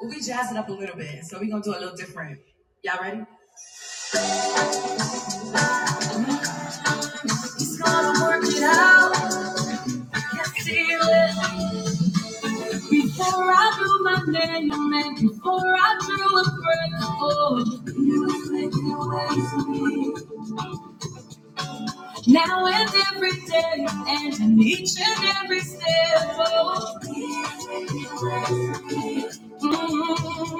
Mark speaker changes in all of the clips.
Speaker 1: We'll be jazzing up a little bit, so we're gonna do a little different. Y'all ready? Just gonna work it out. Can feel it. Before I knew my name, and before I drew a breath, oh, you was making ways for me. Now and every day, and in each and every step, oh, mm-hmm.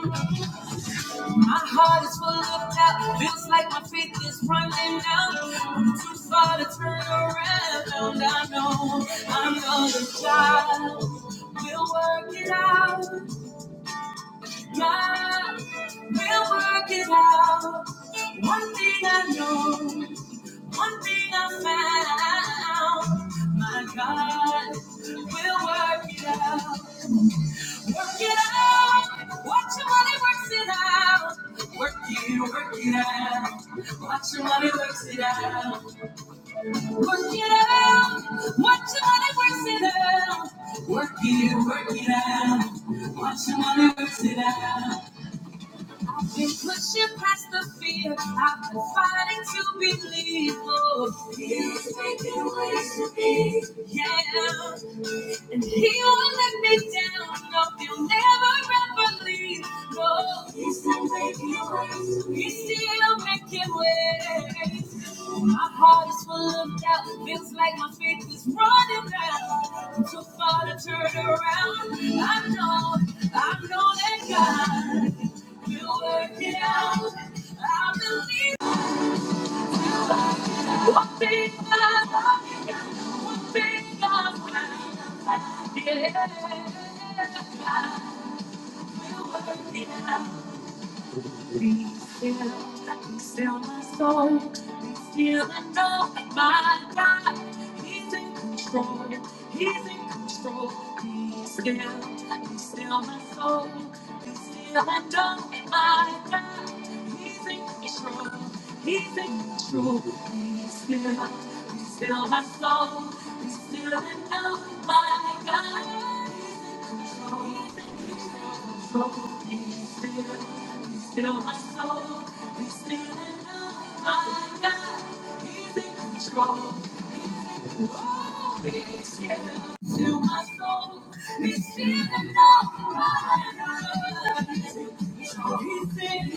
Speaker 1: My heart is full of doubt. Feels like my faith is running out. I'm too far to turn around. I know I'm another child. We'll work it out. My, we'll work it out. One thing I know, one thing I found. My God, we'll work it out. Work it out. Watch your money works it out. Work it, work it out. Watch your money works it out. Work it out. Watch your money works it out. Work it, work it out. Watch your money works it out. I've been pushing past the fear. I've been fighting to believe. Oh, he's making ways to be. Yeah. And he won't let me down. No, he'll never ever leave. No, he's still making ways. He's still making ways. My heart is full of doubt. Feels like my faith is running out. I'm too far to turn around. I know, I know that God. You work it out. I believe one thing I love you, one thing I will. Yeah. I will work it out. Be still, be still my soul. Be still and know that my God, He's in control. He's in control. Be still, be still my soul. Be still and know that my God, He's in control. He's in control. Be still, be still my soul. Be still and know that my God, He's in control. He's still, still you still my my soul. you still in love, my God, he's in Control. to my soul. It's in the dark. He's in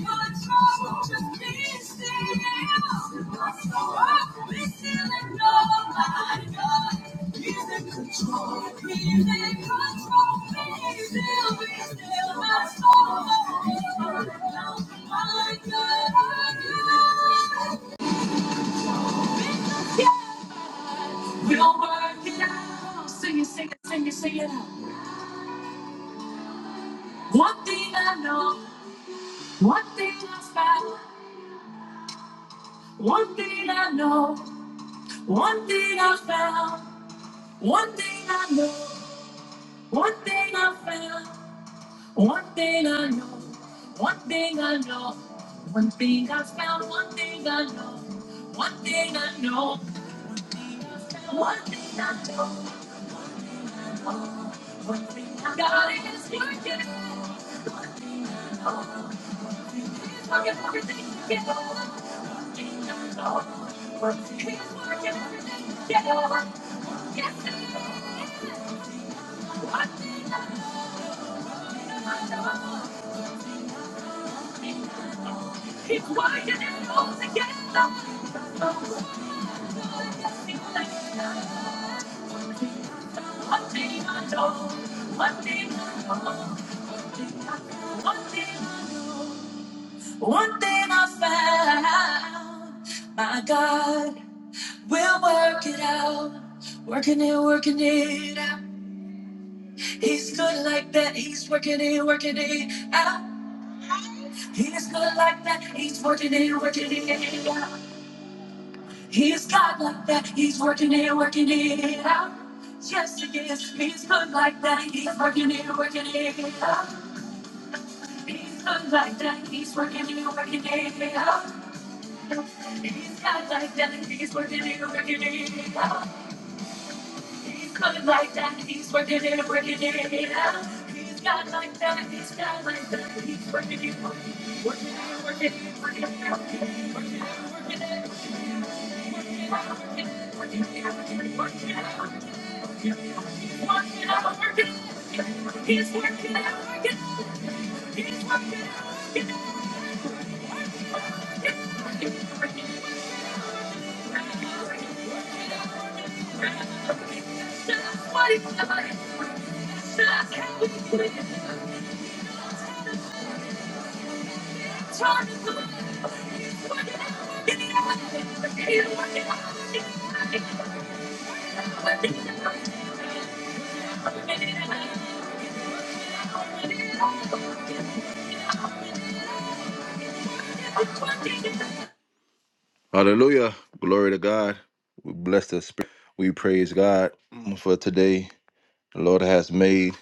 Speaker 1: my trouble. Just be still. My soul. It's in the dark. He's in control. He's in control. He's still, he's still my soul. It's in the dark. My God. We'll work it out. Sing it, sing it, sing it, sing it out. One thing I know. One thing I found, one thing I know, one thing I found, one thing I know, one thing I found, one thing I know, one thing I know, one thing I found, one thing I know, one thing I know, one thing I know, one thing I got is working. It's wide and it. goes against the One thing I know, one thing I know, one thing I know, one thing I found, my God. We'll work it out. Working it, working it out. He's good like that. He's working it, working it out. He's good like that. He's working it, working it out. He's God like that. He's working it, working it out. Yes, he is. He's good like that. He's working it, working it out. He's good like that. He's working it, working it out. He's God like that. He's working it, working it out. He's coming like that. He's working it, working it out. He's got like that. He's got like that. He's working it, working it, working it, working it, working it, working it, working it, working it, working it, out, working it, working it, working it, working it, out, working it, working it, out, working it. He's working it, working it, he's working it, working it, he's working it, working it, working it, working it, working it, working it, working it. That's what he's doing. That's how we Hallelujah. Glory to God. We bless the Spirit. We praise God for today. The Lord has made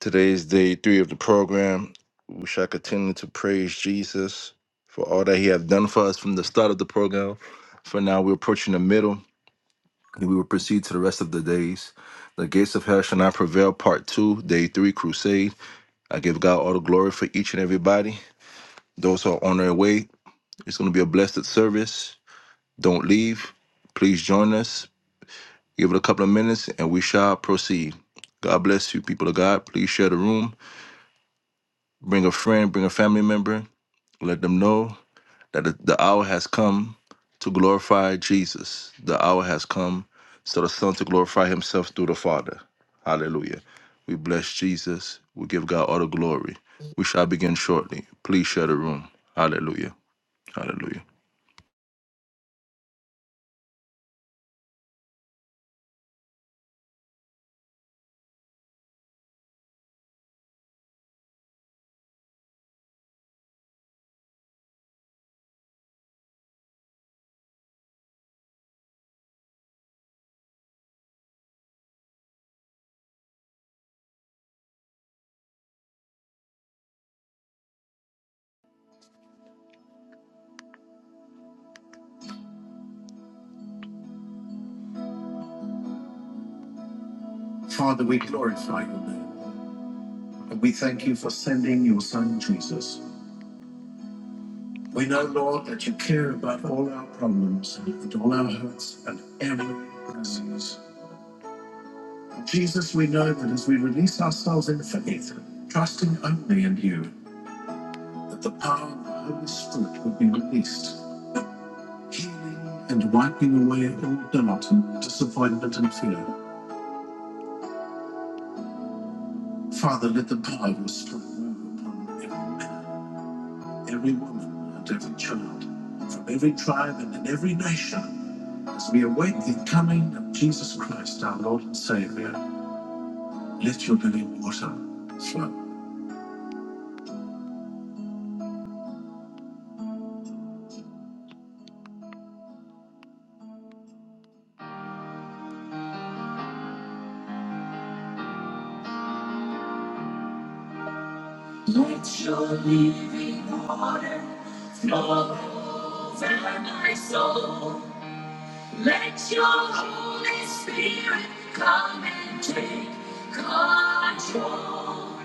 Speaker 1: today's day three of the program. We shall continue to praise Jesus for all that He has done for us from the start of the program. For now, we're approaching the middle, and we will proceed to the rest of the days. The gates of hell shall not prevail. Part two, day three, crusade. I give God all the glory for each and everybody. Those who are on their way, it's going to be a blessed service. Don't leave. Please join us. Give it a couple of minutes and we shall proceed. God bless you, people of God. Please share the room. Bring a friend, bring a family member. Let them know that the the hour has come to glorify Jesus. The hour has come so the Son to glorify Himself through the Father. Hallelujah. We bless Jesus. We give God all the glory. We shall begin shortly. Please share the room. Hallelujah. Hallelujah. Father, we glorify your name. And we thank you for sending your son Jesus. We know, Lord, that you care about all our problems and all our hurts and every disease. Jesus, we know that as we release ourselves in faith, trusting only in you, that the power of the Holy Spirit would be released, healing and wiping away all doubt, disappointment, and fear. Father, let the power of your Spirit move upon every man every woman and every child, and from every tribe and in every nation, as we await the coming of Jesus Christ, our Lord and Savior, let your living water flow. Let your living water flow over my soul. Let your Holy Spirit come and take control.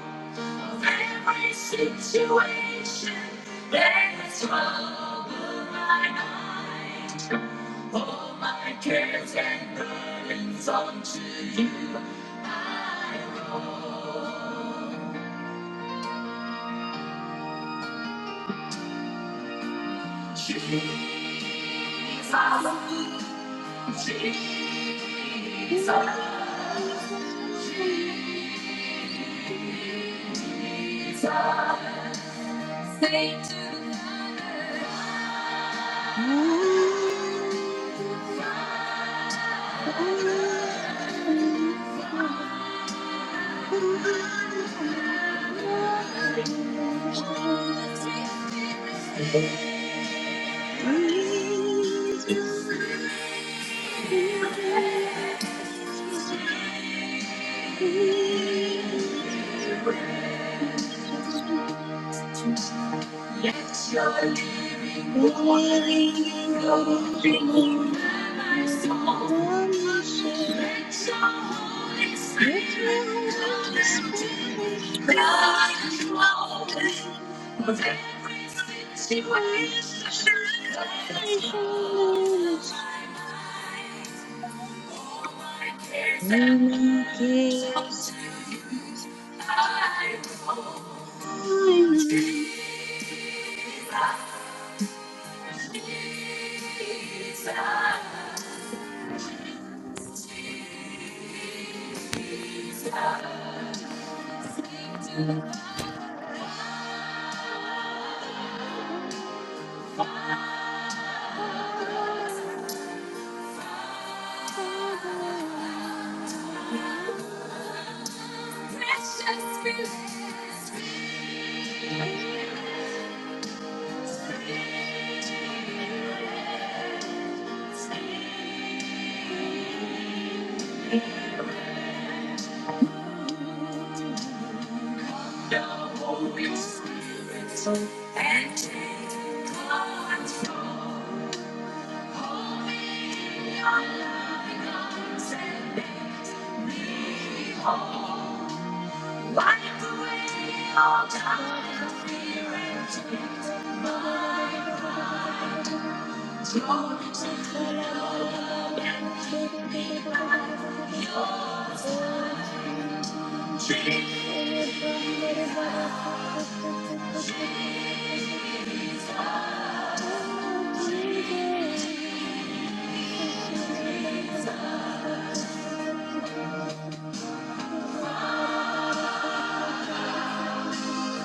Speaker 1: of every situation there's trouble in my mind, All my cares and burdens onto you I roll. Jesus,
Speaker 2: Jesus, Jesus, Jesus. Jesus.
Speaker 1: let your
Speaker 2: The
Speaker 1: living water
Speaker 2: living
Speaker 1: flow
Speaker 2: waters
Speaker 1: through
Speaker 2: flow
Speaker 1: my soul.
Speaker 2: over my soul.
Speaker 1: Let your Holy
Speaker 2: Let your
Speaker 1: Spirit come
Speaker 2: Holy
Speaker 1: and do
Speaker 2: Spirit come and
Speaker 1: God is my
Speaker 2: take
Speaker 1: light.
Speaker 2: I'm a situation that I see.
Speaker 1: All my cares
Speaker 2: All
Speaker 1: and
Speaker 2: my
Speaker 1: burdens
Speaker 2: cares
Speaker 1: unto You I go. Jesus,
Speaker 2: I'm are Father, Father,
Speaker 1: Jesus, Jesus.
Speaker 2: Spirit, Spirit, Spirit.
Speaker 1: The Holy Spirit and
Speaker 2: Always
Speaker 1: and
Speaker 2: be
Speaker 1: take
Speaker 2: under control.
Speaker 1: control. hold in your
Speaker 2: All you
Speaker 1: loving
Speaker 2: get
Speaker 1: arms me me, whole. Wipe away all doubt,
Speaker 2: Shatana
Speaker 1: fear, and guilt. my God,
Speaker 2: barakandendedededededededededede.
Speaker 1: throw me
Speaker 2: Makashala barabarakatededededededededede. Oh Jesus, celebrandere barakate Oh, Jesus. Satala baraka te te te te te te te. Ura bara baraka te te te te te te te.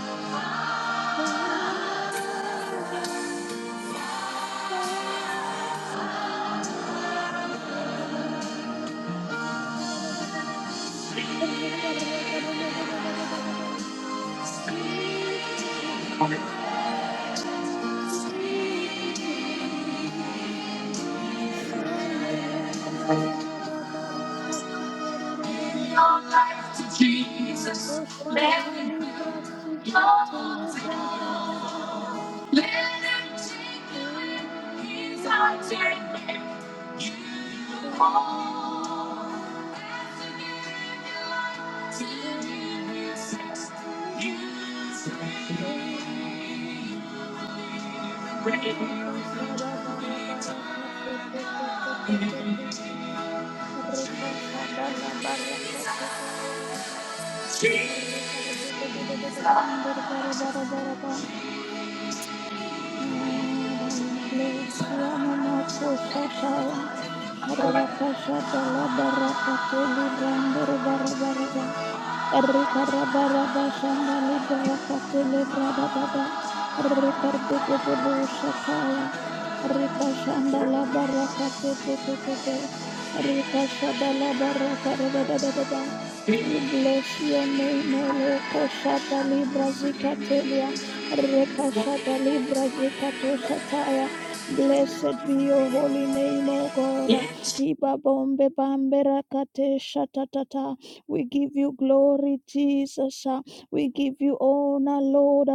Speaker 2: Father, Father. Jesus, Jesus. Saile bandele bara bara
Speaker 1: in your
Speaker 2: katererererererere.
Speaker 1: life to Jesus, let
Speaker 2: Makoshata
Speaker 1: me
Speaker 2: libra
Speaker 1: build
Speaker 2: sikate
Speaker 1: your
Speaker 2: libra da da da
Speaker 1: throne.
Speaker 2: da da da.
Speaker 1: Let him take
Speaker 2: Oh,
Speaker 1: you in his arms and make you
Speaker 2: oh, oh,
Speaker 1: whole. As you give your life to him, he
Speaker 2: oh,
Speaker 1: sets you free.
Speaker 2: oh.
Speaker 1: Ready to return.
Speaker 2: Makashada bara bara kate te te te te te te.
Speaker 1: Jesus,
Speaker 2: Rikashada la bara kate.
Speaker 1: Jesus,
Speaker 2: Rikardededededebanderabarabarabaraba. Father, we bless you. Namakoshataya. Rakashadala barakateli brandere barabaraba. Rikarabaraba shanda libra katele brada dada. Rikarde de de Rika shanda la baraka te te te te Rika shada la baraka da da da da da We bless your name, O Lord. Koshata libra zikatelia. Rika shada libra zikato shataya. Blessed be your holy name, O God.
Speaker 1: Jesus.
Speaker 2: Iba bombe bambera kate shatatata. We give you glory, Jesus. ah. We give you honor, Lord.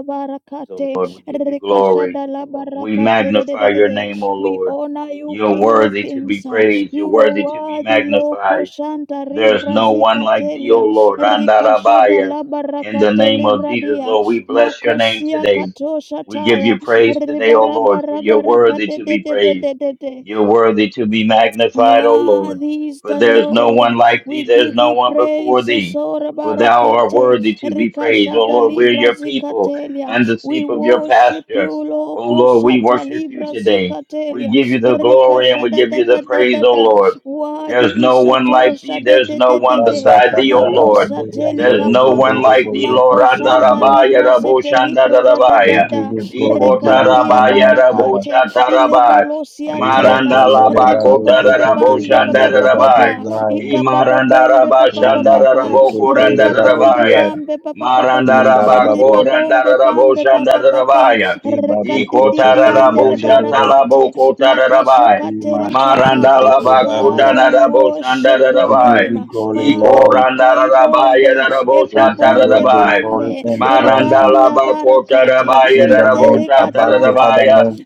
Speaker 3: So
Speaker 2: Barakate.
Speaker 3: Lord, we give you glory.
Speaker 2: Rekashadala
Speaker 3: We
Speaker 2: barakate. de- de-
Speaker 3: magnify your name, O
Speaker 2: We
Speaker 3: Lord.
Speaker 2: honor you,
Speaker 3: You're
Speaker 2: King of
Speaker 3: worthy to be
Speaker 2: Kings. ah.
Speaker 3: praised.
Speaker 2: You
Speaker 3: You're
Speaker 2: are
Speaker 3: worthy to be
Speaker 2: worthy, Lord.
Speaker 3: magnified.
Speaker 2: Shanta
Speaker 3: There is no one like thee, O
Speaker 2: Ribrazikatelia.
Speaker 3: Lord. Andarabaya.
Speaker 2: Rikashadala
Speaker 3: In the
Speaker 2: barakate
Speaker 3: name of Jesus,
Speaker 2: libradia.
Speaker 3: Lord, we bless your name
Speaker 2: Makosia
Speaker 3: today.
Speaker 2: katosha
Speaker 3: We give
Speaker 2: taya.
Speaker 3: you praise today, O Lord, for you're worthy
Speaker 2: Ribarabarabarakate.
Speaker 3: to be praised.
Speaker 2: dededede.
Speaker 3: You're worthy to be magnified, O Lord.
Speaker 2: Worthy is
Speaker 3: For
Speaker 2: the
Speaker 3: there's no
Speaker 2: Lord.
Speaker 3: one like thee,
Speaker 2: We
Speaker 3: there's
Speaker 2: give
Speaker 3: no
Speaker 2: you
Speaker 3: one before
Speaker 2: praise.
Speaker 3: thee.
Speaker 2: Sora
Speaker 3: For thou art
Speaker 2: barakate.
Speaker 3: worthy to be praised. O
Speaker 2: Rikashada
Speaker 3: Lord, we're
Speaker 2: libra
Speaker 3: your people
Speaker 2: zikatelia.
Speaker 3: and the
Speaker 2: We
Speaker 3: sheep of your
Speaker 2: worship you,
Speaker 3: pasture. O
Speaker 2: Loko
Speaker 3: Lord, we
Speaker 2: shata
Speaker 3: worship you
Speaker 2: libra
Speaker 3: today. We
Speaker 2: zikatelia.
Speaker 3: give you the glory and we
Speaker 2: Rikashada
Speaker 3: give
Speaker 2: da
Speaker 3: you the
Speaker 2: da da
Speaker 3: praise,
Speaker 2: da
Speaker 3: O
Speaker 2: da.
Speaker 3: Lord. There's
Speaker 2: Worthy is
Speaker 3: no one like thee.
Speaker 2: atosha de
Speaker 3: There's
Speaker 2: de
Speaker 3: no
Speaker 2: de
Speaker 4: We
Speaker 2: de
Speaker 3: one
Speaker 2: de.
Speaker 3: beside thee, O Lord.
Speaker 2: Makosa
Speaker 3: There's no one
Speaker 2: telikapaya.
Speaker 3: like thee, Lord.
Speaker 2: Makoshanta
Speaker 3: Andarabaya
Speaker 2: libra zetelikra da da da
Speaker 3: raboshandarabaya.
Speaker 4: give
Speaker 2: da.
Speaker 4: you glory, give you
Speaker 2: Rikardia
Speaker 4: honor, my
Speaker 3: Ikotarabaya
Speaker 4: Father.
Speaker 2: barakate.
Speaker 3: raboshatarabai.
Speaker 2: Ilebalosia
Speaker 4: Riba
Speaker 2: tela
Speaker 4: Shendere
Speaker 2: riba
Speaker 4: Babu
Speaker 2: bombe bambe ba ba ba
Speaker 4: Zekeriandoro
Speaker 2: ba
Speaker 3: Marandalabakotaraboshandarabai.
Speaker 4: Babu
Speaker 2: ba
Speaker 4: Zaya.
Speaker 2: ika ba ba bombe ba ba ba ba
Speaker 4: Rima
Speaker 2: ba
Speaker 4: Sekere
Speaker 2: riba
Speaker 4: Babu
Speaker 2: bombe
Speaker 3: Imarandarabashandarabokorandarabaya.
Speaker 4: Ziaya.
Speaker 2: bambe ba ba ba ba ba riba
Speaker 4: Indarababu.
Speaker 2: bombe bambe ba ba ba ba
Speaker 3: Marandarabakorandaraboshandarabaya.
Speaker 2: rika
Speaker 4: Ribabu Sekeriandere.
Speaker 2: barakate
Speaker 3: Ikotaraboshatalabokotarabaya.
Speaker 2: makasukate
Speaker 4: Rima
Speaker 2: likapaya
Speaker 3: Marandala
Speaker 4: Sekere Babu.
Speaker 2: Father,
Speaker 3: bakudana
Speaker 2: we
Speaker 3: rabo
Speaker 2: worship
Speaker 3: sandara
Speaker 2: your
Speaker 4: We give
Speaker 3: rabai.
Speaker 2: name.
Speaker 4: you glory,
Speaker 3: Iko
Speaker 2: Father,
Speaker 4: Lord.
Speaker 2: we
Speaker 3: randara rabai
Speaker 2: kaibombe,
Speaker 3: rabo
Speaker 4: We
Speaker 2: eba
Speaker 4: give
Speaker 3: satara
Speaker 4: you
Speaker 2: bombe
Speaker 4: the
Speaker 3: rabai.
Speaker 4: glory
Speaker 2: bambe,
Speaker 4: and the honor.
Speaker 2: ribandi
Speaker 3: Marandala
Speaker 2: ya
Speaker 3: bakota
Speaker 2: barakate,
Speaker 3: rabai
Speaker 4: In the
Speaker 3: rabo
Speaker 4: name
Speaker 2: iltele
Speaker 3: satara
Speaker 4: above the other
Speaker 2: katuatela,
Speaker 3: rabai.
Speaker 4: name.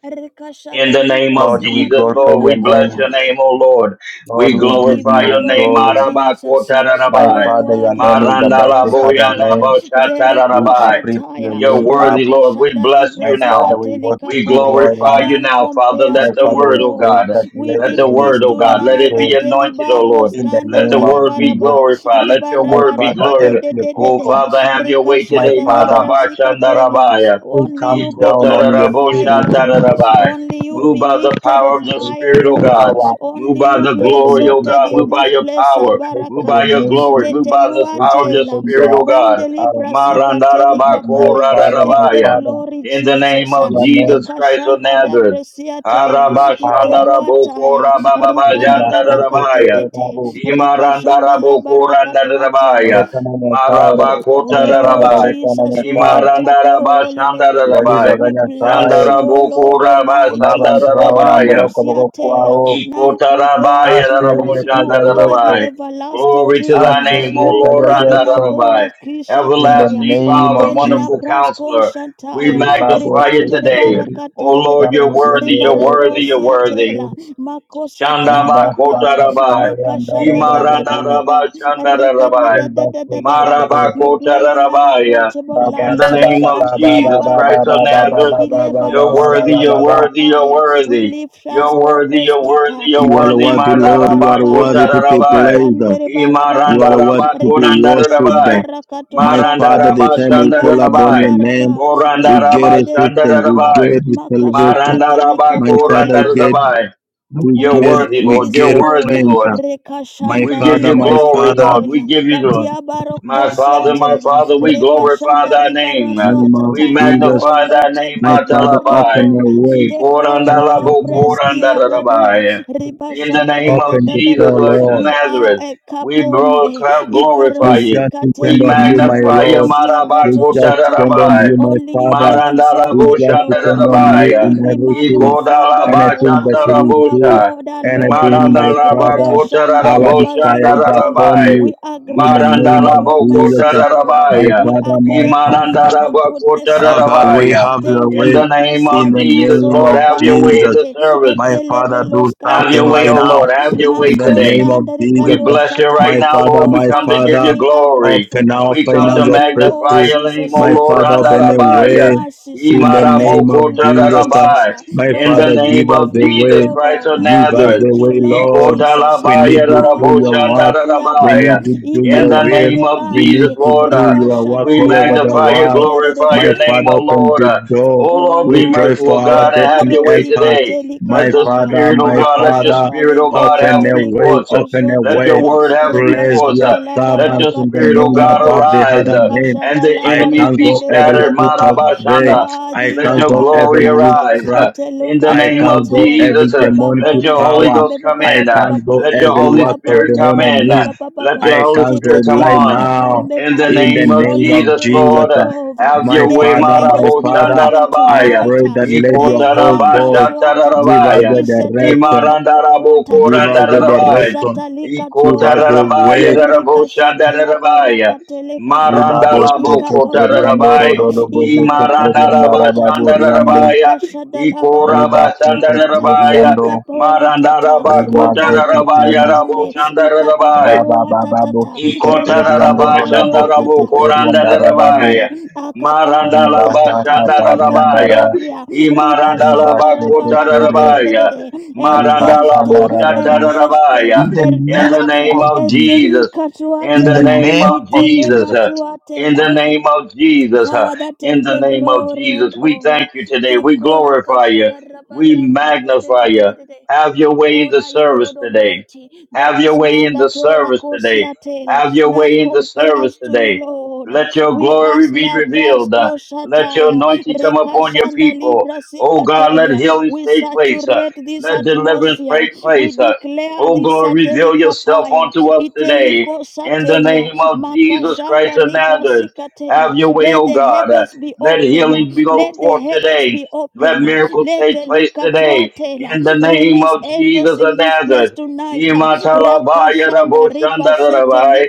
Speaker 3: In
Speaker 2: Rekashada
Speaker 3: the name
Speaker 2: libra
Speaker 3: of
Speaker 4: Lord, we
Speaker 2: zika
Speaker 3: Jesus,
Speaker 4: glorify
Speaker 3: Lord,
Speaker 2: telika
Speaker 3: we
Speaker 4: your
Speaker 3: bless
Speaker 2: paya.
Speaker 4: name.
Speaker 3: your name, O Lord.
Speaker 4: Lord,
Speaker 3: We
Speaker 2: And we
Speaker 4: we give
Speaker 2: give
Speaker 3: glorify
Speaker 2: you
Speaker 3: your
Speaker 4: you
Speaker 3: name,
Speaker 2: glory,
Speaker 4: glory.
Speaker 3: Maraba
Speaker 2: Jesus.
Speaker 4: My
Speaker 2: You
Speaker 3: Kotarabai.
Speaker 2: are
Speaker 4: Father, your
Speaker 2: worthy to
Speaker 4: name is
Speaker 2: be
Speaker 4: above
Speaker 3: Marandala
Speaker 4: the
Speaker 2: praised, O
Speaker 4: other
Speaker 2: Lord.
Speaker 3: Boyana
Speaker 4: name. We
Speaker 3: Boshatarabai.
Speaker 4: uplift your
Speaker 2: Rerekoshataya,
Speaker 3: You're
Speaker 4: name up.
Speaker 3: worthy, Lord. We
Speaker 2: Rekashada
Speaker 3: bless
Speaker 4: My
Speaker 3: you
Speaker 2: Librazika
Speaker 4: Father,
Speaker 3: now.
Speaker 4: we worship
Speaker 3: We
Speaker 4: you,
Speaker 2: Telikapaya.
Speaker 4: Lord.
Speaker 3: glorify you
Speaker 2: None
Speaker 3: now, Father.
Speaker 4: My
Speaker 2: compares
Speaker 3: Let the
Speaker 2: to
Speaker 4: Father,
Speaker 2: you,
Speaker 3: word,
Speaker 4: we
Speaker 3: O
Speaker 2: Lord.
Speaker 4: pray
Speaker 3: God,
Speaker 4: that let
Speaker 2: We
Speaker 3: let
Speaker 4: the
Speaker 3: the
Speaker 4: will be
Speaker 2: decrease
Speaker 3: word, O God,
Speaker 4: done
Speaker 3: let
Speaker 2: tonight
Speaker 3: it be
Speaker 4: today
Speaker 2: that
Speaker 3: anointed, O Lord.
Speaker 2: Telibaros
Speaker 4: in the
Speaker 3: Let the
Speaker 4: name of
Speaker 3: word be
Speaker 4: Jesus.
Speaker 2: Kanderibaraba,
Speaker 3: glorified. Let your
Speaker 4: My
Speaker 3: word be
Speaker 4: Father,
Speaker 2: Ribarabaraka de
Speaker 4: help
Speaker 3: glorified.
Speaker 2: de
Speaker 4: your
Speaker 2: de de
Speaker 3: Oh,
Speaker 2: de,
Speaker 4: people.
Speaker 3: Father, have your way
Speaker 4: My
Speaker 3: today,
Speaker 2: Rekashanda
Speaker 4: Father,
Speaker 3: Maraba
Speaker 2: Librazika Telia.
Speaker 3: Shandarabaya.
Speaker 4: we
Speaker 2: Only you
Speaker 4: come
Speaker 2: be
Speaker 4: down on your feet
Speaker 2: glorified,
Speaker 4: with
Speaker 2: Lord.
Speaker 3: Ikotaraboshatarabai.
Speaker 2: Only you
Speaker 3: Move
Speaker 2: be
Speaker 3: by the
Speaker 2: lifted
Speaker 3: power
Speaker 2: on
Speaker 3: of your
Speaker 4: with
Speaker 2: high, O
Speaker 3: spirit, O
Speaker 2: Lord.
Speaker 3: God.
Speaker 4: power.
Speaker 3: Move
Speaker 2: Only
Speaker 3: by
Speaker 4: We
Speaker 2: you
Speaker 3: the
Speaker 2: be
Speaker 4: pray for
Speaker 3: glory,
Speaker 4: your
Speaker 3: O
Speaker 2: exalted
Speaker 3: God.
Speaker 2: in
Speaker 4: disciples.
Speaker 3: Move by
Speaker 2: this
Speaker 3: your
Speaker 2: place.
Speaker 3: power.
Speaker 4: We pray for
Speaker 3: Move
Speaker 4: your
Speaker 3: by your
Speaker 2: Abarakate.
Speaker 3: glory.
Speaker 4: anointing.
Speaker 3: Move by the
Speaker 2: Tetelua
Speaker 4: We
Speaker 3: power of
Speaker 4: pray
Speaker 3: your
Speaker 4: for
Speaker 2: tela.
Speaker 3: spirit,
Speaker 4: your,
Speaker 3: O God.
Speaker 4: uh,
Speaker 2: Abandeli brasika teli
Speaker 4: my, my
Speaker 2: kapaya.
Speaker 4: Father, my
Speaker 2: Take the
Speaker 3: Marandarabakorarabaya.
Speaker 4: Father.
Speaker 2: glory,
Speaker 3: In the name
Speaker 2: Jesus.
Speaker 3: of
Speaker 4: Your name
Speaker 3: Jesus Christ of
Speaker 2: Rikashanda
Speaker 3: Nazareth.
Speaker 2: rabresia tela.
Speaker 4: is power.
Speaker 2: Tetelua taya.
Speaker 4: We must thank you
Speaker 2: Rikarabarakate
Speaker 4: for
Speaker 3: Arabashandarabokorabababajandarabaya.
Speaker 4: your
Speaker 2: tete.
Speaker 4: love.
Speaker 2: Rikashanda la barakatwa tela.
Speaker 3: Imarandarabokorandarabaya.
Speaker 4: Adekana Nyasai, Adekana
Speaker 2: Oh
Speaker 4: Nyasai,
Speaker 3: Marabakotararabai.
Speaker 4: Adekana
Speaker 2: Jesus, we
Speaker 4: Nyasai.
Speaker 2: lift up your holy name.
Speaker 4: Iradi
Speaker 3: Imarandarabashandarabai.
Speaker 4: baga
Speaker 2: We bless
Speaker 4: Nyasai.
Speaker 2: you, O Lord
Speaker 3: Shandarabokura
Speaker 4: Kuna
Speaker 2: Almighty.
Speaker 4: bantu
Speaker 2: The
Speaker 4: bao na
Speaker 2: Riano
Speaker 3: Sandarabaya.
Speaker 4: mboroko boko
Speaker 2: Siatela,
Speaker 4: kwao.
Speaker 2: none compares
Speaker 3: Ikotarabaya
Speaker 2: to you.
Speaker 4: Aseli
Speaker 3: Rabo
Speaker 2: You
Speaker 4: etalia
Speaker 2: are the
Speaker 4: Yesu.
Speaker 3: Shandarabai.
Speaker 2: everlasting
Speaker 3: Glory to thy
Speaker 2: King.
Speaker 3: name,
Speaker 4: Aseli
Speaker 3: O
Speaker 2: You
Speaker 3: Lord
Speaker 4: etalia
Speaker 2: dwell in
Speaker 4: Yesu.
Speaker 3: Randarabai.
Speaker 2: Abora
Speaker 4: In the
Speaker 2: Kishatelia.
Speaker 3: Everlasting
Speaker 2: You
Speaker 4: name
Speaker 3: Father,
Speaker 4: of
Speaker 2: dwell in
Speaker 3: wonderful
Speaker 4: Jesus.
Speaker 2: Abras
Speaker 3: counselor. We
Speaker 2: Consantaya.
Speaker 4: Ribabo
Speaker 3: magnify you
Speaker 2: Ribande
Speaker 3: today.
Speaker 4: seketeri.
Speaker 2: Rebarakate,
Speaker 3: O Lord, you're
Speaker 4: Ribabo
Speaker 3: worthy, you're
Speaker 4: yandere
Speaker 2: Ribarado
Speaker 3: worthy, you're worthy.
Speaker 2: Siatela,
Speaker 4: seketeri.
Speaker 2: Makosateli
Speaker 3: Shandaba
Speaker 4: Ribasa
Speaker 2: Kapaya,
Speaker 3: Kotarabai,
Speaker 4: kataria
Speaker 2: Makashada da da da da
Speaker 4: ndarababuri.
Speaker 3: Imarandaraba
Speaker 2: da, Rikada
Speaker 3: Shandarabai,
Speaker 2: da da da
Speaker 4: Ribasa
Speaker 2: da da da.
Speaker 4: seketeri.
Speaker 3: Maraba
Speaker 2: You dwell in an
Speaker 3: Kotarabaya.
Speaker 4: You
Speaker 2: approachable
Speaker 3: In
Speaker 2: light.
Speaker 3: the name of
Speaker 2: Antia
Speaker 3: Jesus Christ of
Speaker 2: barakate.
Speaker 3: Nazareth, you're worthy,
Speaker 2: Ilebaroskate
Speaker 3: you're worthy, you're
Speaker 2: likapaya. We
Speaker 3: worthy.
Speaker 2: lift us
Speaker 3: You're worthy, you're worthy,
Speaker 2: compreskita.
Speaker 3: you're
Speaker 4: are
Speaker 3: worthy,
Speaker 4: worthy,
Speaker 2: Ribandere
Speaker 4: Lord. You
Speaker 3: Mataraba
Speaker 4: are worthy
Speaker 3: Kota
Speaker 4: to
Speaker 2: barabaraba.
Speaker 4: be
Speaker 3: Rabai,
Speaker 4: praised.
Speaker 2: Ribandere
Speaker 4: You
Speaker 3: Imaranda
Speaker 4: are
Speaker 2: barabaraba.
Speaker 4: worthy
Speaker 3: Rabai,
Speaker 4: to be
Speaker 3: Konanda
Speaker 2: Rikadidele
Speaker 3: Rabai,
Speaker 4: worshipped.
Speaker 2: barakato
Speaker 4: My Father,
Speaker 3: Maranda
Speaker 2: shataya.
Speaker 4: the
Speaker 3: Madaraba
Speaker 4: time we call
Speaker 2: Ribandere
Speaker 4: upon your
Speaker 3: Kotarabai, Imarandaraba Konandarabai,
Speaker 4: name,
Speaker 2: baraba.
Speaker 4: we get
Speaker 3: Marandaraba
Speaker 2: Ribandere
Speaker 4: assistance, we
Speaker 2: baraba.
Speaker 3: Shandarabai, Maranda Shandarabai,
Speaker 4: get salvation.
Speaker 2: Makasukate
Speaker 3: Marandaraba
Speaker 4: My Father,
Speaker 2: likapaya.
Speaker 4: we get,
Speaker 3: Korandarabai,
Speaker 4: we
Speaker 3: you're
Speaker 2: We
Speaker 4: get,
Speaker 3: worthy,
Speaker 4: we
Speaker 3: Lord.
Speaker 2: decrease,
Speaker 3: You're
Speaker 4: get
Speaker 2: Lord,
Speaker 3: worthy,
Speaker 4: strength.
Speaker 3: Lord.
Speaker 4: My
Speaker 3: We
Speaker 2: Rekashanda
Speaker 3: give
Speaker 4: Father,
Speaker 3: you
Speaker 2: Libra
Speaker 4: my
Speaker 3: glory,
Speaker 4: Father,
Speaker 3: Lord. We
Speaker 2: Zikatelia,
Speaker 3: give you Lord. My
Speaker 2: Latiabarokosia
Speaker 3: Father, my
Speaker 2: Tela,
Speaker 3: Father, we glorify
Speaker 2: Rebashanda
Speaker 3: thy
Speaker 4: in the
Speaker 3: name.
Speaker 4: name of
Speaker 3: We
Speaker 2: Ribarasuatata.
Speaker 4: Jesus,
Speaker 2: Oh
Speaker 3: magnify thy
Speaker 2: Lord, take
Speaker 3: name,
Speaker 4: my
Speaker 2: the
Speaker 4: Father,
Speaker 2: glory and
Speaker 3: Matalabai.
Speaker 4: open your
Speaker 2: honor.
Speaker 4: way.
Speaker 2: Take all
Speaker 4: Make
Speaker 2: the
Speaker 4: every
Speaker 2: praise, Kila Bradua,
Speaker 3: Ikorandalabokorandarabai. In the
Speaker 2: Ribashada da
Speaker 3: name
Speaker 2: da
Speaker 3: of
Speaker 4: Open
Speaker 2: da
Speaker 4: the
Speaker 2: da
Speaker 3: Jesus,
Speaker 4: floor,
Speaker 2: da.
Speaker 3: Lord of
Speaker 4: Lord.
Speaker 2: You are
Speaker 3: Nazareth,
Speaker 2: a
Speaker 3: we
Speaker 2: kapombe,
Speaker 3: broadcast, glorify
Speaker 4: We
Speaker 3: you.
Speaker 2: ibarosikatelia.
Speaker 4: just depend
Speaker 3: We
Speaker 4: on you, my
Speaker 3: magnify you,
Speaker 4: Lord.
Speaker 2: Makosia
Speaker 4: We just depend
Speaker 2: Katoshataya.
Speaker 4: on
Speaker 3: Marabakotararabai.
Speaker 4: you, my
Speaker 2: Only you
Speaker 4: Father.
Speaker 2: be
Speaker 4: We
Speaker 2: exalted,
Speaker 4: just
Speaker 2: Lord.
Speaker 4: depend on you
Speaker 3: Marandalaboshandarabai.
Speaker 2: Only
Speaker 4: in
Speaker 2: be
Speaker 4: everything,
Speaker 2: magnified, O
Speaker 4: anything
Speaker 2: Lord.
Speaker 4: that we
Speaker 2: You are
Speaker 4: do,
Speaker 3: Ikodalabashatarabosha.
Speaker 2: God
Speaker 4: anything,
Speaker 2: alone.
Speaker 4: my
Speaker 3: Marandaraba
Speaker 4: Father.
Speaker 2: Ribashanda
Speaker 4: Our
Speaker 3: Kotarabo
Speaker 4: desire is
Speaker 2: rabazikatelia.
Speaker 4: upon
Speaker 3: Shandarabai.
Speaker 4: you
Speaker 2: We are
Speaker 4: in the
Speaker 2: grateful
Speaker 4: name
Speaker 2: for
Speaker 4: of
Speaker 2: your
Speaker 3: Marandarabo
Speaker 4: Jesus.
Speaker 2: mercies,
Speaker 4: uh,
Speaker 2: Lord.
Speaker 4: My
Speaker 3: Kotarabaya.
Speaker 2: We are
Speaker 4: Father, my
Speaker 2: grateful for your
Speaker 3: Imarandaraba
Speaker 2: goodness, O
Speaker 4: Father, have your
Speaker 2: Lord.
Speaker 4: way,
Speaker 3: Kotarabaya.
Speaker 4: have your
Speaker 2: Thank you
Speaker 3: In
Speaker 4: way
Speaker 3: the
Speaker 2: for
Speaker 3: name
Speaker 4: in
Speaker 3: of
Speaker 4: the
Speaker 2: preserving us,
Speaker 3: Jesus,
Speaker 2: O
Speaker 4: name
Speaker 3: Lord,
Speaker 4: of
Speaker 2: La
Speaker 3: have your way in
Speaker 4: Jesus.
Speaker 3: the
Speaker 2: Barakate.
Speaker 3: service.
Speaker 4: My Father, do
Speaker 2: Ertelebelos
Speaker 3: Have
Speaker 4: something
Speaker 3: your
Speaker 2: kandeli
Speaker 3: way,
Speaker 4: right
Speaker 3: oh
Speaker 4: now.
Speaker 3: Lord.
Speaker 2: bradia.
Speaker 3: Have your way
Speaker 4: In the
Speaker 2: Maskos
Speaker 3: today.
Speaker 4: name of
Speaker 2: kandeli
Speaker 3: We
Speaker 4: Jesus,
Speaker 3: bless you right
Speaker 4: my
Speaker 2: kadoshataya.
Speaker 3: now,
Speaker 4: Father,
Speaker 3: Lord.
Speaker 2: Well,
Speaker 3: We
Speaker 4: my
Speaker 3: come to
Speaker 2: Father,
Speaker 3: give
Speaker 4: Father,
Speaker 3: you
Speaker 2: we are
Speaker 3: glory.
Speaker 2: grateful.
Speaker 4: open
Speaker 2: uh,
Speaker 4: our
Speaker 3: We come to
Speaker 4: finance
Speaker 2: Thank
Speaker 4: of
Speaker 2: you, Lord
Speaker 3: magnify
Speaker 4: breakthrough.
Speaker 3: your name, O
Speaker 2: Jesus,
Speaker 4: My
Speaker 2: uh,
Speaker 3: Lord.
Speaker 4: Father,
Speaker 2: for
Speaker 4: open
Speaker 2: your
Speaker 4: a
Speaker 2: many
Speaker 3: Andarabaya.
Speaker 4: way.
Speaker 2: mercies. uh,
Speaker 4: In the name
Speaker 2: Thank you,
Speaker 4: of
Speaker 2: Lord
Speaker 4: Jesus,
Speaker 2: Jesus,
Speaker 3: Imarabokotarabai.
Speaker 2: uh,
Speaker 4: my
Speaker 2: for
Speaker 3: In
Speaker 2: the
Speaker 3: the
Speaker 4: Father,
Speaker 3: name
Speaker 2: gift
Speaker 4: give us
Speaker 2: of
Speaker 3: of
Speaker 4: the
Speaker 2: life,
Speaker 3: Jesus
Speaker 4: way.
Speaker 2: oh
Speaker 3: Christ
Speaker 2: God.
Speaker 3: of
Speaker 2: uh,
Speaker 4: Give us
Speaker 3: Nazareth.
Speaker 4: the
Speaker 2: Thank you,
Speaker 4: way,
Speaker 2: Lord
Speaker 4: Lord.
Speaker 2: Jesus.
Speaker 4: We
Speaker 2: uh,
Speaker 3: Ikotalabaya
Speaker 4: need
Speaker 2: You
Speaker 4: to
Speaker 2: are
Speaker 4: do your work.
Speaker 2: worthy,
Speaker 4: We
Speaker 2: Abba.
Speaker 4: need
Speaker 3: raraboshandarabaya.
Speaker 4: to do
Speaker 3: In
Speaker 2: Ibe
Speaker 4: your
Speaker 3: the
Speaker 4: will.
Speaker 3: name
Speaker 2: bombe
Speaker 3: of
Speaker 4: We need
Speaker 3: Jesus,
Speaker 2: bande.
Speaker 4: to
Speaker 3: Lord.
Speaker 4: do
Speaker 3: uh,
Speaker 2: Riba
Speaker 4: your work
Speaker 2: shada
Speaker 3: we
Speaker 4: all
Speaker 2: la
Speaker 4: over the
Speaker 3: magnify
Speaker 2: baraka
Speaker 3: you,
Speaker 4: world.
Speaker 3: glorify
Speaker 2: telelelele.
Speaker 4: My
Speaker 3: your name,
Speaker 4: Father,
Speaker 3: O
Speaker 4: open
Speaker 3: Lord.
Speaker 4: the
Speaker 3: Uh,
Speaker 4: door.
Speaker 3: O
Speaker 2: You are
Speaker 3: Lord,
Speaker 4: We
Speaker 3: be
Speaker 2: worthy
Speaker 4: pray
Speaker 2: to
Speaker 3: merciful,
Speaker 4: for our
Speaker 2: be
Speaker 3: God, and have
Speaker 4: destiny
Speaker 3: your way
Speaker 4: helpers.
Speaker 2: barosika
Speaker 3: today.
Speaker 2: telika
Speaker 3: Let
Speaker 4: My
Speaker 3: the
Speaker 2: paya
Speaker 4: Father,
Speaker 3: Spirit, oh
Speaker 4: my
Speaker 3: God, let your
Speaker 4: Father,
Speaker 2: makashanda
Speaker 3: Spirit, oh
Speaker 2: libra
Speaker 3: God,
Speaker 4: open
Speaker 3: have
Speaker 4: a
Speaker 3: free
Speaker 4: way,
Speaker 2: zitelika
Speaker 3: course. uh,
Speaker 4: open a
Speaker 3: Let your
Speaker 4: way.
Speaker 2: tozotela
Speaker 3: word have free
Speaker 4: Bless
Speaker 3: course.
Speaker 4: your
Speaker 3: uh,
Speaker 2: rekashada la
Speaker 3: Let
Speaker 4: servants
Speaker 3: your
Speaker 2: baraka
Speaker 4: in the
Speaker 2: de
Speaker 3: Spirit,
Speaker 2: de
Speaker 3: oh
Speaker 2: de
Speaker 4: name
Speaker 2: de
Speaker 3: God,
Speaker 2: de
Speaker 4: above the
Speaker 3: arise
Speaker 4: other
Speaker 3: uh,
Speaker 4: name.
Speaker 3: and
Speaker 2: rekashada
Speaker 3: the
Speaker 2: la
Speaker 4: I
Speaker 3: enemies be
Speaker 2: baraka
Speaker 4: cancel
Speaker 2: de de
Speaker 4: every
Speaker 2: de
Speaker 3: scattered.
Speaker 2: de
Speaker 4: foot of
Speaker 2: de
Speaker 4: day.
Speaker 3: Marabashanda.
Speaker 4: I
Speaker 2: worthy
Speaker 3: Let
Speaker 2: ya
Speaker 3: your
Speaker 4: cancel every
Speaker 3: glory
Speaker 2: barakate
Speaker 3: arise
Speaker 4: witchcraft
Speaker 3: uh, in
Speaker 2: iteluka
Speaker 3: the
Speaker 4: I
Speaker 3: name of
Speaker 4: cancel
Speaker 2: tuataya
Speaker 3: Jesus.
Speaker 4: every
Speaker 3: uh,
Speaker 4: demonic
Speaker 3: Let
Speaker 2: ibabombe
Speaker 3: your Holy
Speaker 4: power.
Speaker 2: bambe
Speaker 3: Ghost come
Speaker 2: baba
Speaker 4: I
Speaker 3: in.
Speaker 2: baba
Speaker 3: uh,
Speaker 2: baba
Speaker 4: cancel
Speaker 3: Let your
Speaker 4: every
Speaker 3: Holy
Speaker 4: work of
Speaker 3: Spirit
Speaker 2: ibabombe
Speaker 4: the
Speaker 3: come in.
Speaker 2: bambe
Speaker 4: enemies.
Speaker 3: uh,
Speaker 2: baba
Speaker 3: Let
Speaker 2: baba
Speaker 3: your
Speaker 4: I
Speaker 3: Holy
Speaker 4: cancel
Speaker 3: Spirit come
Speaker 4: right
Speaker 2: teteteluka
Speaker 3: on.
Speaker 4: now
Speaker 2: pambe
Speaker 3: In the
Speaker 2: pambe
Speaker 4: in the
Speaker 3: name of
Speaker 4: name
Speaker 2: Holy
Speaker 4: of
Speaker 3: Jesus,
Speaker 2: Spirit
Speaker 4: Jesus.
Speaker 3: Lord,
Speaker 2: take
Speaker 3: uh,
Speaker 4: uh,
Speaker 2: over
Speaker 3: have
Speaker 4: My
Speaker 3: your
Speaker 2: let
Speaker 3: way,
Speaker 2: the
Speaker 4: Father, my
Speaker 2: heavens
Speaker 3: Marabo
Speaker 2: be
Speaker 4: Father,
Speaker 2: open
Speaker 4: I
Speaker 2: tonight.
Speaker 4: pray
Speaker 2: ah.
Speaker 4: that let your whole
Speaker 2: Reiniama
Speaker 4: God
Speaker 2: swatata.
Speaker 4: give us
Speaker 3: Ikotarabashatarabaya.
Speaker 4: a direction,
Speaker 2: Iseteluka
Speaker 3: Imarandaraboko
Speaker 4: give
Speaker 2: babuatata.
Speaker 4: us a direction,
Speaker 2: Makasata
Speaker 4: give us a
Speaker 2: likatuatata.
Speaker 3: Ikotarabaya
Speaker 4: way.
Speaker 2: Rikashada
Speaker 3: Raboshandarabaya.
Speaker 2: labarakateleka paya.
Speaker 4: Ribabo
Speaker 3: Marandalaboko
Speaker 2: Ikapambe
Speaker 4: sheketeriando
Speaker 3: Tarabaya.
Speaker 2: pame.
Speaker 4: rododo bozo
Speaker 2: Ibarakatuatata.
Speaker 4: rababo riande.
Speaker 3: Imarandarabashandarabaya.
Speaker 2: Rikashada
Speaker 4: Riba
Speaker 2: labarakatuatata.
Speaker 3: Ikorabasandarabaya.
Speaker 4: sheketeriando.
Speaker 2: Ikapoatata.
Speaker 3: Marandarabako
Speaker 4: Rima
Speaker 2: Ibabombe
Speaker 3: Tarabaya
Speaker 4: zekete
Speaker 2: bambe.
Speaker 3: Raboshandarabaya.
Speaker 4: Rabababo
Speaker 2: Ikapaoatatata.
Speaker 4: Keteriando Rodabo
Speaker 3: Ikotarabashandarabo
Speaker 2: Ratataoatata
Speaker 4: Keterianda Rababo
Speaker 3: korandarabaya.
Speaker 2: ababombe akapao
Speaker 4: Ribasa
Speaker 2: atatata
Speaker 3: Marandalabashandarabaya.
Speaker 4: Katariandara
Speaker 2: ikaparadia
Speaker 4: Ribas Ketere
Speaker 3: Imarandalabakotarabaya.
Speaker 2: ribashandarabarakateredede erdeste
Speaker 4: Ribasanda Rababo
Speaker 2: erdeste
Speaker 4: in
Speaker 3: Marandalaboshatarabaya.
Speaker 4: the
Speaker 3: In the
Speaker 4: name
Speaker 2: erdeste
Speaker 3: name
Speaker 4: of
Speaker 3: of
Speaker 4: Jesus
Speaker 3: Jesus. In
Speaker 4: in
Speaker 3: the
Speaker 4: the
Speaker 2: etelikatuatela
Speaker 3: name
Speaker 4: name
Speaker 3: of
Speaker 4: of Jesus
Speaker 3: Jesus. uh, In
Speaker 2: itelekatuatela
Speaker 3: the name of Jesus. uh,
Speaker 2: Father, take
Speaker 3: In the
Speaker 2: the
Speaker 3: name of
Speaker 2: glory and
Speaker 3: Jesus. We
Speaker 2: honor.
Speaker 3: thank you today.
Speaker 2: Take
Speaker 3: We
Speaker 2: Kora
Speaker 3: glorify
Speaker 2: Kasha
Speaker 3: you.
Speaker 2: da ra ba
Speaker 3: We
Speaker 2: ra ka te de
Speaker 3: magnify
Speaker 2: de de
Speaker 3: you.
Speaker 2: de de de.
Speaker 3: Have your
Speaker 2: We
Speaker 3: way in the
Speaker 2: honor you,
Speaker 3: service
Speaker 2: Lord
Speaker 3: today.
Speaker 2: Almighty. There
Speaker 3: Have your
Speaker 2: is
Speaker 3: way
Speaker 2: none
Speaker 3: in
Speaker 2: that
Speaker 3: the
Speaker 2: all
Speaker 3: service today
Speaker 2: Kosia Tela,
Speaker 3: have your
Speaker 2: none
Speaker 3: way in the service
Speaker 2: compares to you,
Speaker 3: today.
Speaker 2: Lord.
Speaker 3: Let your
Speaker 2: We
Speaker 3: glory
Speaker 2: ask
Speaker 3: be
Speaker 2: La
Speaker 3: revealed. Uh,
Speaker 2: Prasco
Speaker 3: let your
Speaker 2: Shataya,
Speaker 3: anointing come upon your
Speaker 2: Rekashanda
Speaker 3: people.
Speaker 2: Libra
Speaker 3: Oh God, let
Speaker 2: Sikatelia.
Speaker 3: healing
Speaker 2: We
Speaker 3: take place. Uh,
Speaker 2: saturate this
Speaker 3: let deliverance
Speaker 2: atmosphere.
Speaker 3: take
Speaker 2: We
Speaker 3: place. Uh,
Speaker 2: declare
Speaker 3: oh
Speaker 2: this
Speaker 3: God, reveal yourself
Speaker 2: Satelikapaya,
Speaker 3: unto us today.
Speaker 2: Iteliko
Speaker 3: In the
Speaker 2: Satelia,
Speaker 3: name of Jesus Christ
Speaker 2: Makashanda
Speaker 3: of
Speaker 2: Libra
Speaker 3: Nazareth,
Speaker 2: Sikatelia.
Speaker 3: have your way,
Speaker 2: Let
Speaker 3: oh
Speaker 2: the
Speaker 3: God. Uh,
Speaker 2: heavens be
Speaker 3: let
Speaker 2: open.
Speaker 3: healing go
Speaker 2: Let the
Speaker 3: forth
Speaker 2: heavens
Speaker 3: today.
Speaker 2: be
Speaker 3: Let
Speaker 2: open.
Speaker 3: miracles
Speaker 2: Let
Speaker 3: take place today.
Speaker 2: Elikatuatela
Speaker 3: In the name
Speaker 2: release
Speaker 3: of
Speaker 2: angels
Speaker 3: Jesus
Speaker 2: in
Speaker 3: of
Speaker 2: this place
Speaker 3: Nazareth.
Speaker 2: tonight.
Speaker 3: Imatalabaya
Speaker 2: Rakashanda riba sete
Speaker 3: Raboshandarabai.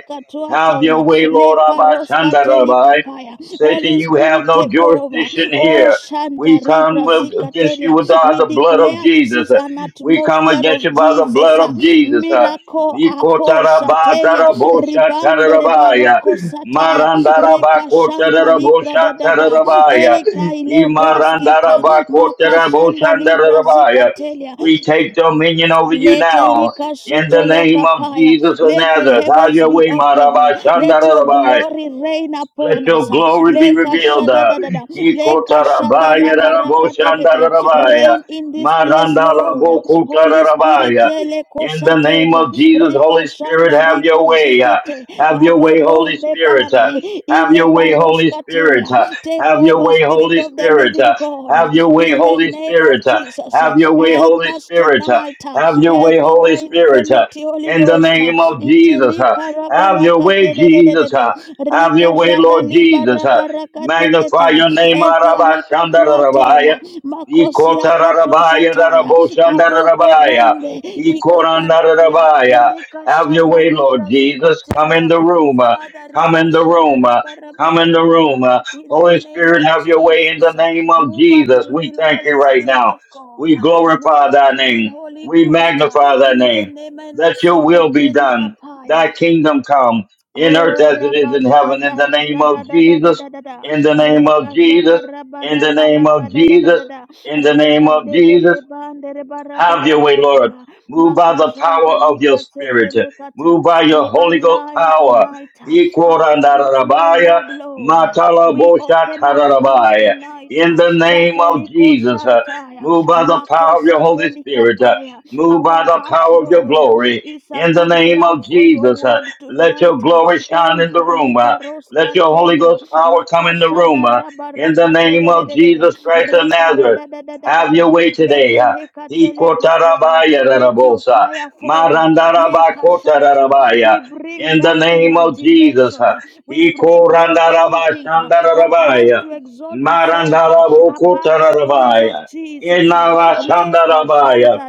Speaker 3: Have your way, Lord
Speaker 2: leparoska
Speaker 3: Abashandarabai.
Speaker 2: telikapaya.
Speaker 3: Satan,
Speaker 2: Holy
Speaker 3: you have
Speaker 2: Spirit
Speaker 3: no
Speaker 2: take over.
Speaker 3: jurisdiction
Speaker 2: Oh
Speaker 3: here.
Speaker 2: Shanta
Speaker 3: We come
Speaker 2: Karibra
Speaker 3: with- against you with all
Speaker 2: We
Speaker 3: the blood of
Speaker 2: declare this
Speaker 3: Jesus.
Speaker 2: is an
Speaker 3: We come
Speaker 2: atmosphere
Speaker 3: against you
Speaker 2: of
Speaker 3: by the
Speaker 2: Jesus.
Speaker 3: blood
Speaker 2: uh,
Speaker 3: of Jesus.
Speaker 2: Miracle aposatelia ribande
Speaker 3: Nikotarabatarabosatarabaya.
Speaker 2: rebaroko sataya rekashanta likra dadada
Speaker 3: Marandarabakotaraboshatarabaya.
Speaker 2: ei kaile braskita makashanda libra
Speaker 3: Imarandarabakotaraboshandarabaya.
Speaker 2: zikatelia
Speaker 3: We take dominion over you
Speaker 2: let
Speaker 3: now.
Speaker 2: Elika
Speaker 3: In the name of
Speaker 2: Sotolokapaya.
Speaker 3: Jesus of
Speaker 2: Let the
Speaker 3: Nazareth, have
Speaker 2: heavens
Speaker 3: your
Speaker 2: be
Speaker 3: way,
Speaker 2: open.
Speaker 3: Maraba
Speaker 2: Let your
Speaker 3: Shandarabai.
Speaker 2: glory reign
Speaker 3: Let
Speaker 2: upon us.
Speaker 3: your glory be
Speaker 2: Leka
Speaker 3: revealed.
Speaker 2: shada
Speaker 3: uh,
Speaker 2: da da da. Leka shada la
Speaker 3: Ikotarabaya
Speaker 2: barakatetete.
Speaker 3: raraboshandararabaya,
Speaker 2: Reign in this place, Lord. Holy Spirit,
Speaker 3: marandarabokutararabaya.
Speaker 2: leko
Speaker 3: In the name
Speaker 2: satelia.
Speaker 3: of Jesus,
Speaker 2: Ripa
Speaker 3: Holy Spirit,
Speaker 2: shanda
Speaker 3: have
Speaker 2: rika
Speaker 3: your way. uh,
Speaker 2: zitete.
Speaker 3: Have your
Speaker 2: Abba
Speaker 3: way, Holy
Speaker 2: bombe
Speaker 3: Spirit. uh,
Speaker 2: bambe.
Speaker 3: Have
Speaker 2: Ile
Speaker 3: your way, Holy Spirit.
Speaker 2: baroskatelia.
Speaker 3: uh,
Speaker 2: Take
Speaker 3: Have your
Speaker 2: over,
Speaker 3: way,
Speaker 2: Spirit
Speaker 3: Holy
Speaker 2: of the
Speaker 3: Spirit.
Speaker 2: Living
Speaker 3: uh,
Speaker 2: God
Speaker 3: Have your way,
Speaker 2: in the
Speaker 3: Holy
Speaker 2: name of
Speaker 3: Spirit. uh,
Speaker 2: Jesus. uh,
Speaker 3: Have your way,
Speaker 2: Help
Speaker 3: Holy
Speaker 2: us
Speaker 3: Spirit. uh,
Speaker 2: tonight. uh,
Speaker 3: Have your way,
Speaker 2: Help
Speaker 3: Holy
Speaker 2: our
Speaker 3: Spirit. uh,
Speaker 2: infirmity, Holy
Speaker 3: In the
Speaker 2: Ghost. uh,
Speaker 3: name of Jesus. uh,
Speaker 2: Intelika
Speaker 3: Have your
Speaker 2: rabaraka
Speaker 3: way,
Speaker 2: de de de de de
Speaker 3: Jesus. uh,
Speaker 2: de.
Speaker 3: have your
Speaker 2: Rika
Speaker 3: way,
Speaker 2: shada
Speaker 3: Lord
Speaker 2: liba
Speaker 3: Jesus. Uh,
Speaker 2: rabaraka de de
Speaker 3: Magnify
Speaker 2: de.
Speaker 3: your name,
Speaker 2: Etelika
Speaker 3: Arabashandarabaya.
Speaker 2: tuatela. Makosia katosha
Speaker 3: Ikotarabaya,
Speaker 2: taya. Abobo
Speaker 3: Daraboshandarabaya.
Speaker 2: bambe. Ika paradia.
Speaker 3: Ikorandarabaya.
Speaker 2: Rika
Speaker 3: Have your
Speaker 2: shanda
Speaker 3: way, Lord
Speaker 2: libra
Speaker 3: Jesus. Come in
Speaker 2: zikatelia.
Speaker 3: the room. uh,
Speaker 2: Father,
Speaker 3: Come
Speaker 2: riba
Speaker 3: in the
Speaker 2: shada
Speaker 3: room. uh, Come in the
Speaker 2: rabarabarabaraba.
Speaker 3: room. uh.
Speaker 2: In the
Speaker 3: Holy
Speaker 2: name
Speaker 3: Spirit,
Speaker 2: of
Speaker 3: have your way in the
Speaker 2: Jesus. uh,
Speaker 3: name of
Speaker 2: Move at
Speaker 3: Jesus. We
Speaker 2: will,
Speaker 3: thank you
Speaker 2: Holy
Speaker 3: right
Speaker 2: Spirit
Speaker 3: now.
Speaker 2: of God.
Speaker 3: We
Speaker 2: Move
Speaker 3: glorify thy
Speaker 2: at will,
Speaker 3: name.
Speaker 2: Holy
Speaker 3: We
Speaker 2: Ghost.
Speaker 3: magnify thy
Speaker 2: In the
Speaker 3: name.
Speaker 2: name of
Speaker 3: Let your
Speaker 2: Sika
Speaker 3: will be done.
Speaker 2: Telikapaya.
Speaker 3: Thy kingdom come in earth
Speaker 2: Oh,
Speaker 3: as it is in heaven. In
Speaker 2: Rabashanda
Speaker 3: the name
Speaker 2: Rika da
Speaker 3: of
Speaker 2: da da da
Speaker 3: Jesus,
Speaker 2: da da da.
Speaker 3: in the name of
Speaker 2: Rika
Speaker 3: Jesus,
Speaker 2: shada raba
Speaker 3: in the
Speaker 2: raba
Speaker 3: name
Speaker 2: raka
Speaker 3: of
Speaker 2: da da da
Speaker 3: Jesus,
Speaker 2: da da.
Speaker 3: in the name
Speaker 2: Rika
Speaker 3: of
Speaker 2: de de
Speaker 3: Jesus,
Speaker 2: de bande reba raba
Speaker 3: have your way,
Speaker 2: raba
Speaker 3: Lord.
Speaker 2: raba.
Speaker 3: Move by the power
Speaker 2: Makashanta
Speaker 3: of your
Speaker 2: lika
Speaker 3: spirit.
Speaker 2: setele kata.
Speaker 3: Move by your
Speaker 2: We
Speaker 3: Holy Ghost
Speaker 2: align
Speaker 3: power.
Speaker 2: tonight uh, according to your
Speaker 3: Ikorandarabaya,
Speaker 2: word, Lord. We open our hearts
Speaker 3: matalaboshatararabaya.
Speaker 2: tonight
Speaker 3: In
Speaker 2: uh,
Speaker 3: the
Speaker 2: that
Speaker 3: name of
Speaker 2: eliko
Speaker 3: Jesus, uh,
Speaker 2: shantaya
Speaker 3: move by the power of your
Speaker 2: makosa
Speaker 3: Holy
Speaker 2: telika
Speaker 3: Spirit. uh,
Speaker 2: paya.
Speaker 3: Move by
Speaker 2: Our
Speaker 3: the
Speaker 2: hearts,
Speaker 3: power of your
Speaker 2: Lord.
Speaker 3: glory.
Speaker 2: It's a
Speaker 3: In the
Speaker 2: good
Speaker 3: name of
Speaker 2: ground for your
Speaker 3: Jesus, uh,
Speaker 2: word
Speaker 3: let your
Speaker 2: tonight.
Speaker 3: glory shine
Speaker 2: Hey,
Speaker 3: in the room. uh,
Speaker 2: Kaleba
Speaker 3: Let your Holy
Speaker 2: Roscantelia,
Speaker 3: Ghost power come in the room.
Speaker 2: Makashada
Speaker 3: uh, In the name of
Speaker 2: Rabarakateledede,
Speaker 3: Jesus Christ of Nazareth, have your
Speaker 2: Rekaradadadadada,
Speaker 3: way today.
Speaker 2: Letelekatelekapaya.
Speaker 3: Ikotarabaya
Speaker 2: Let your
Speaker 3: rarabosa.
Speaker 2: fire fall. Lekashanta.
Speaker 3: Marandarabakotarabaya.
Speaker 2: We bring
Speaker 3: In the
Speaker 2: down
Speaker 3: name of Jesus.
Speaker 2: imagination. uh, We bring down anything uh, that tries
Speaker 3: Ikorandarabashandarabaya.
Speaker 2: to exalt itself uh, above the knowledge of
Speaker 3: Marandarabokotarabaya.
Speaker 2: Jesus. uh.
Speaker 3: Inavashandarabaya
Speaker 2: Lekashanta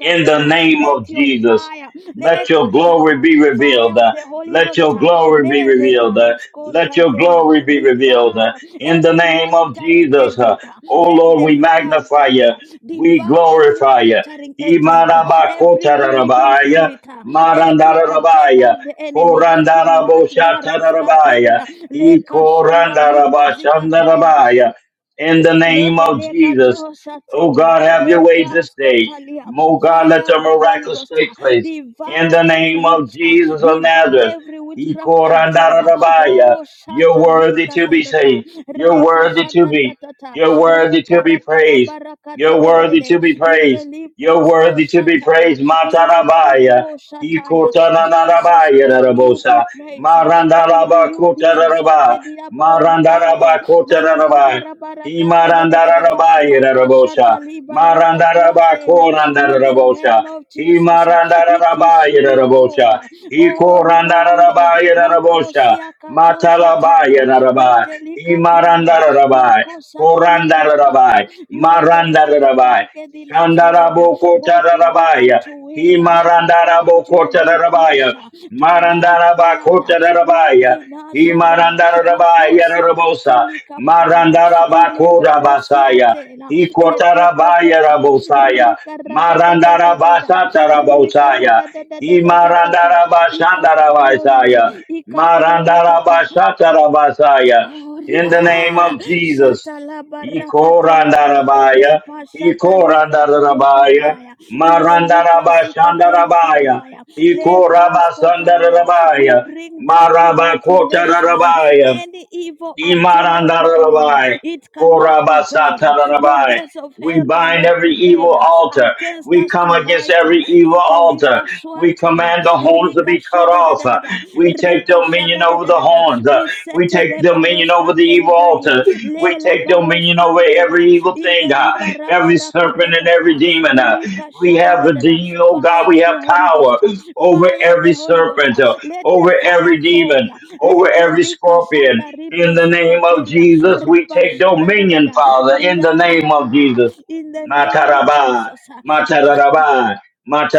Speaker 3: in the name
Speaker 2: let.
Speaker 3: of
Speaker 2: Let your
Speaker 3: Jesus.
Speaker 2: fire,
Speaker 3: Let
Speaker 2: leka
Speaker 3: your glory
Speaker 2: shata,
Speaker 3: be
Speaker 2: fire
Speaker 3: revealed.
Speaker 2: of
Speaker 3: Uh,
Speaker 2: the Holy
Speaker 3: Let
Speaker 2: Ghost,
Speaker 3: your
Speaker 2: uh,
Speaker 3: glory be
Speaker 2: le
Speaker 3: revealed. Uh,
Speaker 2: rebarasko
Speaker 3: Let your
Speaker 2: shantelia,
Speaker 3: glory be revealed Uh,
Speaker 2: devour
Speaker 3: in the
Speaker 2: every
Speaker 3: name of
Speaker 2: monitoring
Speaker 3: Jesus. Uh,
Speaker 2: agenda.
Speaker 3: Oh
Speaker 2: Let
Speaker 3: Lord,
Speaker 2: the
Speaker 3: we
Speaker 2: fire of
Speaker 3: magnify
Speaker 2: God
Speaker 3: you.
Speaker 2: uh,
Speaker 3: We
Speaker 2: devour every
Speaker 3: glorify you.
Speaker 2: monitoring agenda, every mimicking
Speaker 3: Imarabakotarabaya,
Speaker 2: spirit, uh, every agenda
Speaker 3: marandarabaya,
Speaker 2: of the enemy. Tonight, baroska
Speaker 3: korandaraboshatarabaya,
Speaker 2: telia, leka shanda ribra zikataya,
Speaker 3: ikorandarabashandarabaya. In the
Speaker 2: let Le
Speaker 3: name of Jesus.
Speaker 2: delekato
Speaker 3: Oh
Speaker 2: shatelia,
Speaker 3: God, have your
Speaker 2: le
Speaker 3: way this day.
Speaker 2: praskotalia,
Speaker 3: Oh God, let
Speaker 2: fire of
Speaker 3: your
Speaker 2: the Holy
Speaker 3: miracles
Speaker 2: Ghost,
Speaker 3: take
Speaker 2: uh,
Speaker 3: place. In
Speaker 2: devour
Speaker 3: the
Speaker 2: any
Speaker 3: name of
Speaker 2: witch, uh,
Speaker 3: Jesus of
Speaker 2: devour
Speaker 3: Nazareth.
Speaker 2: every witchcraft agenda.
Speaker 3: Ikorandarabaya.
Speaker 2: Oh,
Speaker 3: You're worthy
Speaker 2: shatalika
Speaker 3: to be
Speaker 2: tatata,
Speaker 3: saved. You're
Speaker 2: reka
Speaker 3: worthy to be.
Speaker 2: shatatatata,
Speaker 3: You're worthy to
Speaker 2: reka
Speaker 3: be praised. You're
Speaker 2: rabarabarakate de de de
Speaker 3: worthy
Speaker 2: de,
Speaker 3: to be praised.
Speaker 2: inteli
Speaker 3: You're
Speaker 2: prasko
Speaker 3: worthy to be
Speaker 2: shataya,
Speaker 3: praised.
Speaker 2: in the de de de
Speaker 3: Matarabaya.
Speaker 2: bo shataya. Jesus,
Speaker 3: Ikotananarabaya
Speaker 2: only you be
Speaker 3: darabosa.
Speaker 2: praised, uh, only you be
Speaker 3: Marandarabakotararaba.
Speaker 2: exalted, Irabo rabande mandere
Speaker 3: Marandarabakotararaba.
Speaker 2: barabarakate de de de de
Speaker 3: Imarandarabaya darabosa.
Speaker 2: makashata
Speaker 3: Marandaraba
Speaker 2: libarakatuatela in the
Speaker 3: korandarabosha.
Speaker 2: name of
Speaker 3: He
Speaker 2: Jesus it is
Speaker 3: marandaraba
Speaker 2: you Lord
Speaker 3: yedarabosha. He
Speaker 2: oh ribande
Speaker 3: korandaraba yedarabosha.
Speaker 2: makosia katosha
Speaker 3: Matalaba
Speaker 2: taya
Speaker 3: yedaraba. He
Speaker 2: ratelikapaya
Speaker 3: marandaraba.
Speaker 2: makosa telikapaya
Speaker 3: Korandarabai.
Speaker 2: you are the one that
Speaker 3: Marandarabai.
Speaker 2: worketh in us Lord
Speaker 3: Shandaraboko
Speaker 2: both to do and
Speaker 3: Tararabaya.
Speaker 2: to will according to
Speaker 3: Imarandaraboko
Speaker 2: your good
Speaker 3: Tararabaya.
Speaker 2: pleasure tonight
Speaker 3: Marandarabako
Speaker 2: Father work
Speaker 3: Tararabaya.
Speaker 2: in us Abba
Speaker 3: Imarandarabaya
Speaker 2: akosi
Speaker 3: Rabosa.
Speaker 2: kateli kapaya
Speaker 3: Marandarabako
Speaker 2: ilebelosia
Speaker 3: Rabasaya.
Speaker 2: tela
Speaker 3: Ikotarabaya
Speaker 2: etetetete
Speaker 3: Rabosaya.
Speaker 2: rikaradadadadada
Speaker 3: Marandarabasa Tarabosaya.
Speaker 2: rikaradadadadadada ikapabombe
Speaker 3: Imarandarabashandarabasaya.
Speaker 2: ikapawatata
Speaker 3: Marandarabashatarabasaya. In the name
Speaker 2: Oria
Speaker 3: of Jesus.
Speaker 2: shatala barakateleba
Speaker 3: Ikorandarabaya,
Speaker 2: repa shatalika toloka
Speaker 3: Ikorandarabaya,
Speaker 2: paya intelibra sikatelika
Speaker 3: Marandarabashandarabaya,
Speaker 2: paya lebras kotalia. We
Speaker 3: Ikorabasandarabaya,
Speaker 2: bring down imagination, uh,
Speaker 3: Marabakotarabaya.
Speaker 2: any evil agenda of the enemy.
Speaker 3: Imarandarabai,
Speaker 2: It cannot prevail. uh, The
Speaker 3: Korabasatarabai.
Speaker 2: gates of
Speaker 3: We
Speaker 2: hell
Speaker 3: bind
Speaker 2: cannot
Speaker 3: every
Speaker 2: prevail
Speaker 3: evil
Speaker 2: uh,
Speaker 3: altar.
Speaker 2: against
Speaker 3: We
Speaker 2: us
Speaker 3: come against
Speaker 2: tonight. uh,
Speaker 3: every evil altar.
Speaker 2: Intelika
Speaker 3: We
Speaker 2: swataya
Speaker 3: command the horns to
Speaker 2: rika
Speaker 3: be cut
Speaker 2: shada da
Speaker 3: off.
Speaker 2: da
Speaker 3: Uh,
Speaker 2: da da
Speaker 3: We take
Speaker 2: rika
Speaker 3: dominion
Speaker 2: shada da
Speaker 3: over
Speaker 2: da
Speaker 3: the
Speaker 2: da da
Speaker 3: horns. Uh,
Speaker 2: we
Speaker 3: We
Speaker 2: set
Speaker 3: take
Speaker 2: le
Speaker 3: dominion
Speaker 2: baros
Speaker 3: over the
Speaker 2: kante
Speaker 3: evil
Speaker 2: libradia.
Speaker 3: altar. We
Speaker 2: Le le
Speaker 3: take
Speaker 2: baros
Speaker 3: dominion over
Speaker 2: kande reba.
Speaker 3: every evil thing,
Speaker 2: Inte
Speaker 3: uh,
Speaker 2: ribara
Speaker 3: every serpent and every
Speaker 2: barakatatata.
Speaker 3: demon. uh.
Speaker 2: Rika
Speaker 3: We
Speaker 2: shada
Speaker 3: have
Speaker 2: da
Speaker 3: the
Speaker 2: da da.
Speaker 3: demon, oh God,
Speaker 2: Fire
Speaker 3: we
Speaker 2: of
Speaker 3: have
Speaker 2: the Holy
Speaker 3: power
Speaker 2: Ghost.
Speaker 3: over
Speaker 2: Fire of
Speaker 3: every
Speaker 2: the Holy Ghost.
Speaker 3: serpent, uh,
Speaker 2: Let the
Speaker 3: over
Speaker 2: fire
Speaker 3: every demon,
Speaker 2: fall.
Speaker 3: over
Speaker 2: Let the
Speaker 3: every
Speaker 2: lika
Speaker 3: scorpion,
Speaker 2: shanda
Speaker 3: in
Speaker 2: ribra
Speaker 3: the name of
Speaker 2: zikatelia,
Speaker 3: Jesus, we
Speaker 2: Riba
Speaker 3: take
Speaker 2: shada da da
Speaker 3: dominion, Father, in the name of
Speaker 2: da.
Speaker 3: Jesus.
Speaker 2: In the name of
Speaker 3: Matarabai,
Speaker 2: Jesus.
Speaker 3: matarabai,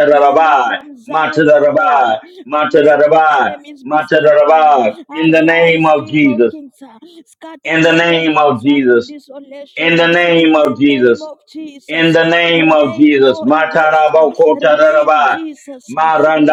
Speaker 2: Thunder from Zion, O Lord,
Speaker 3: matarabai,
Speaker 2: and let your
Speaker 3: matarabai,
Speaker 2: enemies be scattered.
Speaker 3: matarabai, in the name
Speaker 2: Arise,
Speaker 3: of
Speaker 2: King of
Speaker 3: Jesus,
Speaker 2: Kings, scatter
Speaker 3: in the
Speaker 2: your
Speaker 3: name of
Speaker 2: enemies unto
Speaker 3: Jesus, in
Speaker 2: desolation
Speaker 3: the name
Speaker 2: in the
Speaker 3: of
Speaker 2: name
Speaker 3: Jesus
Speaker 2: of
Speaker 3: in
Speaker 2: Jesus.
Speaker 3: the name of
Speaker 2: Reign,
Speaker 3: Jesus.
Speaker 2: Holy Ghost, reign,
Speaker 3: Matarabokotararabai.
Speaker 2: Jesus,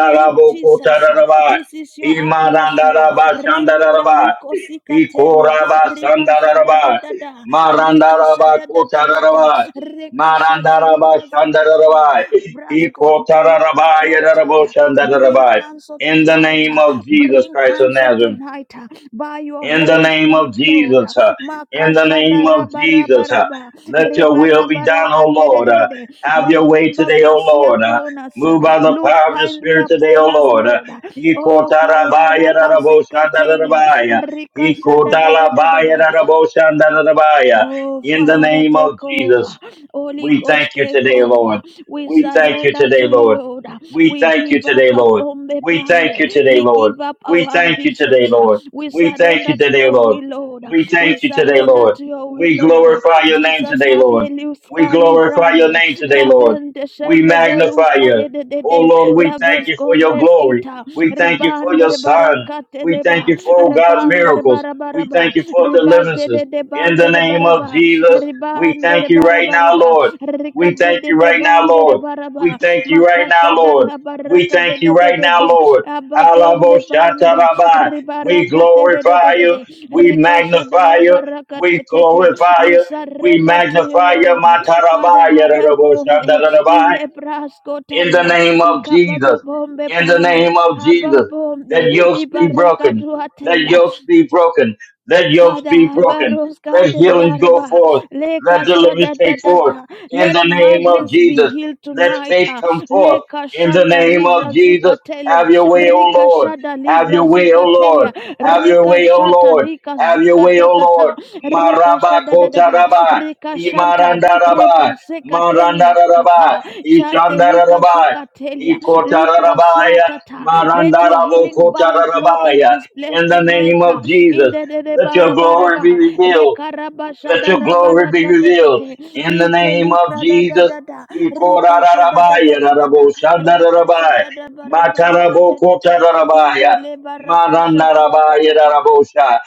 Speaker 2: reign, Jesus. This is your atmosphere. Reign in the
Speaker 3: Imarandarabashandarabai.
Speaker 2: Likosicatelia, Ribashada da
Speaker 3: Ikorabasandarabai.
Speaker 2: da da, Rekashada da da da da,
Speaker 3: Marandarabakotararabai.
Speaker 2: Rekashanda
Speaker 3: Marandarabashandarabai. Ikotararabai.
Speaker 2: Braskotelikatwataya. Bring
Speaker 3: Yaraboshandarabai.
Speaker 2: counsel
Speaker 3: In the
Speaker 2: tonight.
Speaker 3: name
Speaker 2: uh,
Speaker 3: of Jesus
Speaker 2: Bring
Speaker 3: Christ of
Speaker 2: counsel
Speaker 3: Nazareth
Speaker 2: tonight uh, by your
Speaker 3: in the
Speaker 2: Holy
Speaker 3: name
Speaker 2: Spirit,
Speaker 3: of
Speaker 2: Lord.
Speaker 3: Jesus. uh, In the
Speaker 2: Makashada
Speaker 3: name of
Speaker 2: raba raba
Speaker 3: Jesus. uh,
Speaker 2: raba.
Speaker 3: Let your
Speaker 2: Reba
Speaker 3: will be
Speaker 2: raba
Speaker 3: done, O
Speaker 2: rakate de
Speaker 3: Lord.
Speaker 2: de de
Speaker 3: uh,
Speaker 2: de.
Speaker 3: Have your way
Speaker 2: Remember
Speaker 3: today, O
Speaker 2: mercy
Speaker 3: Lord. uh,
Speaker 2: upon us. uh,
Speaker 3: Move by the
Speaker 2: Look
Speaker 3: power of your
Speaker 2: kindly
Speaker 3: spirit today, O
Speaker 2: upon us,
Speaker 3: Lord. uh,
Speaker 2: Lord. Oh, kaya raba sikatelia.
Speaker 3: Ikotarabaya-raraboshandarabaya,
Speaker 2: Rikashada da da da da da.
Speaker 3: Ikotalabaya-raraboshandarabaya,
Speaker 2: Oh,
Speaker 3: In the
Speaker 2: Father,
Speaker 3: name of
Speaker 2: take
Speaker 3: Jesus.
Speaker 2: over. Holy
Speaker 3: We
Speaker 2: Ghost,
Speaker 3: thank you
Speaker 2: take
Speaker 3: today,
Speaker 2: over.
Speaker 3: Lord.
Speaker 2: We
Speaker 3: We thank you
Speaker 2: surrender
Speaker 3: today,
Speaker 2: to you,
Speaker 3: Lord.
Speaker 2: Lord.
Speaker 3: We
Speaker 2: We
Speaker 3: thank you
Speaker 2: give up
Speaker 3: today,
Speaker 2: our
Speaker 3: Lord.
Speaker 2: pombe
Speaker 3: We thank
Speaker 2: pambe.
Speaker 3: you today,
Speaker 2: We
Speaker 3: Lord.
Speaker 2: give up
Speaker 3: We
Speaker 2: our
Speaker 3: thank you today,
Speaker 2: ambitions.
Speaker 3: Lord.
Speaker 2: We
Speaker 3: We thank you
Speaker 2: surrender to
Speaker 3: today,
Speaker 2: your
Speaker 3: Lord.
Speaker 2: will, Lord.
Speaker 3: We
Speaker 2: We
Speaker 3: thank you today,
Speaker 2: surrender
Speaker 3: Lord.
Speaker 2: to your will,
Speaker 3: We
Speaker 2: Lord.
Speaker 3: glorify your name
Speaker 2: Jesus,
Speaker 3: today,
Speaker 2: have
Speaker 3: Lord.
Speaker 2: a
Speaker 3: We
Speaker 2: luskali
Speaker 3: glorify your
Speaker 2: brande.
Speaker 3: name today, Lord.
Speaker 2: Raben
Speaker 3: We
Speaker 2: descende
Speaker 3: magnify
Speaker 2: beluska
Speaker 3: you.
Speaker 2: de de de
Speaker 3: Oh
Speaker 2: de.
Speaker 3: Lord, we thank
Speaker 2: Ravens
Speaker 3: you for your
Speaker 2: combres
Speaker 3: glory.
Speaker 2: kita.
Speaker 3: We thank you for your
Speaker 2: Ribande
Speaker 3: son. We thank
Speaker 2: barakateleba.
Speaker 3: you for oh God
Speaker 2: Rabande
Speaker 3: miracles. We
Speaker 2: barabaraba
Speaker 3: thank you for
Speaker 2: ribande
Speaker 3: deliverances.
Speaker 2: de de
Speaker 3: In the
Speaker 2: bande de
Speaker 3: name of
Speaker 2: baraba
Speaker 3: Jesus, we
Speaker 2: ribande de
Speaker 3: thank you right now,
Speaker 2: barabaraba
Speaker 3: Lord. We
Speaker 2: rikade
Speaker 3: thank
Speaker 2: de
Speaker 3: you
Speaker 2: de
Speaker 3: right now,
Speaker 2: bande de
Speaker 3: Lord. We
Speaker 2: baraba
Speaker 3: thank you right
Speaker 2: makasha
Speaker 3: now,
Speaker 2: da
Speaker 3: Lord.
Speaker 2: la
Speaker 3: We
Speaker 2: baraka de
Speaker 3: thank you
Speaker 2: de de
Speaker 3: right
Speaker 2: de
Speaker 3: now,
Speaker 2: de
Speaker 3: Lord.
Speaker 2: ababombe bambe,
Speaker 3: Halaboshatarabba. We
Speaker 2: ribaraka de de de
Speaker 3: glorify
Speaker 2: de
Speaker 3: you.
Speaker 2: de de
Speaker 3: We
Speaker 2: rikasha da
Speaker 3: magnify
Speaker 2: la
Speaker 3: you.
Speaker 2: baraka
Speaker 3: We
Speaker 2: te te te
Speaker 3: glorify
Speaker 2: we
Speaker 3: you. We
Speaker 2: surrender to you
Speaker 3: magnify you.
Speaker 2: Lord Father
Speaker 3: Matarabba,
Speaker 2: hababombe
Speaker 3: yaraboshandarabba.
Speaker 2: ile brasko
Speaker 3: In the
Speaker 2: talia
Speaker 3: name of Jesus.
Speaker 2: ikababombe
Speaker 3: In the
Speaker 2: bambe
Speaker 3: name of Jesus.
Speaker 2: hababombe
Speaker 3: Let yokes be
Speaker 2: ibaraka
Speaker 3: broken. Let
Speaker 2: duatela
Speaker 3: yokes be broken. Let yokes
Speaker 2: Father,
Speaker 3: be
Speaker 2: have a
Speaker 3: broken. Let healings go
Speaker 2: baraba,
Speaker 3: forth. Let
Speaker 2: leka
Speaker 3: deliverance
Speaker 2: shada da
Speaker 3: take
Speaker 2: da
Speaker 3: forth.
Speaker 2: da.
Speaker 3: In the
Speaker 2: Let
Speaker 3: name of
Speaker 2: migrants be
Speaker 3: Jesus.
Speaker 2: healed
Speaker 3: Let
Speaker 2: tonight.
Speaker 3: faith
Speaker 2: ah.
Speaker 3: come forth.
Speaker 2: Leka
Speaker 3: In the
Speaker 2: shanda
Speaker 3: name of
Speaker 2: libra zika
Speaker 3: Jesus.
Speaker 2: telia,
Speaker 3: Have your way, O
Speaker 2: rika
Speaker 3: Lord.
Speaker 2: shada
Speaker 3: Have
Speaker 2: libra
Speaker 3: your way, O
Speaker 2: zika
Speaker 3: Lord.
Speaker 2: telia,
Speaker 3: Have your
Speaker 2: rika
Speaker 3: way, O
Speaker 2: shata
Speaker 3: Lord.
Speaker 2: lika
Speaker 3: Have your
Speaker 2: zika
Speaker 3: way, O Lord.
Speaker 2: tatata, rika
Speaker 3: Maraba
Speaker 2: shada da da da,
Speaker 3: kotaraba.
Speaker 2: rika shanta
Speaker 3: Imarandaraba.
Speaker 2: reba zika telia
Speaker 3: Marandaraba.
Speaker 2: kapa, shate lika
Speaker 3: Ishandaraba.
Speaker 2: zuka telia, libra
Speaker 3: Ikotarabaya,
Speaker 2: swatata. Let your healing balm flow in
Speaker 3: Marandarabokotarabaya.
Speaker 2: this place
Speaker 3: In the
Speaker 2: tonight.
Speaker 3: name
Speaker 2: ah
Speaker 3: of
Speaker 2: in
Speaker 3: Jesus,
Speaker 2: the de de
Speaker 3: let your
Speaker 2: bara bara
Speaker 3: glory
Speaker 2: ba
Speaker 3: be revealed.
Speaker 2: rekaraba
Speaker 3: Let
Speaker 2: shada
Speaker 3: your
Speaker 2: raba
Speaker 3: glory be revealed.
Speaker 2: rakatetete
Speaker 3: In the name of
Speaker 2: intelikra da da
Speaker 3: Jesus,
Speaker 2: da da rikasha da da da
Speaker 3: Ikorarabaya,
Speaker 2: da da da rikasha
Speaker 3: Raboshandarabaya,
Speaker 2: da da bara bara katetete in the
Speaker 3: Matarabokotarabaya,
Speaker 2: le bara kasha da da
Speaker 3: Marandarabaya,
Speaker 2: da da
Speaker 3: Rabosha,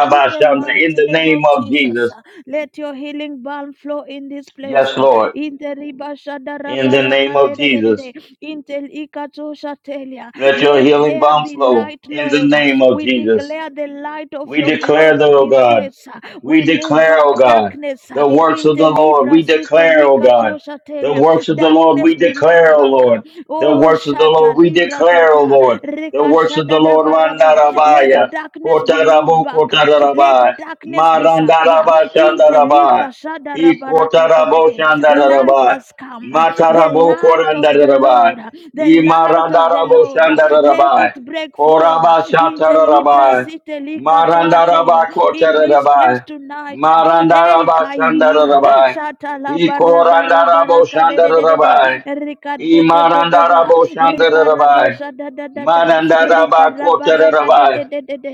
Speaker 2: in the
Speaker 3: In
Speaker 2: mighty
Speaker 3: the
Speaker 2: name
Speaker 3: name
Speaker 2: of
Speaker 3: of
Speaker 2: Jesus,
Speaker 3: Jesus.
Speaker 2: uh, let your healing balm flow in this place.
Speaker 3: Yes,
Speaker 2: uh,
Speaker 3: Lord.
Speaker 2: In the riba shada
Speaker 3: In the
Speaker 2: raba
Speaker 3: name
Speaker 2: raka de
Speaker 3: of
Speaker 2: de de de
Speaker 3: Jesus.
Speaker 2: de. In the ikato shatelia.
Speaker 3: Let your
Speaker 2: Let
Speaker 3: healing
Speaker 2: there
Speaker 3: balm
Speaker 2: be
Speaker 3: flow
Speaker 2: light,
Speaker 3: in the
Speaker 2: Lord. uh,
Speaker 3: name of
Speaker 2: We
Speaker 3: Jesus.
Speaker 2: declare the light of
Speaker 3: We
Speaker 2: your
Speaker 3: declare, the,
Speaker 2: glory in
Speaker 3: O
Speaker 2: this
Speaker 3: God.
Speaker 2: place. uh,
Speaker 3: We
Speaker 2: We move
Speaker 3: declare, O
Speaker 2: back
Speaker 3: God,
Speaker 2: darkness. uh,
Speaker 3: the works
Speaker 2: In
Speaker 3: of the
Speaker 2: the
Speaker 3: Lord. We
Speaker 2: libra sita
Speaker 3: declare, O God,
Speaker 2: likato
Speaker 3: the
Speaker 2: shatelia.
Speaker 3: works of the Lord. We
Speaker 2: Darkness be
Speaker 3: declare,
Speaker 2: moved
Speaker 3: O
Speaker 2: back. uh,
Speaker 3: Lord, the
Speaker 2: Oh,
Speaker 3: works of the
Speaker 2: shata
Speaker 3: Lord. We
Speaker 2: ribra
Speaker 3: declare, O
Speaker 2: kata.
Speaker 3: Lord, the
Speaker 2: Reka
Speaker 3: works of
Speaker 2: shada
Speaker 3: the Lord.
Speaker 2: raba raba. Let
Speaker 3: Randarabaya,
Speaker 2: darkness be moved
Speaker 3: kotarabu
Speaker 2: back. uh, let
Speaker 3: kotarabai,
Speaker 2: darkness disappear.
Speaker 3: marandaraba shandarabai,
Speaker 2: Intelika
Speaker 3: ikotarabo
Speaker 2: shadarabarakatetete. Light
Speaker 3: shandarabai,
Speaker 2: has come. The
Speaker 3: matarabo
Speaker 2: light of the
Speaker 3: korandarabai,
Speaker 2: Lord. The light of the
Speaker 3: imarandarabo
Speaker 2: Lord. Let
Speaker 3: shandarabai,
Speaker 2: it break forth. Intelibra
Speaker 3: korabashatarabai,
Speaker 2: sitelika toatela.
Speaker 3: Marandaraba
Speaker 2: In this place
Speaker 3: Kotarabai.
Speaker 2: tonight. Hey
Speaker 3: Marandaraba
Speaker 2: kaima.
Speaker 3: Shandarabai. I Korandarabo
Speaker 2: Shatalabarabarakatetete.
Speaker 3: Shandarabai. I
Speaker 2: Rikadededeba.
Speaker 3: Marandarabo Shandarabai.
Speaker 2: Ribarabashadadadada.
Speaker 3: Marandaraba Kotarabai.
Speaker 2: Rikarabarakadededede.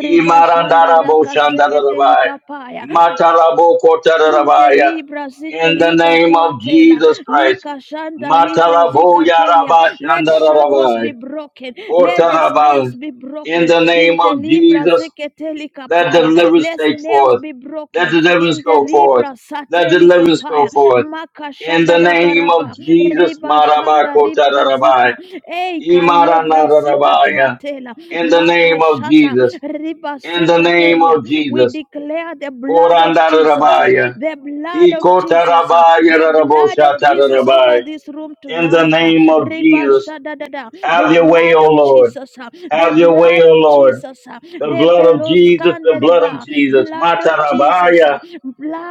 Speaker 3: I Marandarabo
Speaker 2: rakasekete
Speaker 3: Shandarabai.
Speaker 2: likapaya.
Speaker 3: Matarabo
Speaker 2: Inte
Speaker 3: Kotarabai.
Speaker 2: libra zite
Speaker 3: In the
Speaker 2: lika
Speaker 3: name of
Speaker 2: tuatela,
Speaker 3: Jesus Christ.
Speaker 2: lika shanda libra
Speaker 3: Matarabo
Speaker 2: zikatelia.
Speaker 3: Yaraba
Speaker 2: Let shackles be
Speaker 3: Shandarabai.
Speaker 2: broken, let the snares
Speaker 3: Kotarabai.
Speaker 2: be
Speaker 3: In
Speaker 2: broken.
Speaker 3: the name
Speaker 2: Inte
Speaker 3: of
Speaker 2: libra
Speaker 3: Jesus
Speaker 2: ziketelika
Speaker 3: let
Speaker 2: paya,
Speaker 3: deliverance
Speaker 2: let
Speaker 3: take
Speaker 2: snares
Speaker 3: forth.
Speaker 2: be
Speaker 3: Let
Speaker 2: broken.
Speaker 3: deliverance
Speaker 2: Inte
Speaker 3: go forth.
Speaker 2: libra
Speaker 3: Let
Speaker 2: satelika
Speaker 3: deliverance go
Speaker 2: paya,
Speaker 3: forth.
Speaker 2: maka
Speaker 3: In the
Speaker 2: shanda da
Speaker 3: name of
Speaker 2: baraba,
Speaker 3: Jesus,
Speaker 2: riba shanda ribra
Speaker 3: Marabakotararabai,
Speaker 2: zika, eika ilebra zika
Speaker 3: Imaranararabaya.
Speaker 2: tuatela,
Speaker 3: In the
Speaker 2: maka
Speaker 3: name of
Speaker 2: shanda
Speaker 3: Jesus.
Speaker 2: riba
Speaker 3: In the name
Speaker 2: zikatelia.
Speaker 3: of
Speaker 2: We
Speaker 3: Jesus.
Speaker 2: declare the blood of Jesus.
Speaker 3: Korandararabaya,
Speaker 2: The blood of Jesus, uh,
Speaker 3: Ikotarabaya
Speaker 2: the blood of Jesus over
Speaker 3: raraboshatarabai.
Speaker 2: this room
Speaker 3: In the
Speaker 2: tonight. uh,
Speaker 3: name of
Speaker 2: Reba
Speaker 3: Jesus.
Speaker 2: shadadada. The
Speaker 3: Have your way,
Speaker 2: blood
Speaker 3: O
Speaker 2: of
Speaker 3: Lord.
Speaker 2: Jesus, uh, the
Speaker 3: Have your way,
Speaker 2: blood
Speaker 3: O
Speaker 2: of
Speaker 3: Lord.
Speaker 2: Jesus, uh,
Speaker 3: The
Speaker 2: the
Speaker 3: blood of
Speaker 2: belos
Speaker 3: Jesus, the blood of Jesus.
Speaker 2: blood of Jesus, uh,
Speaker 3: Matarabaya.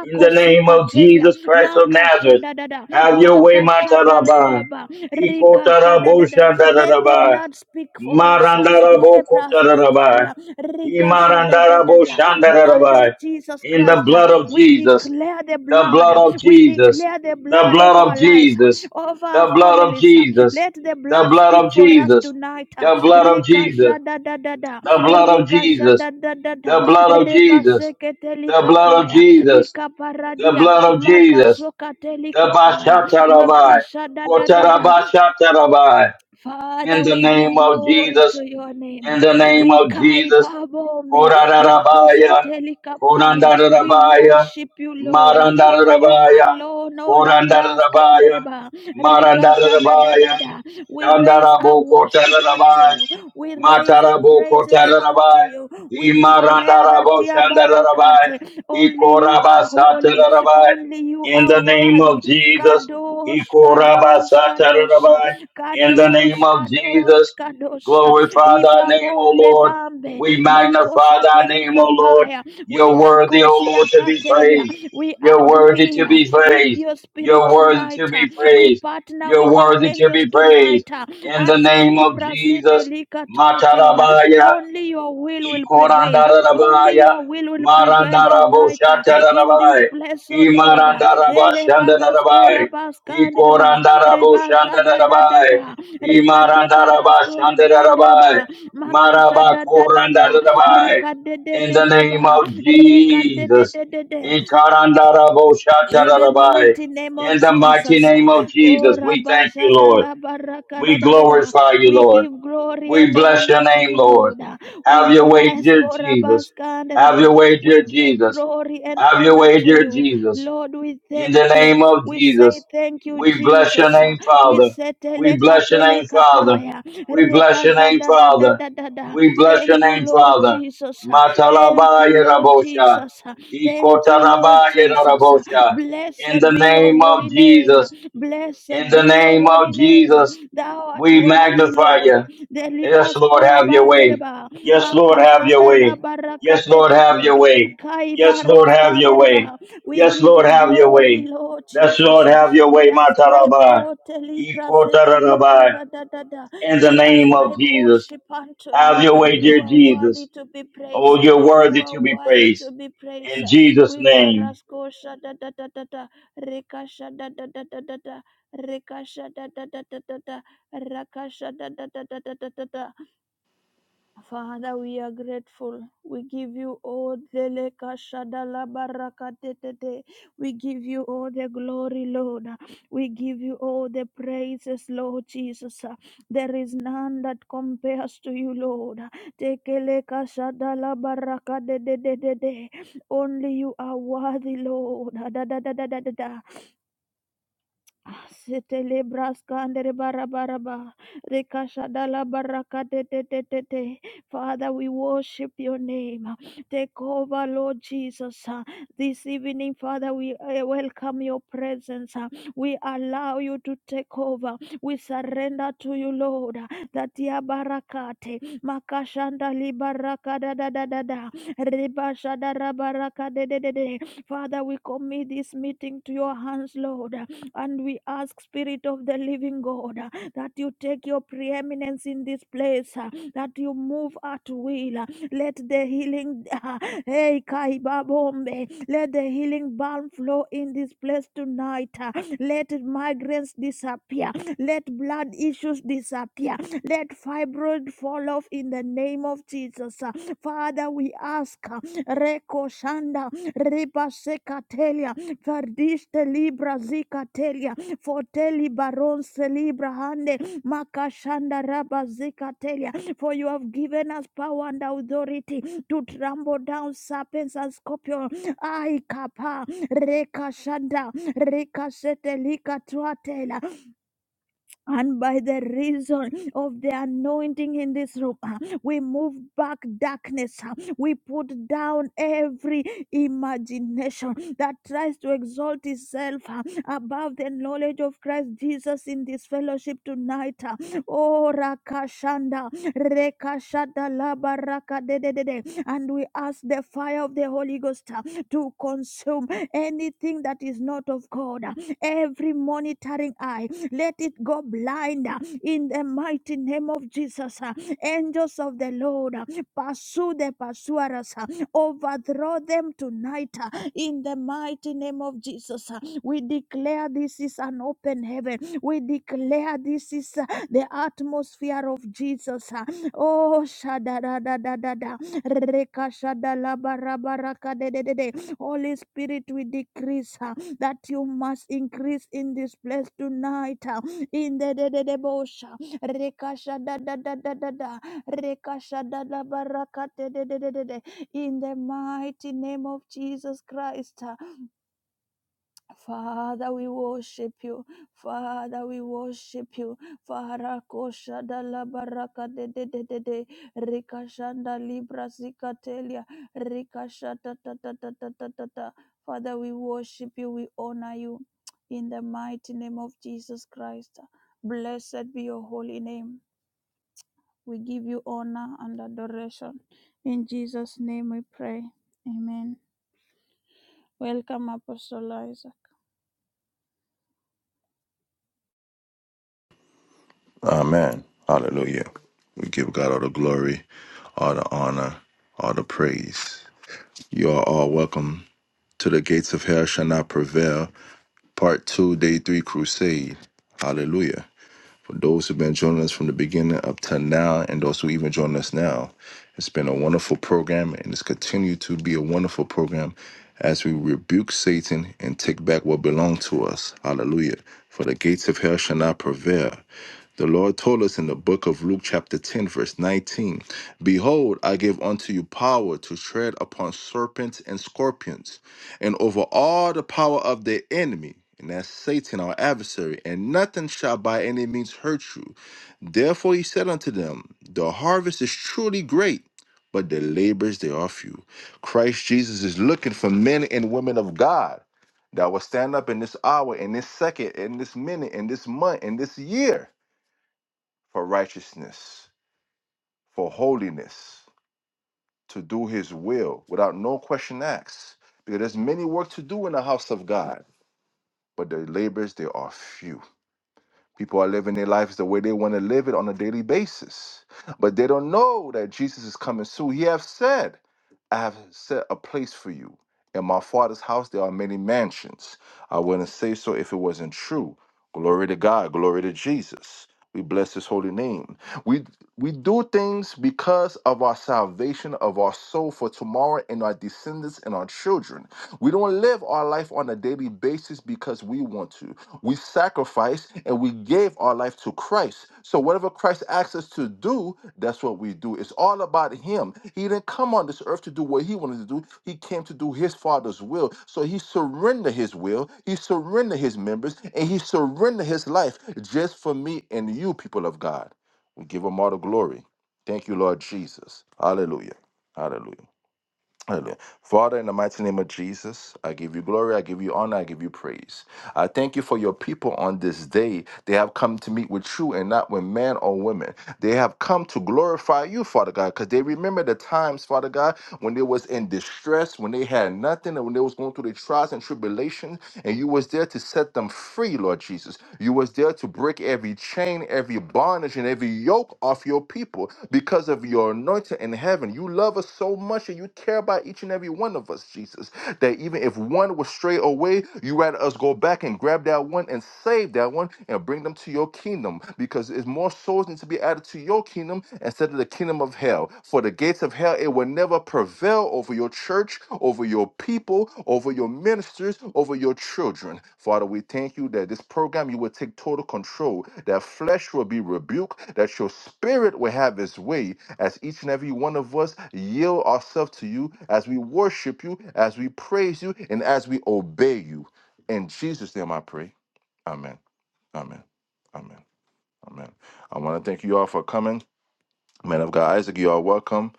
Speaker 3: In the name of
Speaker 2: Sikatelia,
Speaker 3: Jesus Christ of
Speaker 2: Maka
Speaker 3: Nazareth,
Speaker 2: Shadadada,
Speaker 3: have your way,
Speaker 2: Maka
Speaker 3: Mataraba.
Speaker 2: Shadalababa,
Speaker 3: Iko
Speaker 2: Rika
Speaker 3: tarabo
Speaker 2: Shadadada. Let the
Speaker 3: shandaraba.
Speaker 2: blood speak for us. uh,
Speaker 3: Marandarabo
Speaker 2: Lepras
Speaker 3: kotaraba.
Speaker 2: Kotalia, Rika
Speaker 3: Imarandarabo
Speaker 2: Shadadadada, blood of
Speaker 3: shandaraba.
Speaker 2: Jesus
Speaker 3: In the
Speaker 2: Christ. uh,
Speaker 3: blood of
Speaker 2: We
Speaker 3: Jesus,
Speaker 2: declare the
Speaker 3: the
Speaker 2: blood.
Speaker 3: blood
Speaker 2: uh,
Speaker 3: of
Speaker 2: we
Speaker 3: Jesus,
Speaker 2: declare the
Speaker 3: the
Speaker 2: blood of
Speaker 3: blood
Speaker 2: our
Speaker 3: of
Speaker 2: lives, uh,
Speaker 3: Jesus,
Speaker 2: over our
Speaker 3: the blood of
Speaker 2: families. uh.
Speaker 3: Jesus,
Speaker 2: Let the
Speaker 3: the
Speaker 2: blood
Speaker 3: blood
Speaker 2: speak
Speaker 3: of
Speaker 2: for us
Speaker 3: Jesus,
Speaker 2: tonight. uh.
Speaker 3: the blood of Jesus,
Speaker 2: Rikasha da da da da.
Speaker 3: the blood of
Speaker 2: Rikasha
Speaker 3: Jesus,
Speaker 2: da da da
Speaker 3: the
Speaker 2: da.
Speaker 3: blood of Jesus, the blood of
Speaker 2: Rebaseketelikapaya.
Speaker 3: Jesus, the
Speaker 2: Ikaparadia.
Speaker 3: blood of Jesus,
Speaker 2: Makasoka
Speaker 3: the
Speaker 2: telikapaya.
Speaker 3: Bashatarabai,
Speaker 2: Makasha da da da da.
Speaker 3: Kotarabasharabai, in
Speaker 2: Father,
Speaker 3: the
Speaker 2: we give
Speaker 3: name of
Speaker 2: glory
Speaker 3: Jesus
Speaker 2: to your name.
Speaker 3: in the name
Speaker 2: We
Speaker 3: of
Speaker 2: kai
Speaker 3: Jesus.
Speaker 2: babome makosa
Speaker 3: Korandarabaya,
Speaker 2: telikapaya. We
Speaker 3: Korandarabaya,
Speaker 2: worship you, Lord. To you
Speaker 3: Marandarabaya,
Speaker 2: alone, O labras
Speaker 3: Korandarabaya,
Speaker 2: kandereba rikasha da da da
Speaker 3: Marandarabaya,
Speaker 2: da. We raise our
Speaker 3: Shandaraboko
Speaker 2: worship unto
Speaker 3: Tararabai,
Speaker 2: you. We raise our
Speaker 3: Mataraboko
Speaker 2: praises unto
Speaker 3: Tararabai,
Speaker 2: you. We declare that
Speaker 3: Imarandarabo
Speaker 2: ya
Speaker 3: Shandarabai,
Speaker 2: barakate. Only you are
Speaker 3: Ikorabasa
Speaker 2: holy.
Speaker 3: Tararabai,
Speaker 2: Only you
Speaker 3: in
Speaker 2: are
Speaker 3: the name of
Speaker 2: worthy.
Speaker 3: Jesus,
Speaker 2: Kadosh, kadosh,
Speaker 3: Ikorabasa
Speaker 2: kadosh.
Speaker 3: Tararabai, in the name
Speaker 2: Kadosh,
Speaker 3: of
Speaker 2: Kadosh,
Speaker 3: Jesus,
Speaker 2: Kadosh.
Speaker 3: Glorify thy name, O
Speaker 2: Ibabombe
Speaker 3: Lord.
Speaker 2: bambe.
Speaker 3: We magnify
Speaker 2: Makosa
Speaker 3: thy name, O Lord.
Speaker 2: telikapaya.
Speaker 3: You're
Speaker 2: We are
Speaker 3: worthy, O
Speaker 2: kosia
Speaker 3: Lord, to be
Speaker 2: katelia.
Speaker 3: praised.
Speaker 2: We
Speaker 3: You're worthy to
Speaker 2: agree
Speaker 3: be
Speaker 2: with
Speaker 3: praised.
Speaker 2: your spirit
Speaker 3: You're worthy to
Speaker 2: tonight.
Speaker 3: be
Speaker 2: We
Speaker 3: praised.
Speaker 2: partner
Speaker 3: You're
Speaker 2: with your
Speaker 3: worthy to
Speaker 2: angels
Speaker 3: be praised.
Speaker 2: tonight.
Speaker 3: In the
Speaker 2: Ante
Speaker 3: name of
Speaker 2: libra site
Speaker 3: Jesus,
Speaker 2: lika
Speaker 3: Matarabaya,
Speaker 2: only your will will prevail. Only
Speaker 3: Ikorandarabaya,
Speaker 2: your will will prevail tonight uh, in this
Speaker 3: Marandaraboshatarabai,
Speaker 2: place, oh Lord. Uh, Elebarasko
Speaker 3: Imarandarabashandarabai,
Speaker 2: rabaskandereba,
Speaker 3: Ikorandaraboshandarabai,
Speaker 2: rebashadadadada, rikadebarasko
Speaker 3: Imarandarabashandarabai,
Speaker 2: ribrandereba, makashadadadada,
Speaker 3: Marabakorandarabai. In the name
Speaker 2: rikadedededeba,
Speaker 3: of Jesus.
Speaker 2: rikadedededede. In the
Speaker 3: Ikarandaraboshatarabai.
Speaker 2: mighty name of
Speaker 3: In the mighty
Speaker 2: Jesus.
Speaker 3: name of
Speaker 2: Oh,
Speaker 3: Jesus, we thank you,
Speaker 2: Rabashada
Speaker 3: Lord.
Speaker 2: la barakada
Speaker 3: We
Speaker 2: da da, da.
Speaker 3: glorify you,
Speaker 2: We
Speaker 3: Lord.
Speaker 2: give glory
Speaker 3: We
Speaker 2: and
Speaker 3: bless
Speaker 2: honor
Speaker 3: your
Speaker 2: to
Speaker 3: name,
Speaker 2: you,
Speaker 3: Lord.
Speaker 2: Lord. We
Speaker 3: Have your way,
Speaker 2: praise
Speaker 3: dear Jesus. Have your
Speaker 2: Korabaskandadeba.
Speaker 3: way,
Speaker 2: We
Speaker 3: dear
Speaker 2: give
Speaker 3: Jesus.
Speaker 2: glory and
Speaker 3: Have your
Speaker 2: honor
Speaker 3: way,
Speaker 2: to
Speaker 3: dear
Speaker 2: you.
Speaker 3: Jesus.
Speaker 2: Lord, we
Speaker 3: In the
Speaker 2: thank you.
Speaker 3: name of
Speaker 2: We say
Speaker 3: Jesus,
Speaker 2: thank you,
Speaker 3: we bless your
Speaker 2: Jesus.
Speaker 3: name,
Speaker 2: We
Speaker 3: Father.
Speaker 2: say
Speaker 3: We
Speaker 2: teleka
Speaker 3: bless your name,
Speaker 2: teleka
Speaker 3: Father.
Speaker 2: paya.
Speaker 3: We bless your name,
Speaker 2: Rekashada da da
Speaker 3: Father.
Speaker 2: da da da.
Speaker 3: We bless your
Speaker 2: Thank you,
Speaker 3: name,
Speaker 2: Lord
Speaker 3: Father.
Speaker 2: Jesus. Thank you,
Speaker 3: Matalabaya
Speaker 2: Lord
Speaker 3: Rabosha.
Speaker 2: Jesus. Thank you, Lord
Speaker 3: Ikotarabaya
Speaker 2: Jesus.
Speaker 3: Rabosha. In
Speaker 2: Blessed
Speaker 3: the
Speaker 2: be your
Speaker 3: name
Speaker 2: holy
Speaker 3: of
Speaker 2: name.
Speaker 3: Jesus. In
Speaker 2: Blessed
Speaker 3: the
Speaker 2: be your
Speaker 3: name of
Speaker 2: holy name.
Speaker 3: Jesus,
Speaker 2: Thou art
Speaker 3: we
Speaker 2: worthy,
Speaker 3: magnify
Speaker 2: Lord.
Speaker 3: you. Yes,
Speaker 2: Delibas
Speaker 3: Lord, have your way.
Speaker 2: korabandereba.
Speaker 3: Yes, Lord, have your
Speaker 2: Makashada la
Speaker 3: way. Yes, Lord, have
Speaker 2: barakatetete.
Speaker 3: your way. Yes, Lord,
Speaker 2: Kaibaros
Speaker 3: have your way.
Speaker 2: kandereba. We
Speaker 3: Yes,
Speaker 2: give
Speaker 3: Lord,
Speaker 2: you
Speaker 3: have your
Speaker 2: glory,
Speaker 3: way.
Speaker 2: Lord
Speaker 3: Yes,
Speaker 2: Jesus.
Speaker 3: Lord, have your
Speaker 2: We
Speaker 3: way,
Speaker 2: ascribe
Speaker 3: Matarabai.
Speaker 2: all teliprasetelikra
Speaker 3: Ikotarabai.
Speaker 2: da da da da.
Speaker 3: In the
Speaker 2: We
Speaker 3: name of
Speaker 2: ascribe
Speaker 3: Jesus.
Speaker 2: worship unto
Speaker 3: Have
Speaker 2: you.
Speaker 3: your way,
Speaker 2: You
Speaker 3: dear
Speaker 2: are worthy
Speaker 3: Jesus.
Speaker 2: to be
Speaker 3: Oh,
Speaker 2: praised.
Speaker 3: you're
Speaker 2: You
Speaker 3: worthy
Speaker 2: are
Speaker 3: to be
Speaker 2: worthy
Speaker 3: praised.
Speaker 2: to be praised.
Speaker 3: In Jesus'
Speaker 2: We
Speaker 3: name.
Speaker 2: barasko shada da da da da. rekasha shada da da da da da. rekasha shada da da da da da. rakasha da da da da da da da. Father, we are grateful. We give you all the leka shadala baraka We give you all the glory, Lord. We give you all the praises, Lord Jesus. There is none that compares to you, Lord. Tekeleka shadala baraka Only you are worthy, Lord. Da da da da da da. da. Setele braska andere bara bara ba. Rekashada la baraka te te te te te. Father, we worship your name. Take over, Lord Jesus. This evening, Father, we uh, welcome your presence. We allow you to take over. We surrender to you, Lord. That ya barakate. Makashanda li baraka da da da da da. Rebashada ra baraka de de de de. Father, we commit this meeting to your hands, Lord. And we ask, Spirit of the Living God, uh, that you take your preeminence in this place, uh, that you move at will. uh, Let the healing, uh, hey, Kaibabombe, let the healing balm flow in this place tonight. uh, Let migraines disappear. Let blood issues disappear. Let fibroid fall off in the name of Jesus. uh, Father, we ask, uh, Reko Shanda, Ripa Vardiste libra zika telia. Forteli baron celibra hande. Makashanda raba zika telia. For you have given us power and authority to trample down serpents and scorpions. Ai kapa. Rekashanda. Rekashete lika tuatela. And by the reason of the anointing in this room, ah, we move back darkness. ah, We put down every imagination that tries to exalt itself ah, above the knowledge of Christ Jesus in this fellowship tonight. ah. Oh, Rakashanda, Rekashada Laba Raka de de de de. And we ask the fire of the Holy Ghost ah, to consume anything that is not of God, ah, every monitoring eye, let it go blind uh, in the mighty name of Jesus. uh. Angels of the Lord, uh, pursue the pursuers, uh, overthrow them tonight uh, in the mighty name of Jesus. uh. We declare this is an open heaven. We declare this is uh, the atmosphere of Jesus. uh. Oh, shada da da da da da. Reka shada la ba ra ba ra ka de de de de. Holy Spirit, we decrease. uh, that you must increase in this place tonight. uh, In the de de de bosha, rekasha da da da da da da, rekasha da da barakate de de de de de. In the mighty name of Jesus Christ, Father, we worship you. Father, we worship you. Father, kosha da la baraka de de de de de. Rika shanda libra zikatelia. Rika shata ta ta ta ta ta ta ta. Father, we worship you. We honor you. In the mighty name of Jesus Christ. Blessed be your holy name. We give you honor and adoration. In Jesus' name we pray. Amen. Welcome, Apostle Isaac.
Speaker 1: Amen. Hallelujah. We give God all the glory, all the honor, all the praise. You are all welcome to the gates of hell shall not prevail. Part two, day three crusade. Hallelujah for those who've been joining us from the beginning up to now, and those who even join us now. It's been a wonderful program, and it's continued to be a wonderful program as we rebuke Satan and take back what belonged to us. Hallelujah. For the gates of hell shall not prevail. The Lord told us in the book of Luke, chapter 10, verse 19 Behold, I give unto you power to tread upon serpents and scorpions and over all the power of the enemy, and that's Satan, our adversary, and nothing shall by any means hurt you. Therefore he said unto them, The harvest is truly great, but the labors they are few. Christ Jesus is looking for men and women of God that will stand up in this hour, in this second, in this minute, in this month, in this year for righteousness, for holiness, to do his will without no question asked. Because there's many work to do in the house of God but their labors they are few. People are living their lives the way they want to live it on a daily basis, but they don't know that Jesus is coming soon. He have said, "I have set a place for you in my Father's house. There are many mansions." I wouldn't say so if it wasn't true. Glory to God. Glory to Jesus. We bless His holy name. We we do things because of our salvation of our soul for tomorrow and our descendants and our children. We don't live our life on a daily basis because we want to we sacrificed and we gave our life to Christ. So whatever Christ asks us to do, that's what we do. It's all about him. He didn't come on this earth to do what he wanted to do. He came to do his father's will. So he surrendered his will, he surrendered his members, and he surrendered his life just for me and you, people of God. We give him all the glory. Thank you, Lord Jesus. Hallelujah. Hallelujah. Hallelujah. Father, in the mighty name of Jesus, I give you glory, I give you honor, I give you praise. I thank you for your people on this day. They have come to meet with you and not with men or women. They have come to glorify you, Father God, because they remember the times, Father God, when they was in distress, when they had nothing, and when they was going through the trials and tribulations, and you was there to set them free, Lord Jesus. You was there to break every chain, every bondage, and every yoke off your people because of your anointing in heaven. You love us so much and you care about each and every one of us, Jesus, that even if one was stray away, you rather us go back and grab that one and save that one and bring them to your kingdom because it's more souls need to be added to your kingdom instead of the kingdom of hell. For the gates of hell, it will never prevail over your church, over your people, over your ministers, over your children. Father, we thank you that this program, you will take total control, that flesh will be rebuked, that your spirit will have its way as each and every one of us yield ourselves to you, as we worship you, as we praise you, and as we obey you. In Jesus' name I pray. Amen. Amen. Amen. Amen. I want to thank you all for coming. Man of God, Isaac, you are welcome.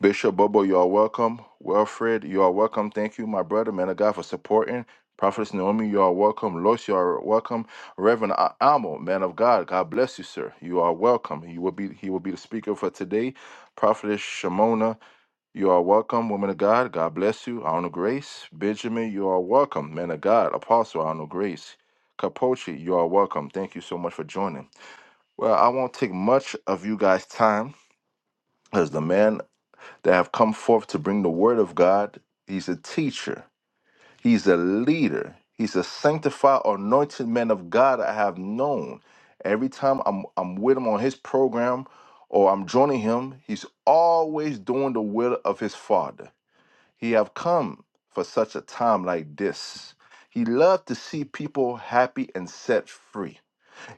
Speaker 1: Bishop Bobo, you are welcome. Wilfred, you are welcome. Thank you, my brother, man of God, for supporting. Prophetess Naomi, you are welcome. Lois, you are welcome. Reverend A- Amo, man of God, God bless you, sir. You are welcome. He will be he will be the speaker for today. Prophetess Shimona, you are welcome. Woman of God, God bless you. Honor grace. Benjamin, you are welcome. Man of God, Apostle, honor grace. Capoche, you are welcome. Thank you so much for joining. Well, I won't take much of you guys' time as the man that have come forth to bring the word of God. He's a teacher, he's a leader, he's a sanctified, anointed man of God I have known. Every time I'm, I'm with him on his program or I'm joining him, he's always doing the will of his father. He have come for such a time like this. He loved to see people happy and set free.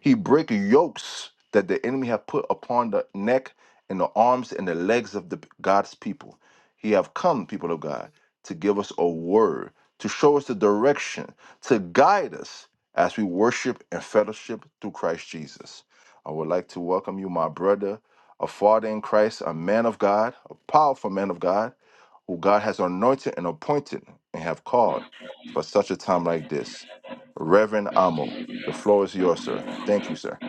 Speaker 1: He break yokes that the enemy have put upon the neck and the arms and the legs of the God's people. He have come, people of God, to give us a word, to show us the direction, to guide us as we worship and fellowship through Christ Jesus. I would like to welcome you, my brother, a father in Christ, a man of God, a powerful man of God, who God has anointed and appointed and have called for such a time like this. Reverend Amo, the floor is yours, sir. Thank you, sir.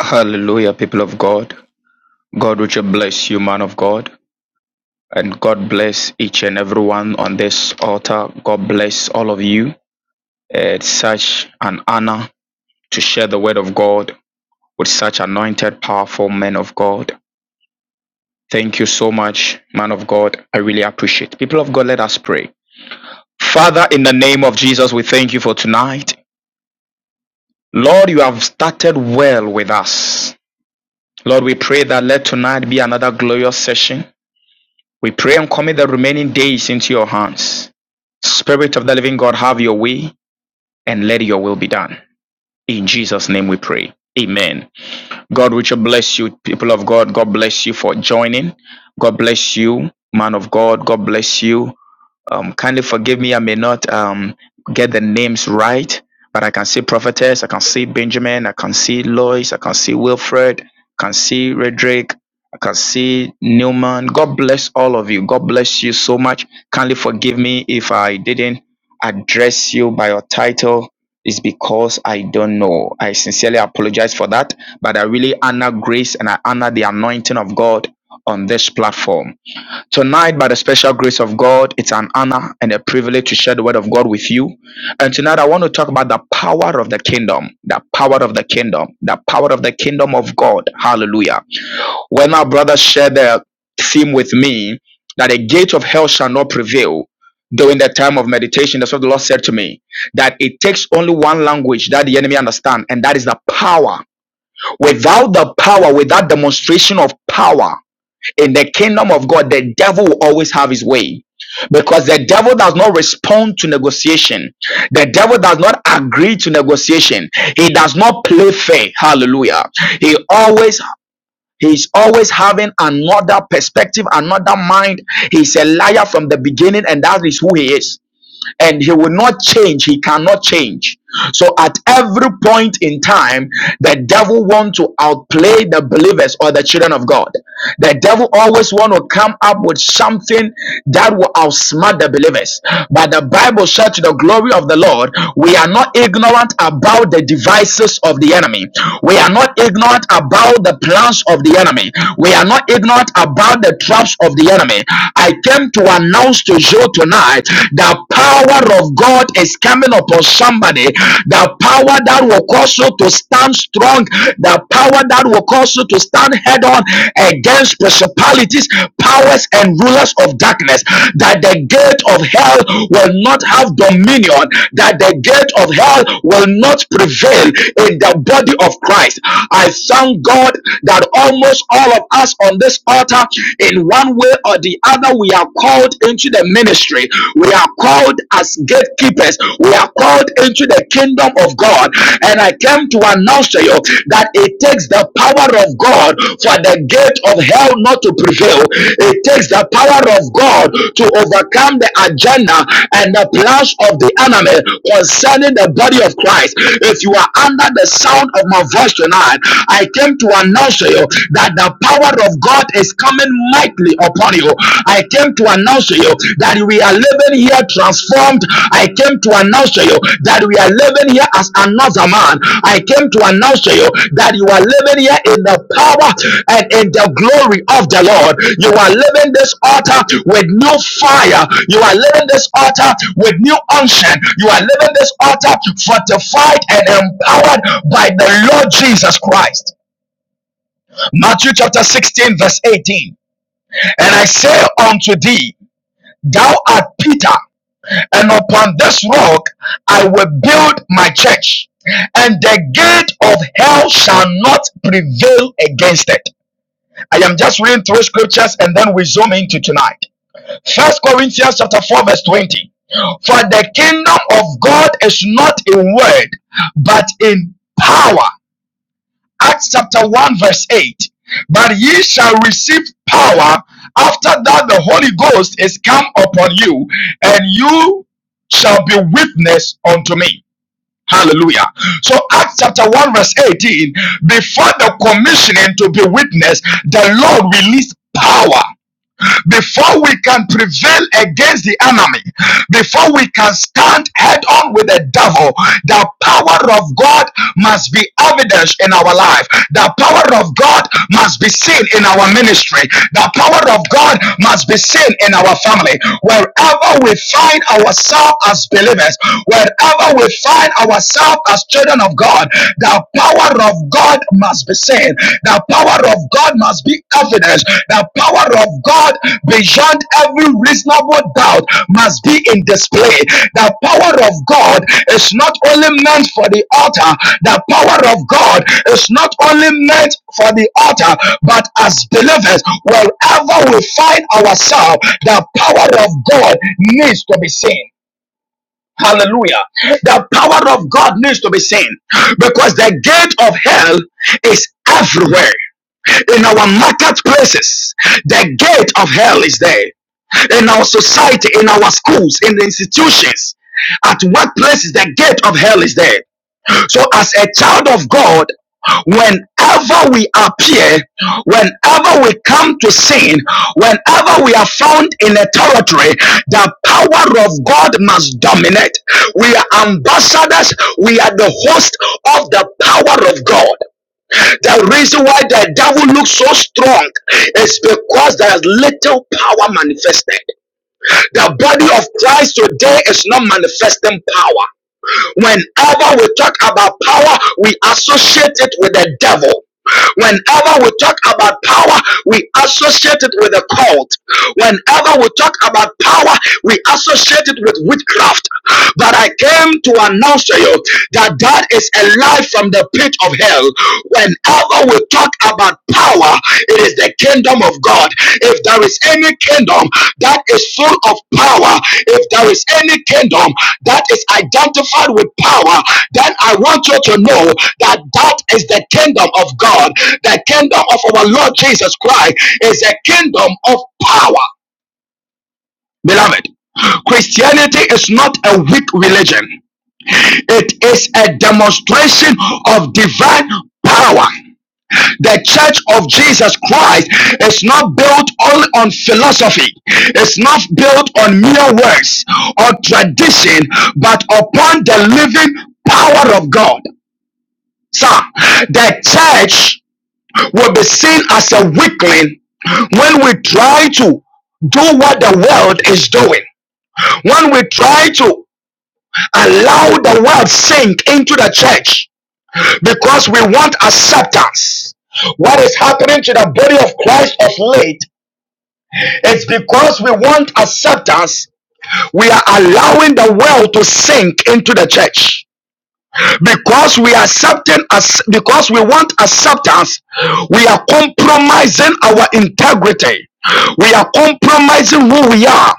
Speaker 5: Hallelujah, people of God. God richly bless you, man of God. And God bless each and everyone on this altar. God bless all of you. It's such an honor to share the word of God with such anointed, powerful men of God. Thank you so much, man of God. I really appreciate. People of God, let us pray. Father, in the name of Jesus, we thank you for tonight. Lord, you have started well with us. Lord, we pray that let tonight be another glorious session. We pray and commit the remaining days into your hands. Spirit of the living God, have your way and let your will be done. In Jesus' name we pray. Amen. God, which will bless you, people of God. God bless you for joining. God bless you, man of God. God bless you. Um, kindly forgive me. I may not um, get the names right, but I can see Prophetess. I can see Benjamin. I can see Lois. I can see Wilfred. I can see Redrick. I can see Newman. God bless all of you. God bless you so much. Kindly forgive me if I didn't address you by your title. It's because I don't know. I sincerely apologize for that, but I really honor grace and I honor the anointing of God on this platform. Tonight, by the special grace of God, it's an honor and a privilege to share the word of God with you. And tonight, I want to talk about the power of the kingdom, the power of the kingdom, the power of the kingdom of God. Hallelujah. When our brothers shared the theme with me, that a gate of hell shall not prevail during the time of meditation, that's what the Lord said to me, that it takes only one language that the enemy understand, and that is the power. Without the power, without demonstration of power, in the kingdom of God, the devil will always have his way because the devil does not respond to negotiation. The devil does not agree to negotiation. He does not play fair. Hallelujah. He always he's always having another perspective, another mind. He's a liar from the beginning and that is who he is and he will not change he cannot change so at every point in time the devil wants to outplay the believers or the children of god the devil always wants to come up with something that will outsmart the believers but the bible said to the glory of the lord we are not ignorant about the devices of the enemy we are not ignorant about the plans of the enemy we are not ignorant about the traps of the enemy i came to announce comes to you tonight, the power of God is coming upon somebody. The power that will cause you to stand strong, the power that will cause you to stand head on against principalities, powers, and rulers of darkness. That the gate of hell will not have dominion, that the gate of hell will not prevail in the body of Christ. I thank God that almost all of us on this altar, in one one way or the other, we are called into the ministry. We are called as gatekeepers. We are called into the kingdom of God. And I came to announce to you that it takes the power of God for the gate of hell not to prevail. It takes the power of God to overcome the agenda and the plans of the enemy concerning the body of Christ. If you are under the sound of my voice tonight, I came to announce to you that the power power of God is coming mightily upon you. I came to announce to you that we are living here transformed. I came to announce to you that we are living here as another man. I came to announce to you that you are living here in the power and in the glory of the Lord. You are living this altar with new fire. You are living this altar with new unction. You are living this altar fortified and empowered by the Lord Jesus Christ. Matthew chapter 16, verse 18. And I say unto thee, Thou art Peter, and upon this rock I will build my church, and the gate of hell shall not prevail against it. I am just reading through scriptures and then we zoom into tonight. First Corinthians chapter 4, verse 20. For the kingdom of God is not in word, but in power. Acts chapter 1, verse 8. But ye shall receive power after that the Holy Ghost is come upon you, and you shall be witness unto me. Hallelujah. So Acts chapter 1, verse 18, before the commissioning to be witness, the Lord released power before we can prevail against the enemy, before we can stand head on with the devil, the power of God must be evident in our life. The power of God must be seen in our ministry. The power of God must be seen in our family. Wherever we find ourselves as believers, wherever we find ourselves as children of God, the power of God must be seen. The power of God must be evidence. The power of God beyond every reasonable doubt must be in display. The power of God is not only meant for the altar, the power of God is not only meant for the altar, but as believers, wherever we find ourselves, the power of God needs to be seen. Hallelujah. The power of God needs to be seen because the gate of hell is everywhere. In our marketplaces, the gate of hell is there. In our society, in our schools, in the institutions, at workplaces, the gate of hell is there. So, as a child of God, whenever we appear, whenever we come to sin, whenever we are found in a territory, the power of God must dominate. We are ambassadors, we are the host of the power of God. The reason why the devil looks so strong is because there is little power manifested. The body of Christ today is not manifesting power. Whenever we talk about power, we associate it with the devil. Whenever we talk about power, we associate it with a cult. Whenever we talk about power, we associate it with witchcraft. But I came to announce to you that that is a lie from the pit of hell. Whenever we talk about power, it is the kingdom of God. If there is any kingdom that is full of power, if there is any kingdom, that is identified with power, then I want you to know that that is the kingdom of God. The kingdom of our Lord Jesus Christ is a kingdom of power. Beloved, Christianity is not a weak religion, it is a demonstration of divine power. The church of Jesus Christ is not built only on philosophy. It's not built on mere words or tradition, but upon the living power of God. Sir, the church will be seen as a weakling when we try to do what the world is doing. When we try to allow the world sink into the church because we want acceptance. What is happening to the body of Christ of late is because we want acceptance, we are allowing the world to sink into the church because we are accepting as because we want acceptance we are compromising our integrity we are compromising who we are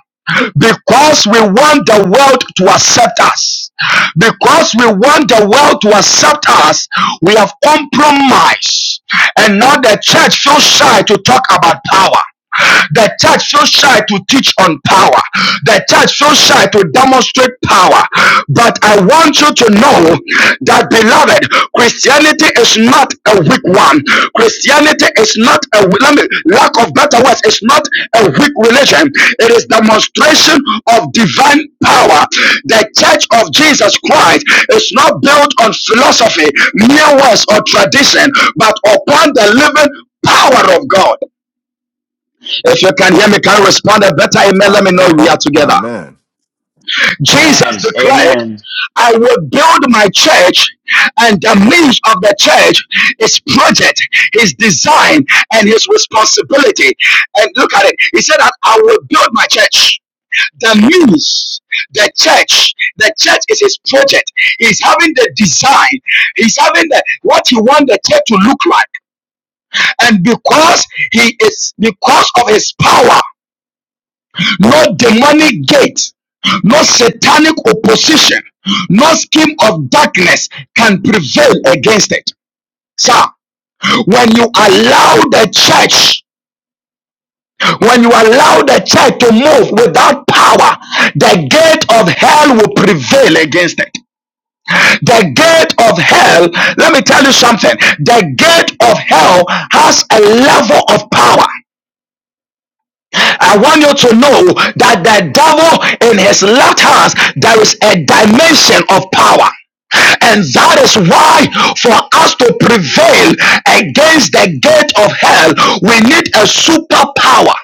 Speaker 5: because we want the world to accept us because we want the world to accept us we have compromised and now the church feels shy to talk about power the church so shy to teach on power. The church so shy to demonstrate power. But I want you to know that, beloved, Christianity is not a weak one. Christianity is not a let me, lack of better words. It's not a weak religion. It is demonstration of divine power. The church of Jesus Christ is not built on philosophy, mere words, or tradition, but upon the living power of God. If you can hear me, can respond a better amen? Let me know we
Speaker 1: Amen.
Speaker 5: are together.
Speaker 1: Amen.
Speaker 5: Jesus
Speaker 3: Amen.
Speaker 5: declared,
Speaker 3: Amen.
Speaker 5: I will build my church, and the means of the church is project, his design, and his responsibility. And look at it. He said that I will build my church. The means, the church, the church is his project. He's having the design. He's having the what he wants the church to look like. And because he is because of his power no demonic gate, no satanic opposition, no scheme of darkness can prevail against it. Sir, when you allow the church, when you allow the church to move without power, the gate of hell will prevail against it. The gate of hell, let me tell you something, the gate of hell has a level of power. I want you to know that the devil in his left hand, there is a dimension of power. And that is why, for us to prevail against the gate of hell, we need a superpower.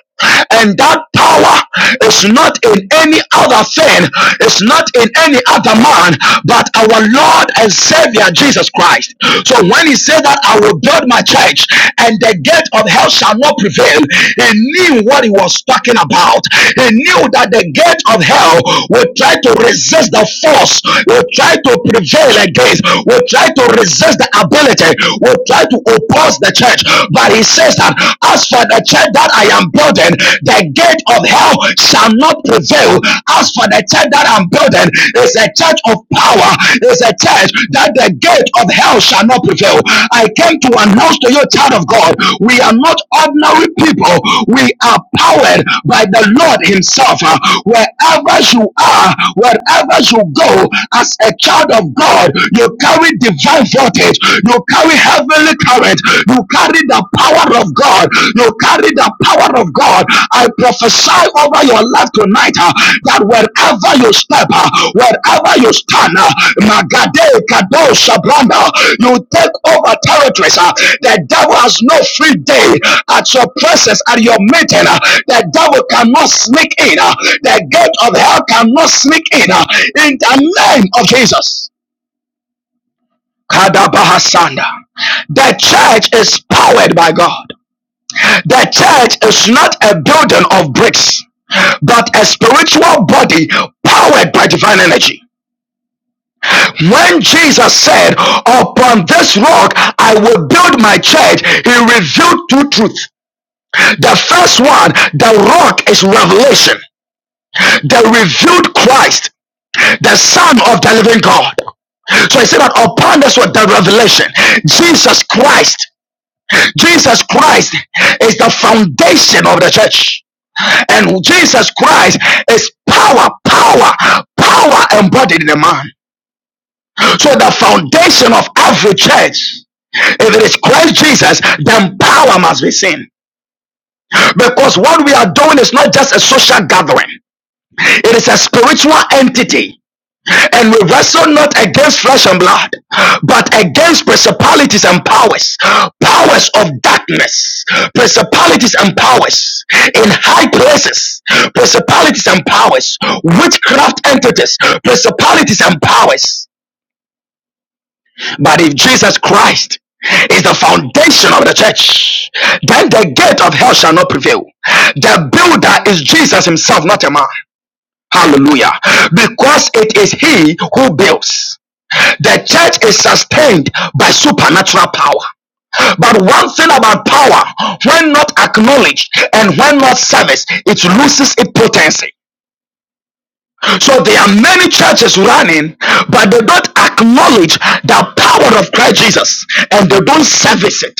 Speaker 5: And that power is not in any other thing, it's not in any other man, but our Lord and Savior Jesus Christ. So when he said that I will build my church and the gate of hell shall not prevail, he knew what he was talking about. He knew that the gate of hell would try to resist the force, would try to prevail against, would try to resist the ability, would try to oppose the church. But he says that as for the church that I am building, the gate of hell shall not prevail. As for for the church that I'm building is a church of power, is a church that the gate of hell shall not prevail. I came to announce to you, child of God, we are not ordinary people, we are powered by the Lord Himself. Uh, Wherever you are, wherever you go, as a child of God, you carry divine voltage, you carry heavenly current, you carry the power of God. You carry the power of God. I prophesy over your life tonight uh, that wherever you step, uh, wherever you stand, uh, Magade Kado Shabranda, you take over territories. uh, the devil has no free day at your presence, at your meeting. uh, the devil cannot sneak in. uh, the gate of hell cannot sneak in. uh, in the name of Jesus. Kadabahasanda. The church is powered by God. The church is not a building of bricks, but a spiritual body powered by divine energy. When Jesus said, Upon this rock I will build my church, he revealed two truths. The first one, the rock is revelation, the revealed Christ, the Son of the living God. So he said that upon this rock, the revelation, Jesus Christ, Jesus Christ is the foundation of the church. And Jesus Christ is power, power, power embodied in a man. So the foundation of every church, if it is Christ Jesus, then power must be seen. Because what we are doing is not just a social gathering, it is a spiritual entity. And we wrestle not against flesh and blood, but against principalities and powers, powers of darkness, principalities and powers in high places, principalities and powers, witchcraft entities, principalities and powers. But if Jesus Christ is the foundation of the church, then the gate of hell shall not prevail. The builder is Jesus himself, not a man. Hallelujah. Because it is he who builds. The church is sustained by supernatural power. But one thing about power, when not acknowledged and when not serviced, it loses its potency. So there are many churches running, but they don't acknowledge the power of Christ Jesus and they don't service it.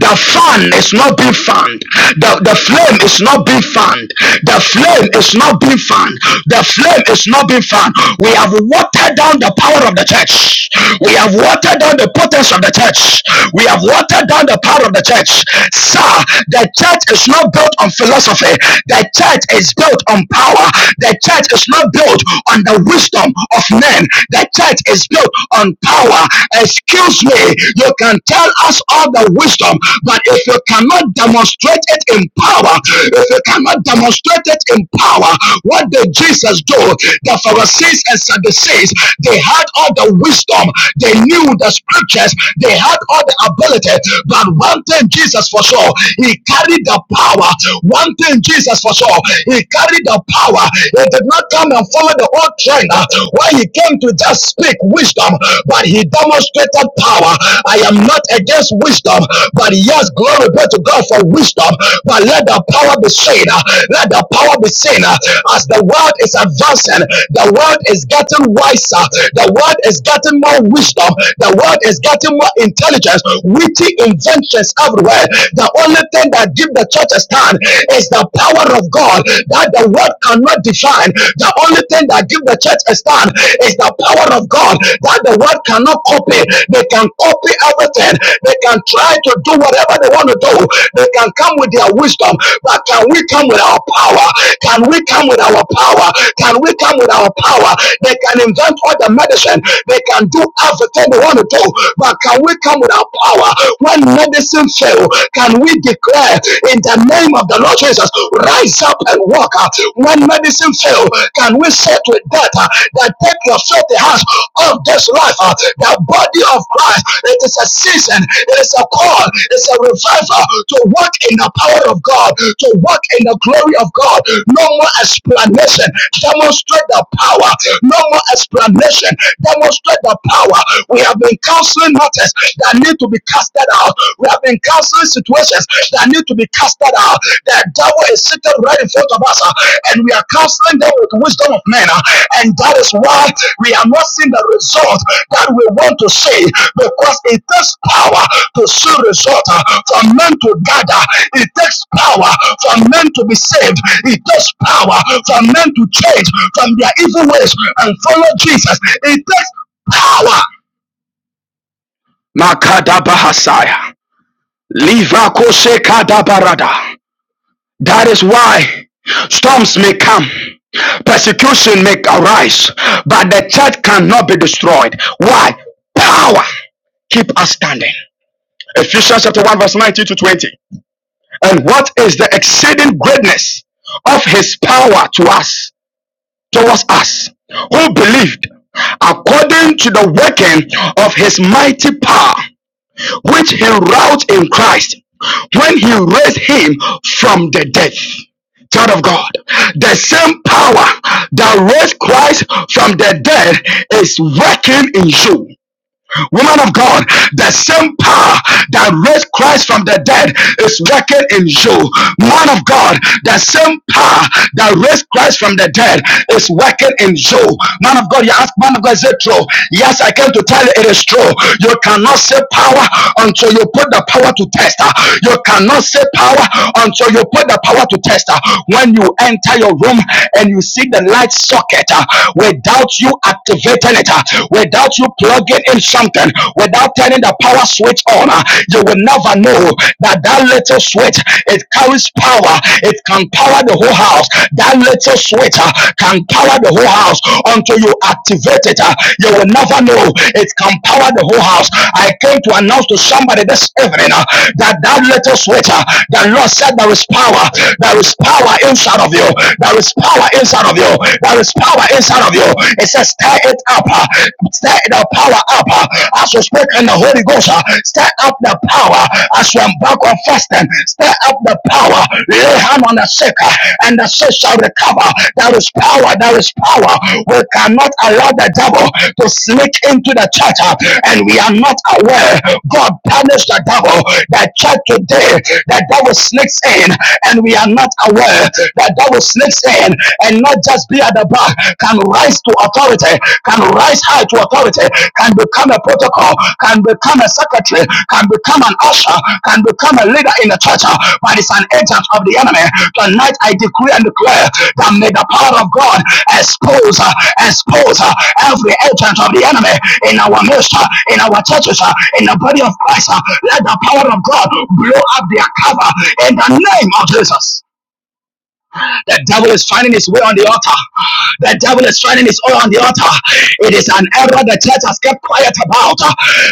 Speaker 5: The fan is not being fanned. The, the flame is not being fanned. The flame is not being fanned. The flame is not being fanned. We have watered down the power of the church. We have watered down the potency of the church. We have watered down the power of the church. Sir, the church is not built on philosophy. The church is built on power. The church is not built on the wisdom of men. The church is built on power. Excuse me, you can tell us all the wisdom, but if you cannot demonstrate it in power, if you cannot demonstrate it in power, what did Jesus do? The Pharisees and Sadducees, they had all the wisdom. They knew with the scriptures, they had all the ability. But one thing, Jesus for sure, he carried the power. One thing, Jesus for sure, he carried the power. He did not come and follow the old trainer. uh, where he came to just speak wisdom, but he demonstrated power. I am not against wisdom, but yes, glory be to God for wisdom. But let the power be seen. uh, Let the power be seen uh, as the world world is advancing. The world is getting wiser. The world is getting more wisdom. The world is getting more intelligence. Witty inventions everywhere. The only thing that gives the church a stand is the power of God that the world cannot define. The only thing that gives the church a stand is the power of God that the world cannot copy. They can copy everything. They can try to do whatever they want to do. They can come with their wisdom, but can we come with our power? Can we come with our power? Can we come with our power? They can invent all the medicine, they can do everything they want to do, but can we come with our power when medicine fails, Can we declare in the name of the Lord Jesus, rise up and walk out? When medicine fails, can we say to death uh, that take your filthy hands of this life, uh, the body of Christ? It is a season, it is a call, it's a revival to walk in the power of God, to walk in the glory of God. No more explanation. Demonstrate the power. No more explanation. Demonstrate the power. We have been counseling matters that need to be casted out. We have been counseling situations that need to be casted out. The devil is sitting right in front of us, uh, and we are counseling them with wisdom of men. uh, And that is why we are not seeing the result that we want to see because it takes power to see result uh, for men to gather. It takes power for men to be saved. It takes power for men to change from their evil ways and follow Jesus. It takes power. Makadabahasaya. Livakose kadabarada. That is why storms may come, persecution may arise, but the church cannot be destroyed. Why? Power keep us standing. Ephesians chapter 1, verse 19 to 20. And what is the exceeding greatness of his power to us, towards us, who believed according to the working of his mighty power? which he wrought in Christ when he raised him from the dead. Child of God, the same power that raised Christ from the dead is working in you. Woman of God, the same power that raised Christ from the dead is working in you. Man of God, the same power that raised Christ from the dead is working in you. Man of God, you ask, man of God, is it true? Yes, I came to tell you it is true. You cannot say power until you put the power to test. Uh, You cannot say power until you put the power to test. Uh, When you enter your room and and you see the light socket uh, without you activating it, uh, without you plugging in something, without turning the power switch on, uh, you will never know that that little switch it carries power. It can power the whole house. That little switch uh, can power the whole house until you activate it. uh, you will never know it can power the whole house. I came to announce to somebody this evening uh, that that thou little sweater. the Lord said there is power, there is power inside of you, there is power inside of you, there is power inside of you. It says, stir it up, uh, stir the power up uh, as you speak in the Holy Ghost, uh, stir up the power as you embark on fasting, stir up the power, lay hand on the sick, uh, and the sick shall recover. There is power, there is power. We cannot allow the devil to sneak into the church uh, and we are not aware. God punished the devil. The church today, the devil sneaks in and we are not aware. The devil sneaks in and not just be at the back, can rise to authority, can rise high to authority, can become a protocol, can become a secretary, can become an usher, can become a leader in the church, uh, but it's an agent of the enemy. Tonight I decree and declare that may the power of God expose, uh, expose uh, every agent of the enemy in our midst, uh, in our churches, uh, in the body of Christ. uh. Let the power of God blow up their cover in the name of Jesus. The devil is finding his way on the altar. The devil is finding his way on the altar. It is an error the church has kept quiet about.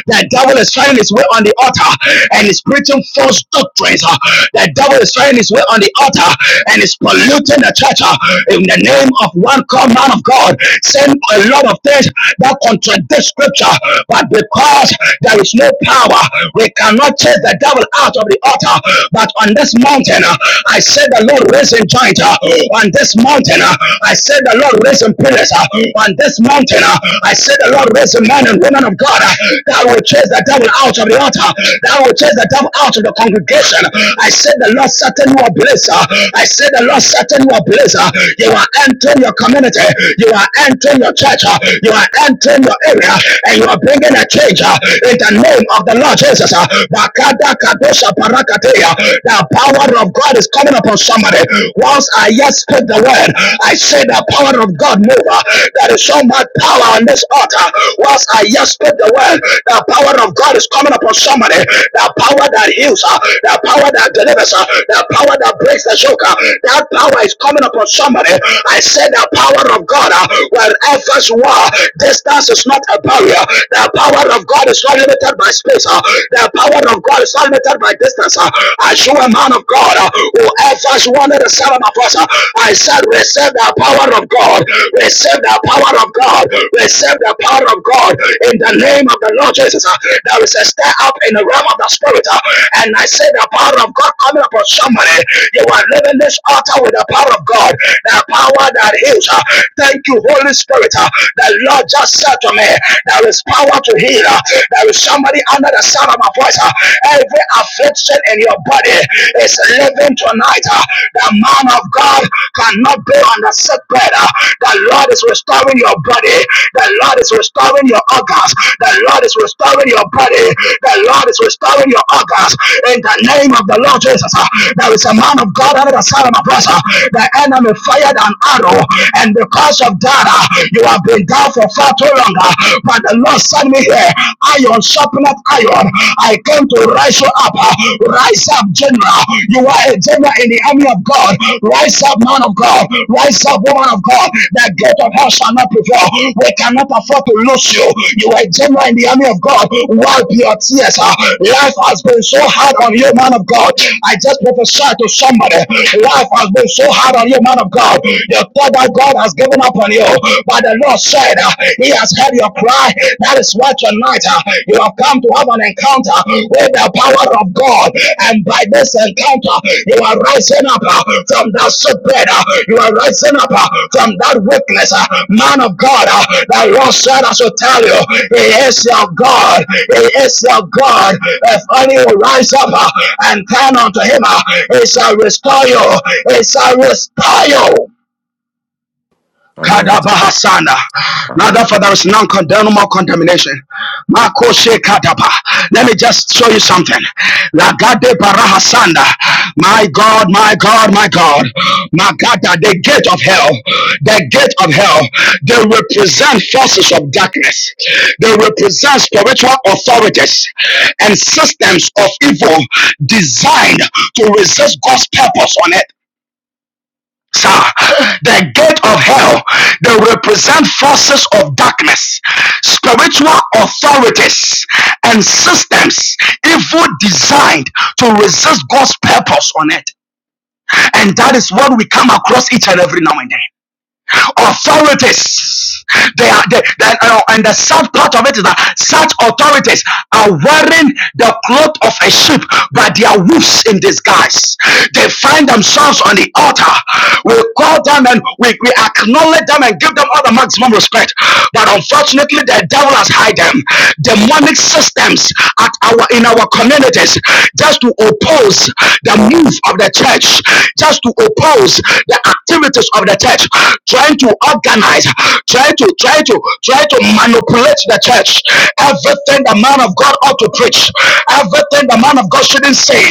Speaker 5: The devil is finding his way on the altar and is preaching false doctrines. The devil is finding his way on the altar and is polluting the church in the name of one called man of God. Saying a lot of things that contradict scripture, but because there is no power, we cannot chase the devil out of the altar. But on this mountain, uh, I said the Lord raised a giant uh, on this mountain. uh, I said the Lord raised a pillars uh, on this mountain. uh, I said the Lord raised a man and women of God uh, that will chase the devil out of the altar, that will chase the devil out of the congregation. I said the Lord certain you are blessed. uh, I said the Lord certain you are blessed. uh, You are entering your community, you are entering your church, uh, you are entering your area, and you are bringing a change uh, in the name of the Lord Jesus. uh, Bakada Kadosha the power of God is coming upon somebody. Once I yet speak the word, I say the power of God move. There is so much power on this altar. Once I yet speak the word, the power of God is coming upon somebody. The power that heals, uh, the power that delivers, uh, the power that breaks the yoke, uh, that power is coming upon somebody. I say the power of God, uh, wherever you are, distance is not a barrier. The power of God is not limited by space. uh, the power of God is not limited by distance. Uh, As you, a man of God, uh, whoever is one of the seven of uh, I said, receive the power of God. Receive the power of God. Receive the power of God. In the name of the Lord Jesus, uh, there is a stir up in the realm of the spirit. uh, And I say, the power of God coming upon somebody. You are living this altar with the power of God. The power that heals. uh, Thank you, Holy Spirit. uh, The Lord just said to me, there is power to heal need. uh, There is somebody under the sound of my voice. uh, Every affliction in your body is living tonight. uh, The man of God cannot be on the sick bed. uh, The Lord is restoring your body. The Lord is restoring your organs. The Lord is restoring your body. The Lord is restoring your organs. In the name of the Lord Jesus, uh, there is a man of God under the sound of my voice. uh, The enemy fired an arrow, and because of that, uh, you have been down for far too too long. uh, But the Lord sent me here. Iron sharpeneth iron. I came to rise you up. uh, Rise up, general. You are a general in the army of God. Rise up, man of God. Rise up, woman of God. The gate of hell shall not prevail. We cannot afford to lose you. You are a general in the army of God. Wipe your tears. uh, Life has been so hard on you, man of God. I just prophesied to somebody. Life has been so hard on you, man of God. You thought that God has given up on you on you. But the Lord said, uh, He has heard your cry. That is why tonight uh, you have come to have an encounter with the power of God. And by this encounter, you are rising up uh, from that sickbed. uh, You are rising up uh, from that weakness. uh, Man of God, uh, the Lord said, I should tell you, He is your God. He is your God. If only you rise up uh, and turn unto Him, uh, He shall restore you. He shall restore you.
Speaker 1: Amen.
Speaker 5: Kadabahasana. Now
Speaker 1: Amen.
Speaker 5: therefore there is none condemn, no more contamination. Makoshe kadaba. Let me just show you something. Lagade barahasanda. My God, my God, my God. Magada, the gate of hell. The gate of hell. They represent forces of darkness. They represent spiritual authorities and systems of evil designed to resist God's purpose on earth sir the gate of hell they represent forces of darkness spiritual authorities and systems evil designed to resist god's purpose on it and that is what we come across each and every now and then authorities. They are they, they- uh, and the sad part of it is that such authorities are wearing the cloth of a sheep, but they are wolves in disguise. They find themselves on the altar. We call them and we, we acknowledge them and give them all the maximum respect. But unfortunately, the devil has hid them. Demonic systems at our in our community senators just to oppose the move of the church, just to oppose the activities of the church, trying to organize, trying to try to try to manipulate the church. Everything the man of God ought to preach, everything the man of God shouldn't say,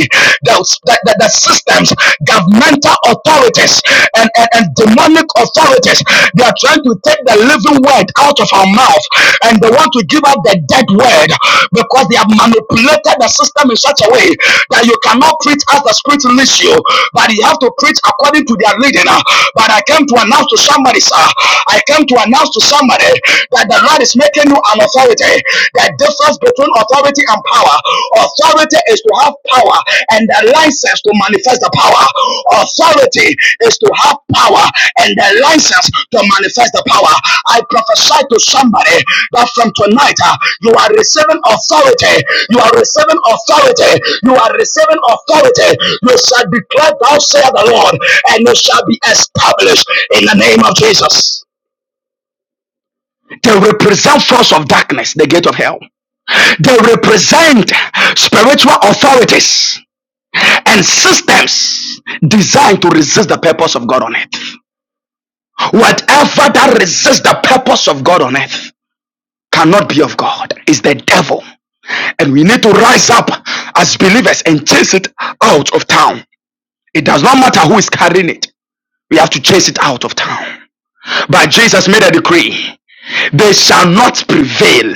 Speaker 5: the, the, the, the systems, governmental authorities, and, and, and demonic authorities, they are trying to take the living word out of our mouth and they want to give up the dead word because they have manipulated the system in such a way that you cannot preach as the spirit leads you, but you have to preach according to their leading. uh. But I came to announce to somebody, sir, I came to announce to somebody that the Lord is making you an authority. The difference between authority and power. Authority is to have power, and the license to manifest the power. Authority is to have power, and the license to manifest the power. I prophesy to somebody that from tonight uh, you are receiving authority. You are receiving authority. You are receiving authority. You shall declare, Thou saith the Lord, and you shall be established in the name of Jesus. They represent force of darkness, the gate of hell. They represent spiritual authorities and systems designed to resist the purpose of God on earth. Whatever that resists the purpose of God on earth cannot be of God, is the devil. And we need to rise up as believers and chase it out of town. It does not matter who is carrying it, we have to chase it out of town. But Jesus made a decree. they shall not prevail.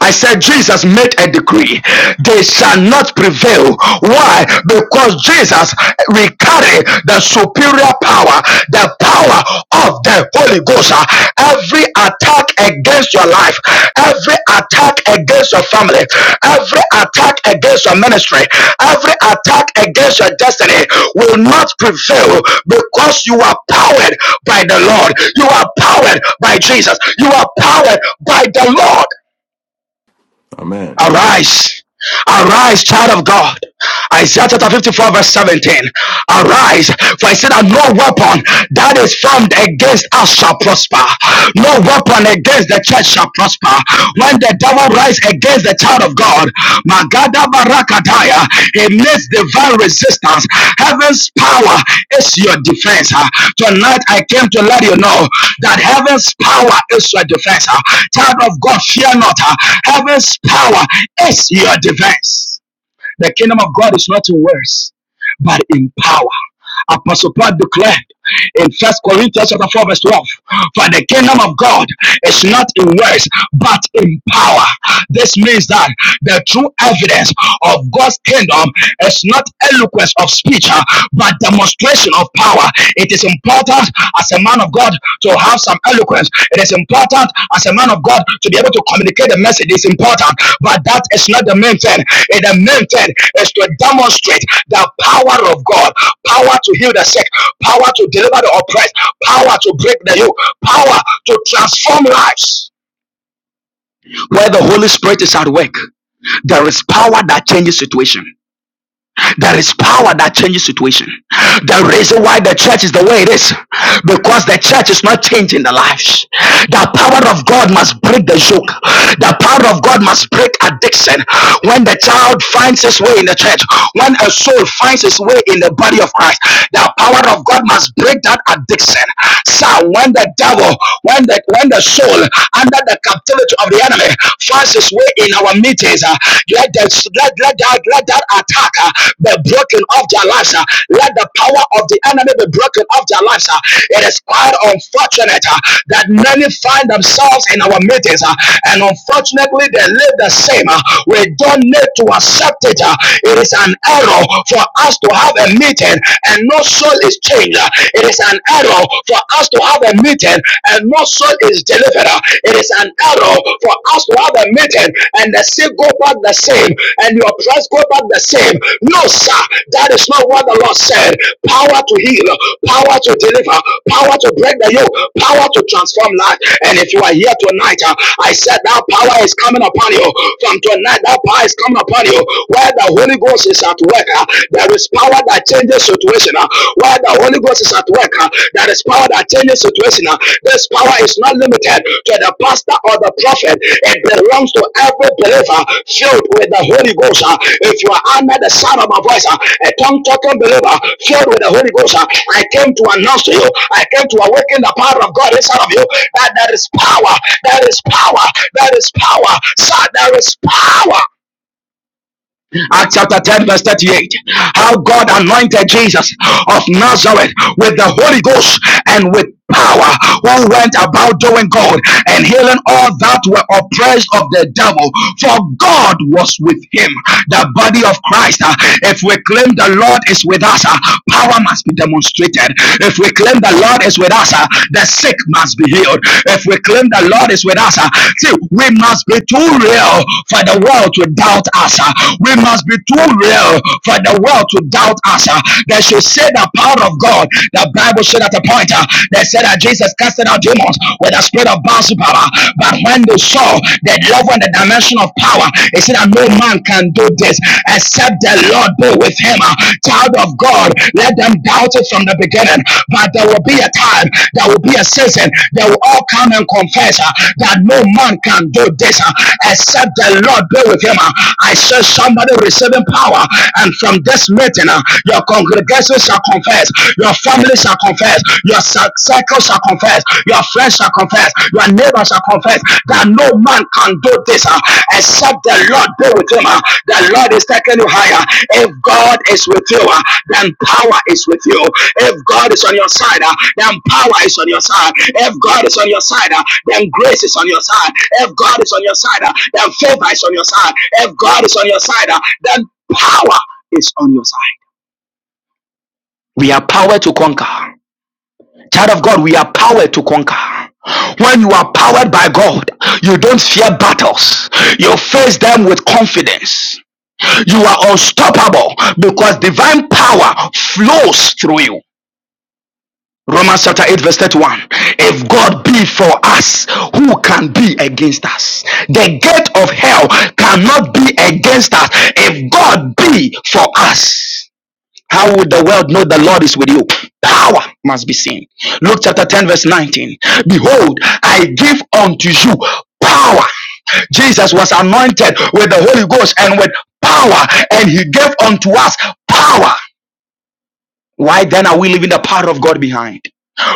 Speaker 5: I said, Jesus made a decree, they shall not prevail. Why? Because Jesus will carry the superior power, the power of the Holy Ghost. Every attack against your life life, every attack against your family, every attack against your ministry, every attack against your destiny will not prevail because you are powered by the Lord. You are powered by Jesus. You are powered by the Lord.
Speaker 1: Amen.
Speaker 5: Arise. Arise, child of God. Isaiah chapter 54, verse 17. Arise, for I said that no weapon that is formed against us shall prosper. No weapon against the church shall prosper. When the devil rises against the child of God, Magada Barakataya. Amidst divine resistance, heaven's power is your defense. ah. Tonight I came to let you know that heaven's power is your defense. ah. Child of God, fear not. ah. Heaven's power is your defense. The kingdom of God is not in words, but in power. Apostle Paul declared in First Corinthians chapter 4, verse 12, for the kingdom of God is not in words, but in power. This means that the true evidence of God's kingdom is not eloquence of speech, uh, but demonstration of power. It is important as a man of God to have some eloquence. It is important as a man of God to be able to communicate the message. It's important, but that is not the main thing. Eh, The main thing is to demonstrate the power of God power to heal the sick, power to deliver the oppressed, power to break the yoke, power to transform lives. Where the Holy Spirit is at work, there is power that changes situation. There is power that changes situation. The reason why the church is the way it is, because the church is not changing the lives. The power of God must break the yoke. The power of God must break addiction. When the child finds his way in the church, when a soul finds his way in the body of Christ, the power of God must break that addiction. So when the devil, when the when the soul under the captivity of the enemy finds his way way in our meetings. uh, Let, the, let, let, that, let that attack uh, be broken off their lives. uh, Let the power of the enemy be broken off their lives. uh. It is quite unfortunate uh, that many find themselves in our meetings, uh, and unfortunately, they live the same. uh. We don't need to accept it. uh. It is an error for us to have a meeting and no soul is changed. uh. It is an error for us to have a meeting and and no soul is delivered. It is an arrow for us to have a meeting and the sick go back the same and your press go back the same. No, sir, that is not what the Lord said. Power to heal, power to deliver, power to break the yoke, power to transform life. And if you are here tonight, uh, I said that power is coming upon you. From tonight, that power is coming upon you. Where the Holy Ghost is at work, uh, there is power that changes situation. Uh, while the Holy Ghost is at work, uh, there is power that changes situation. uh. This power is not limited to the pastor or the prophet. It belongs to every believer filled with the Holy Ghost. uh. If you are under the sound of my voice, uh, a tongue talking believer filled with the Holy Ghost, uh, I came to announce to you, I came to awaken the power of God inside of you that there is power, there is power, there is power, sir, there is power. Acts chapter 10, verse 38. How God anointed Jesus of Nazareth with the Holy Ghost and with power, who went about doing good and healing all that were oppressed of the devil, for God was with him. The body of Christ, uh, if we claim the Lord is with us, uh, power must be demonstrated. If we claim the Lord is with us, uh, the sick must be healed. If we claim the Lord is with us, ah, see, we must be too real for the world to doubt us. ah. We must be too real for the world to doubt us. ah. They should say the power of God. The Bible said at a point, ah, they said that Jesus casted out demons with the spirit of baal But when they saw the level and the dimension of power, they said that no man can do this except the Lord. Lord be with him. Child of God, let them doubt it from the beginning. But there will be a time, there will be a season, they will all come and confess uh, that no man can do this uh, except the Lord be with him. Uh, I saw somebody receiving power, and from this meeting, uh, your congregation shall confess, your family shall confess, your circle shall confess, your friends shall confess, your neighbor shall confess that no man can do this uh, except the Lord be with him. uh. The Lord is taking you higher. If God is with you, uh, then power is with you. If God is on your side, uh, then power is on your side. If God is on your side, uh, then grace is on your side. If God is on your side, uh, then favor is on your side. If God is on your side, uh, then power is on your side. We are power to conquer. Child of God, we are powered to conquer. When you are powered by God, you don't fear battles. You face them with confidence. You are unstoppable because divine power flows through you. Romans chapter 8, verse 31. If God be for us, who can be against us? The gate of hell cannot be against us if God be for us. How would the world know the Lord is with you? Power must be seen. Luke chapter 10, verse 19. Behold, I give unto you power. Jesus was anointed with the Holy Ghost and with power, and he gave unto us power. Why then are we leaving the power of God behind?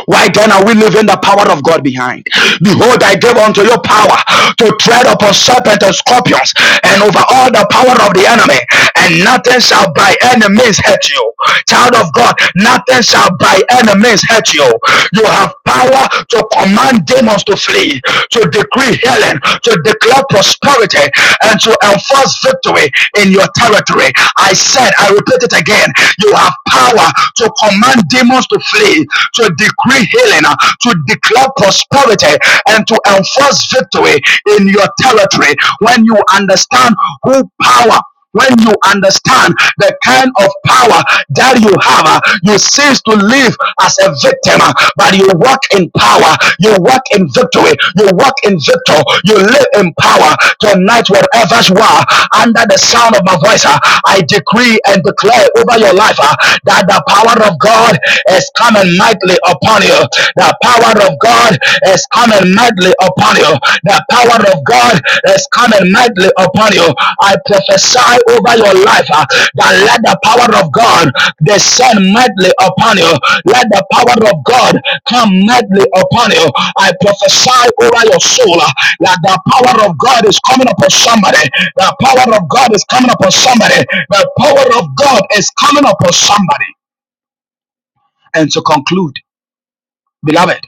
Speaker 5: Why then are we leaving the power of God behind? Behold, I gave unto you power to tread upon serpents and scorpions and over all the power of the enemy, and nothing shall by any means hurt you. Child of God, nothing shall by any means hurt you. You have power to command demons to flee, to decree healing, to declare prosperity, and to enforce victory in your territory. I said, I repeat it again, you have power to command demons to flee faith to decree healing, uh, to declare prosperity, and to enforce victory in your territory. When you understand who power when you understand the kind of power that you have, uh, you cease to live as a victim, uh, but you walk in power, you walk in victory, you walk in victor, you live in power. Tonight, wherever you are, under the sound of my voice, uh, I decree and declare over your life uh, that the power of God. God is coming mightily upon you. The power of God is coming mightily upon you. The power of God is coming mightily upon you. I prophesy over your life uh, that let the power of God descend mightily upon you. Let the power of God come mightily upon you. I prophesy over your soul uh, that the power of God is coming upon somebody. The power of God is coming upon somebody. The power of God is coming upon somebody. And to conclude, beloved,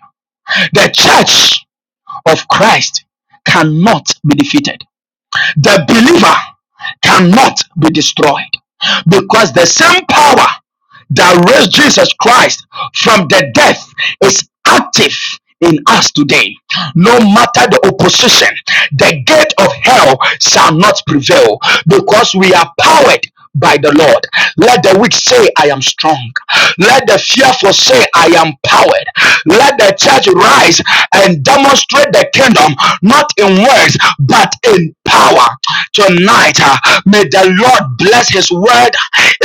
Speaker 5: the church of Christ cannot be defeated the believer cannot be destroyed because the same power that raised Jesus Christ from the death is active in us today. No matter the opposition, the gate of hell shall not prevail because we are powered by the Lord. Let the weak say, I am strong. Let the fearful say, I am powered. Let the church church rise and demonstrate the kingdom not in words but in power tonight uh, may the lord bless his word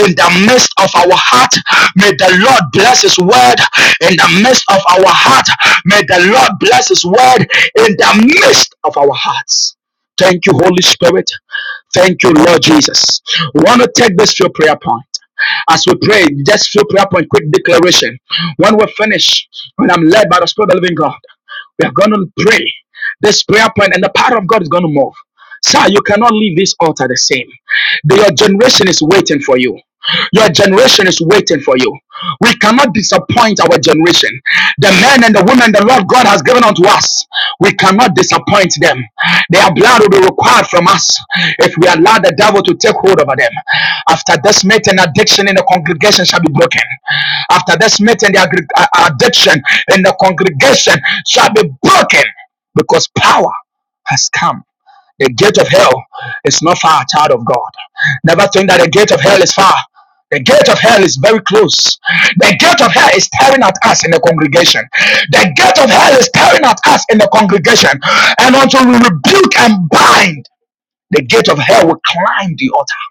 Speaker 5: in the midst of our heart may the lord bless his word in the midst of our heart may the lord bless his word in the midst of our hearts thank you holy spirit thank you lord jesus we want to take this to a prayer point as we pray, just few prayer point, quick declaration. When we finish, when I'm led by the Spirit of the Living God, we are going to pray this prayer point, and the power of God is going to move. Sir, you cannot leave this altar the same. Your generation is waiting for you. Your generation is waiting for you. We cannot disappoint our generation. The men and the women the Lord God has given unto us, we cannot disappoint them. Their blood will be required from us if we allow the devil to take hold over them. After this meeting, addiction in the congregation shall be broken. After this meeting, the uh, addiction in the congregation shall be broken because power has come. The gate of hell is not far, child of God. Never think that the gate of hell is far. The gate of hell is very close. The gate of hell is staring at us in the congregation. The gate of hell is staring at us in the congregation. And until we rebuke and bind, the gate of hell will climb the altar.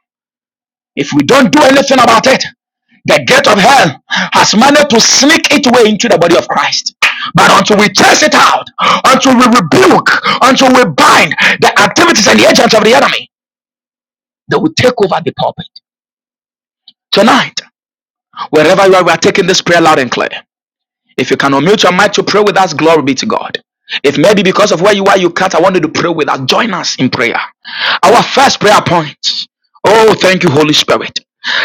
Speaker 5: If we don't do anything about it, the gate of hell has managed to sneak its way into the body of Christ. But until we chase it out, until we rebuke, until we bind the activities and the agents of the enemy, they will take over the pulpit. Tonight, wherever you are, we are taking this prayer loud and clear. If you can unmute your mic to pray with us, glory be to God. If maybe because of where you are, you can't, I want you to pray with us. Join us in prayer. Our first prayer point. Oh, thank you, Holy Spirit.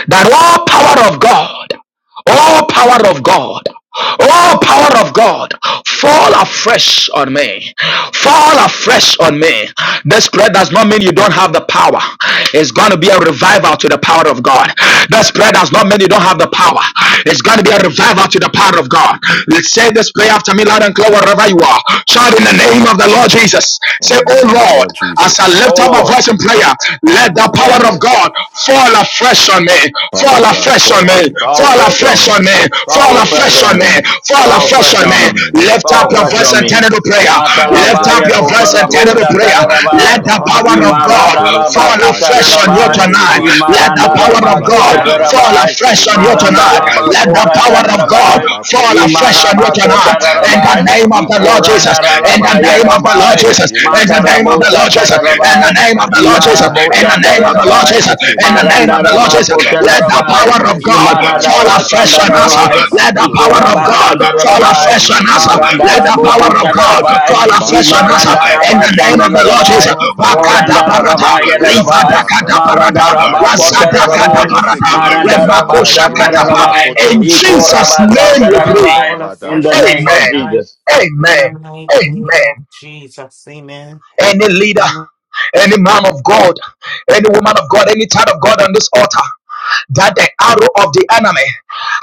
Speaker 5: That all power of God Oh, power of God. Oh, power of God, fall afresh on me. Fall afresh on me. This prayer does not mean you don't have the power. It's going to be a revival to the power of God. This prayer does not mean you don't have the power. It's going to be a revival to the power of God. Let's say this prayer after me, loud and clear, wherever you are. Shout in the name of the Lord Jesus.
Speaker 1: In
Speaker 5: Say,
Speaker 1: the
Speaker 5: Oh
Speaker 1: name of the
Speaker 5: Lord,
Speaker 1: Lord
Speaker 5: as I
Speaker 1: Jesus,
Speaker 5: lift
Speaker 3: Oh,
Speaker 5: up my
Speaker 3: Lord.
Speaker 5: voice in prayer,
Speaker 1: and I
Speaker 5: let the
Speaker 1: lift up my
Speaker 5: power Spirit of
Speaker 3: Yes.
Speaker 1: voice.
Speaker 5: God, fall afresh on me,
Speaker 1: Power
Speaker 5: fall
Speaker 1: of God,
Speaker 5: afresh
Speaker 1: fall
Speaker 5: on
Speaker 1: on
Speaker 5: me,
Speaker 1: me,
Speaker 3: Fall
Speaker 5: fall
Speaker 1: fall
Speaker 3: fresh on
Speaker 1: fresh
Speaker 5: afresh
Speaker 1: on
Speaker 3: me.
Speaker 5: on
Speaker 1: me,
Speaker 5: me, fall
Speaker 3: Fall
Speaker 1: fall
Speaker 3: fresh
Speaker 5: afresh on
Speaker 1: fresh
Speaker 3: on
Speaker 5: me,
Speaker 1: on
Speaker 3: me.
Speaker 1: me,
Speaker 5: fall
Speaker 3: Fall
Speaker 1: fall
Speaker 5: afresh
Speaker 3: fresh
Speaker 5: on me.
Speaker 1: fresh
Speaker 3: on
Speaker 1: on
Speaker 3: me.
Speaker 1: me,
Speaker 5: Lift up
Speaker 3: Fall
Speaker 1: fall
Speaker 5: your
Speaker 3: fresh
Speaker 5: voice
Speaker 3: on
Speaker 1: fresh
Speaker 5: and
Speaker 1: on
Speaker 5: turn
Speaker 3: me.
Speaker 1: me,
Speaker 5: into prayer. Lift
Speaker 1: Maja
Speaker 5: up
Speaker 3: Matalabaya
Speaker 5: your voice
Speaker 1: kalaba
Speaker 5: and turn
Speaker 3: kotarabo
Speaker 1: tolo
Speaker 5: into prayer.
Speaker 1: shilaba
Speaker 3: shatarabai.
Speaker 5: Let the
Speaker 6: On Fall
Speaker 1: sakalaba.
Speaker 5: power of
Speaker 6: afresh,
Speaker 5: God
Speaker 1: Matolo
Speaker 6: Lord.
Speaker 3: Imarandaraba
Speaker 5: fall
Speaker 1: kilaba
Speaker 5: afresh
Speaker 6: Lift the
Speaker 5: on
Speaker 1: kelebe
Speaker 5: you
Speaker 3: kotarabai.
Speaker 6: floor of
Speaker 5: tonight.
Speaker 1: shendelebe.
Speaker 6: God. Fall
Speaker 5: Let the
Speaker 6: afresh
Speaker 5: power
Speaker 1: Moloto
Speaker 6: on
Speaker 3: Imarandaraba
Speaker 5: of
Speaker 6: me,
Speaker 1: laba
Speaker 5: God
Speaker 6: Lord.
Speaker 1: kalaba
Speaker 5: fall
Speaker 3: kotarabai.
Speaker 5: afresh on you
Speaker 1: shekelebe.
Speaker 6: Fall
Speaker 5: tonight.
Speaker 6: afresh,
Speaker 3: Marandalaba
Speaker 5: Let the
Speaker 1: Mazila
Speaker 6: Lord.
Speaker 5: power
Speaker 1: kaba
Speaker 5: of
Speaker 1: fanda
Speaker 5: God
Speaker 3: korandarabai.
Speaker 1: laba kolo
Speaker 5: fall afresh on you
Speaker 3: Imaraba
Speaker 1: shekelebe.
Speaker 5: tonight. In the
Speaker 3: kotarabai.
Speaker 1: Majila
Speaker 5: name of
Speaker 1: kapa
Speaker 5: the Lord Jesus.
Speaker 1: padalaba
Speaker 5: In the
Speaker 3: Ikorandarabaya
Speaker 5: name
Speaker 1: sokolobo.
Speaker 5: of the Lord
Speaker 3: rabai.
Speaker 5: Jesus,
Speaker 1: Majile
Speaker 5: in the
Speaker 1: kebe
Speaker 5: name of
Speaker 3: Matarabo
Speaker 5: the
Speaker 6: on
Speaker 5: Lord
Speaker 1: selaba
Speaker 5: Jesus, in
Speaker 1: sotolobo.
Speaker 5: the
Speaker 3: shatarabai.
Speaker 5: name of
Speaker 6: afresh.
Speaker 5: the Lord Jesus,
Speaker 1: Mazila
Speaker 3: Imarabo
Speaker 5: in the
Speaker 1: kaba
Speaker 5: name
Speaker 6: Lord.
Speaker 5: of
Speaker 1: fanda
Speaker 5: the Lord
Speaker 1: laba
Speaker 3: shandarabai.
Speaker 5: Jesus, in the
Speaker 1: shekebe.
Speaker 6: Let
Speaker 5: name
Speaker 6: the
Speaker 5: of the Lord
Speaker 6: power
Speaker 3: Marandaraba
Speaker 6: of
Speaker 5: Jesus,
Speaker 1: Moloto laba
Speaker 6: God
Speaker 5: let the
Speaker 6: fall
Speaker 3: kotarabai.
Speaker 5: power of
Speaker 1: shekelebe.
Speaker 6: afresh
Speaker 5: God
Speaker 6: on me.
Speaker 5: fall
Speaker 1: Azila
Speaker 5: afresh
Speaker 1: kaba
Speaker 5: on us.
Speaker 6: Oh,
Speaker 1: fanda
Speaker 3: Imaradarabai,
Speaker 6: yes,
Speaker 1: laba
Speaker 5: Let the
Speaker 1: kolo
Speaker 6: Jesus.
Speaker 5: power of
Speaker 6: Fall
Speaker 1: shekebe.
Speaker 5: God fall
Speaker 6: afresh,
Speaker 3: Nikorabasandarabai,
Speaker 5: afresh
Speaker 6: Lord.
Speaker 5: on
Speaker 1: Mazele
Speaker 5: us.
Speaker 1: kebetolo
Speaker 5: Let the power
Speaker 1: shiraba
Speaker 6: Fall
Speaker 5: of God
Speaker 6: afresh,
Speaker 1: sakaba.
Speaker 3: Marandarabokotararabai,
Speaker 5: fall
Speaker 6: Jesus,
Speaker 5: afresh on
Speaker 1: Maja
Speaker 6: on
Speaker 5: us.
Speaker 6: me.
Speaker 5: In
Speaker 1: kalabatolo
Speaker 5: the name of
Speaker 6: Let the
Speaker 5: the Lord
Speaker 1: shekelebe.
Speaker 3: Imarandarabasandarabai,
Speaker 5: Jesus,
Speaker 6: power of God
Speaker 5: Bakada
Speaker 1: Majira
Speaker 5: Barata,
Speaker 1: kabapolo
Speaker 6: fall
Speaker 3: Korandarabaiarabai,
Speaker 5: Livada
Speaker 6: afresh
Speaker 1: shikabasaba.
Speaker 6: on
Speaker 5: Kadaparata,
Speaker 6: me.
Speaker 1: Majira
Speaker 5: Razada
Speaker 6: Oh,
Speaker 3: Maradarabakotararabai,
Speaker 1: kabatolo
Speaker 6: yes,
Speaker 5: Kadaparata,
Speaker 1: shekebe.
Speaker 6: Jesus. I love you,
Speaker 5: Remakosha
Speaker 1: Mazila
Speaker 6: Lord. I
Speaker 5: Katapa.
Speaker 3: Marandarabasatarabai,
Speaker 6: worship
Speaker 1: kabafotolo
Speaker 5: In
Speaker 6: you.
Speaker 1: shiraba.
Speaker 5: Jesus'
Speaker 6: Oh
Speaker 5: name we
Speaker 1: Masha
Speaker 6: God,
Speaker 5: pray.
Speaker 3: Ikorabasatarabai,
Speaker 6: fall
Speaker 3: in
Speaker 6: afresh
Speaker 3: the
Speaker 6: on
Speaker 1: kalabataba.
Speaker 3: name
Speaker 6: us
Speaker 3: of
Speaker 5: Amen.
Speaker 6: tonight.
Speaker 3: Jesus.
Speaker 6: In the
Speaker 5: Amen.
Speaker 6: mighty name
Speaker 5: Amen
Speaker 6: of Jesus, amen.
Speaker 5: any leader
Speaker 6: Lord,
Speaker 5: any man of God, any woman of God, any child of God on this altar that the arrow of the enemy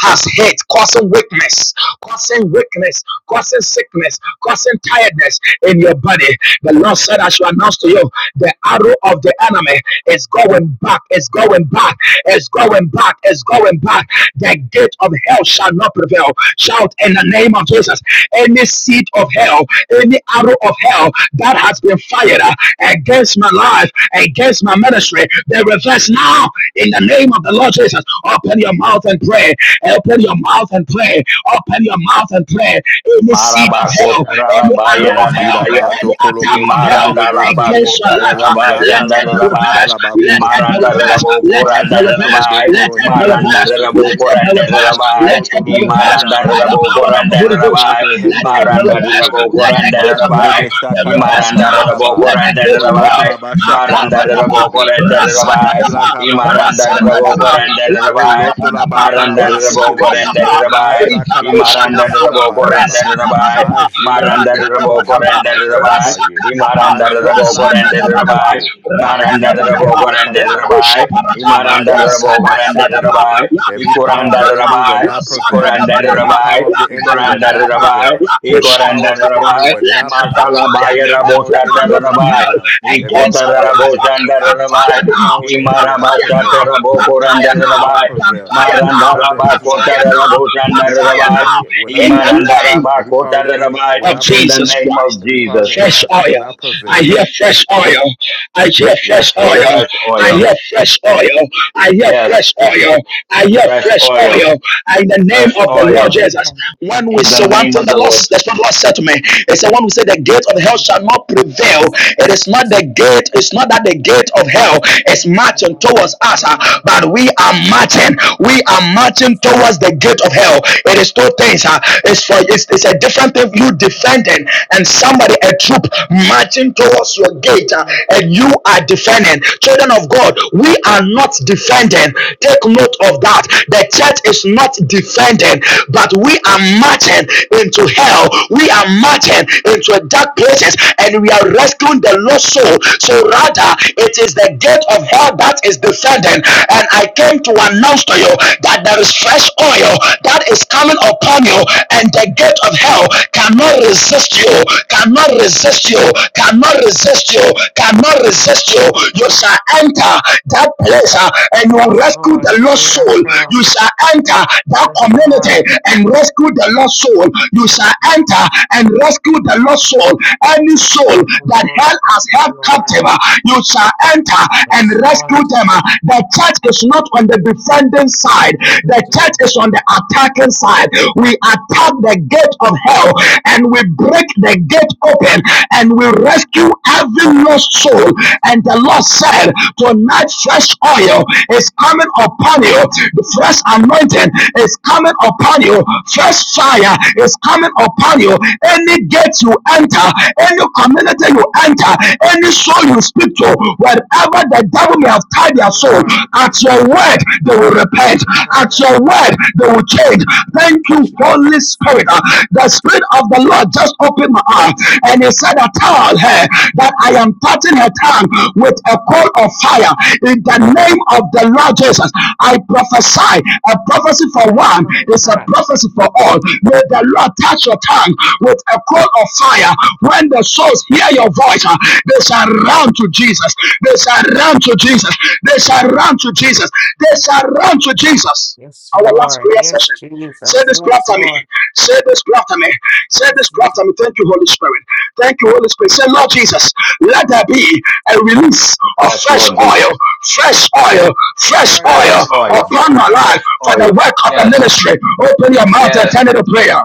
Speaker 5: has hit, causing weakness, causing weakness, causing sickness, causing tiredness in your body. The Lord said, I shall announce to you the arrow of the enemy is going back, is going back, is going back, is going back. The gate of hell shall not prevail. Shout in the name of Jesus. Any seed of hell, any arrow of hell that has been fired uh, against my life, against my ministry, they reverse now in the name of the Lord Jesus, open your mouth and pray. Open your mouth and pray. Open your mouth and pray. Any seed of hell, any arrow
Speaker 3: Marabakotarabaya
Speaker 5: of hell,
Speaker 1: Majida ba
Speaker 3: Rabaya,
Speaker 5: any
Speaker 1: sokolo
Speaker 5: attack of hell
Speaker 1: boshendele
Speaker 3: Imaranda
Speaker 1: besebi.
Speaker 5: against your life, uh,
Speaker 3: Rabakotarabaya
Speaker 1: Aja
Speaker 5: let it be
Speaker 1: kalaba fanda
Speaker 3: Chandarabaya,
Speaker 5: reversed.
Speaker 1: la
Speaker 5: Let
Speaker 1: bakolo
Speaker 5: it be
Speaker 3: Imaranda
Speaker 1: shekebe.
Speaker 5: reversed. Let it be
Speaker 3: Rabokoranda
Speaker 1: Mazetele
Speaker 5: reversed.
Speaker 3: Rabaya,
Speaker 5: Let
Speaker 1: bekolo
Speaker 5: it be
Speaker 1: hendele
Speaker 3: Maranda
Speaker 1: be
Speaker 5: reversed. Let
Speaker 1: shekebe.
Speaker 5: it be
Speaker 3: Rabokoranda
Speaker 5: reversed.
Speaker 3: Rabaya,
Speaker 5: Let
Speaker 1: Mazolo
Speaker 5: it be
Speaker 1: tolo
Speaker 5: reversed
Speaker 1: boshila
Speaker 3: Imaranda
Speaker 5: by the
Speaker 1: basaba.
Speaker 5: power of the
Speaker 3: Rabokoranda
Speaker 5: Holy
Speaker 1: Ma
Speaker 5: Ghost. uh,
Speaker 1: telebe
Speaker 3: Rabaya,
Speaker 5: Let
Speaker 1: hendele
Speaker 5: it be
Speaker 1: be
Speaker 3: Maranda
Speaker 5: reversed.
Speaker 1: sokolo bo.
Speaker 5: Let the
Speaker 3: Rabokoranda
Speaker 1: Ma
Speaker 5: gates of hell
Speaker 3: Rabaya,
Speaker 1: telebe
Speaker 5: be
Speaker 1: shakala
Speaker 5: reversed
Speaker 3: Imaranda
Speaker 5: now.
Speaker 1: basandala ba.
Speaker 5: Let the
Speaker 3: Rabokoranda
Speaker 5: gates of
Speaker 1: Moloto
Speaker 5: hell
Speaker 3: Rabaya,
Speaker 1: la ba shakala
Speaker 3: Maranda
Speaker 1: ba
Speaker 5: Makadadaba,
Speaker 1: sekebe.
Speaker 3: Rabokoranda Rabaya,
Speaker 1: Majila
Speaker 5: Rasadadaba,
Speaker 1: kaba fanda
Speaker 3: Imaranda
Speaker 1: la ba
Speaker 5: Rasanadaba,
Speaker 1: kelebe.
Speaker 3: Rabokoranda
Speaker 1: O
Speaker 3: Rabaya,
Speaker 1: loto la
Speaker 5: Rakadabadaba,
Speaker 1: ba
Speaker 3: Maranda
Speaker 1: kalaba shekelebe.
Speaker 3: Rabokoranda
Speaker 5: Rasakadaba,
Speaker 3: Rabaya,
Speaker 1: Masa kalaba tolo
Speaker 3: the
Speaker 5: Livakushadaba,
Speaker 3: the
Speaker 1: shila
Speaker 3: Boko
Speaker 1: basaba.
Speaker 3: render the by
Speaker 5: Rasadabadaba,
Speaker 1: Majele
Speaker 3: Marandar the
Speaker 1: kebetolo
Speaker 3: Boko
Speaker 5: Rakadabadaba,
Speaker 3: render the
Speaker 1: shirabasa
Speaker 3: by
Speaker 1: dabaye.
Speaker 5: Rasakadaba,
Speaker 3: Imarandar the
Speaker 1: Aja
Speaker 3: Boko
Speaker 1: kalaba
Speaker 3: render the
Speaker 5: Razanadabadaba,
Speaker 3: by
Speaker 1: sokolopo. Maje
Speaker 3: Marandar the
Speaker 1: kelebe
Speaker 5: Rakadabadaba,
Speaker 3: Boko
Speaker 1: hala
Speaker 3: render the
Speaker 1: kalaba.
Speaker 3: by
Speaker 5: Wakushaparata,
Speaker 3: Imarandar the render render render render
Speaker 5: Razanadabadaba,
Speaker 1: Madilakabashikilibi.
Speaker 3: render Imarandarabokor Marandarabokor Imarandarabokor
Speaker 1: Every power of the
Speaker 5: Rakadaparata,
Speaker 1: enemy will
Speaker 3: Marandarabokor
Speaker 1: not
Speaker 3: Imarandarabokor
Speaker 1: prevail.
Speaker 5: Razanadabadaba,
Speaker 1: Every power
Speaker 3: Ikorandarabokor
Speaker 1: of the enemy will not
Speaker 5: Rakadadadaba,
Speaker 1: prevail.
Speaker 3: Ikorandarabokor
Speaker 1: Every power of the
Speaker 5: Rakushakadaba.
Speaker 1: enemy
Speaker 3: Korandarabai,
Speaker 1: will
Speaker 5: Let
Speaker 1: not
Speaker 5: it
Speaker 1: prevail.
Speaker 5: backfire
Speaker 3: Matalabaya
Speaker 1: Every power of
Speaker 5: every
Speaker 1: the enemy
Speaker 5: arrow
Speaker 1: will not
Speaker 5: from
Speaker 3: Rabosatarabai,
Speaker 1: prevail.
Speaker 5: hell
Speaker 1: Every
Speaker 5: against
Speaker 1: power of
Speaker 5: our
Speaker 1: the enemy will
Speaker 5: life.
Speaker 1: not prevail.
Speaker 5: Backfire
Speaker 1: Every
Speaker 3: Ikotarabosandarabai,
Speaker 5: now.
Speaker 1: power of the enemy will not
Speaker 5: Backfire now.
Speaker 1: prevail. Every power of
Speaker 5: Backfire
Speaker 1: the
Speaker 5: now.
Speaker 1: enemy will not
Speaker 3: Imarabasatarabokorandarabai,
Speaker 1: prevail.
Speaker 5: Backfire now.
Speaker 1: Every power of the enemy will
Speaker 5: Backfire
Speaker 1: not prevail.
Speaker 5: now.
Speaker 1: Every power of
Speaker 5: Backfire
Speaker 1: the
Speaker 3: Marandarabakotarabosandarabai,
Speaker 1: enemy will
Speaker 5: now.
Speaker 1: not
Speaker 5: In
Speaker 1: prevail.
Speaker 5: the name
Speaker 1: Every power of the enemy
Speaker 3: Imarandarabakotararabai,
Speaker 1: will
Speaker 5: of
Speaker 1: not
Speaker 3: in the
Speaker 5: Jesus
Speaker 1: prevail.
Speaker 3: name of
Speaker 5: Christ
Speaker 1: Every power of
Speaker 3: Jesus.
Speaker 1: the enemy
Speaker 5: fresh
Speaker 1: will
Speaker 5: oil.
Speaker 1: not
Speaker 5: I
Speaker 1: prevail.
Speaker 5: hear fresh oil. I hear fresh
Speaker 3: Yes, Lord,
Speaker 5: oil.
Speaker 3: fresh
Speaker 5: I
Speaker 3: oil.
Speaker 5: hear fresh oil. I hear
Speaker 3: Yes,
Speaker 5: fresh oil. I hear
Speaker 3: fresh
Speaker 5: fresh
Speaker 3: oil,
Speaker 5: oil. In the name
Speaker 3: fresh
Speaker 5: of the Lord
Speaker 3: oil,
Speaker 5: Jesus. When we
Speaker 3: in the name
Speaker 6: Lord,
Speaker 5: surrender
Speaker 3: of
Speaker 5: the
Speaker 3: the
Speaker 5: Lord,
Speaker 3: Lord.
Speaker 5: that's what the Lord said to me. It's the one who said the gate of hell shall not prevail. It is not the gate, it's not that the gate of hell is marching towards us, uh, but we are marching. We are marching towards the gate of hell. It is two things. uh, It's for it's, it's a different thing you defending and somebody a troop marching towards your gate uh, and you are defending. Children of God, we are not defending. Take note of that. The church is not defending offended, but we are marching into hell. We are marching into dark places and we are rescuing the lost soul. So rather, it is the gate of hell that is defending. And I came to announce to you that there is fresh oil that is coming upon you, and the gate of hell cannot resist you, cannot resist you, cannot resist you, cannot resist you. You shall enter that place grace uh, and you will
Speaker 6: Yes,
Speaker 5: rescue
Speaker 6: Lord,
Speaker 5: the
Speaker 6: the
Speaker 5: lost
Speaker 6: gate of
Speaker 5: soul. You
Speaker 6: hell.
Speaker 5: shall enter that
Speaker 6: Yes,
Speaker 5: community
Speaker 6: Lord.
Speaker 5: and rescue the lost soul. You shall
Speaker 6: Um,
Speaker 5: enter and rescue the lost soul. Any soul
Speaker 6: Oh,
Speaker 5: that
Speaker 6: Lord,
Speaker 5: hell has held
Speaker 6: dear
Speaker 5: captive,
Speaker 6: Lord,
Speaker 5: uh, you shall enter and
Speaker 6: yes,
Speaker 5: rescue
Speaker 6: Lord,
Speaker 5: them. uh. The church is not on the defending side,
Speaker 6: thank you,
Speaker 5: the church
Speaker 6: Jesus.
Speaker 5: is on the attacking side. We attack the gate of hell and we break the gate open and we rescue having no soul. And the Lord said, Tonight, fresh oil is coming upon you, the fresh anointing is coming upon you, fresh fire is coming upon you. Any gate you enter, any community you enter, any soul you speak to, wherever the devil may have tied their soul,
Speaker 6: Lord,
Speaker 5: at
Speaker 6: breathe
Speaker 5: your word they will repent,
Speaker 6: breathe out
Speaker 5: at
Speaker 6: that
Speaker 5: your word they will change. Thank
Speaker 6: into
Speaker 5: you, Holy
Speaker 6: Jesus.
Speaker 5: Spirit. Uh, The Spirit of the Lord just opened my eye and he said, I tell her that I am touching her tongue with a coal of fire in the name of the Lord Jesus. I prophesy a prophecy for
Speaker 6: Why
Speaker 5: one
Speaker 6: Lord, like
Speaker 5: is a
Speaker 6: that?
Speaker 5: prophecy for all. May the Lord touch your tongue with a coal of fire. When the souls hear your voice, uh, they shall run to Jesus. They shall run to Jesus. They shall run to Jesus. They shall run to Jesus.
Speaker 6: Yes,
Speaker 5: Our last
Speaker 6: Lord.
Speaker 5: prayer
Speaker 6: Yes,
Speaker 5: session.
Speaker 6: Jesus.
Speaker 5: Say this prayer
Speaker 6: Yes,
Speaker 5: to me.
Speaker 6: Lord.
Speaker 5: Say this prayer to me. Say this
Speaker 6: Yes,
Speaker 5: prayer
Speaker 6: Lord.
Speaker 5: to me. Thank you, Holy Spirit. Thank you, Holy Spirit. Say, Lord Jesus, let there be a release of
Speaker 3: Yes,
Speaker 5: fresh
Speaker 3: Lord Jesus.
Speaker 5: oil, fresh oil,
Speaker 6: Fresh
Speaker 5: fresh
Speaker 6: oil,
Speaker 5: oil
Speaker 3: Fresh
Speaker 6: Lord. Fresh
Speaker 3: oil,
Speaker 5: upon my
Speaker 6: oil.
Speaker 5: life
Speaker 3: fresh
Speaker 5: for the
Speaker 3: oil.
Speaker 5: work of the
Speaker 3: Yes,
Speaker 5: ministry. Open your mouth and
Speaker 3: yes.
Speaker 5: turn it to prayer.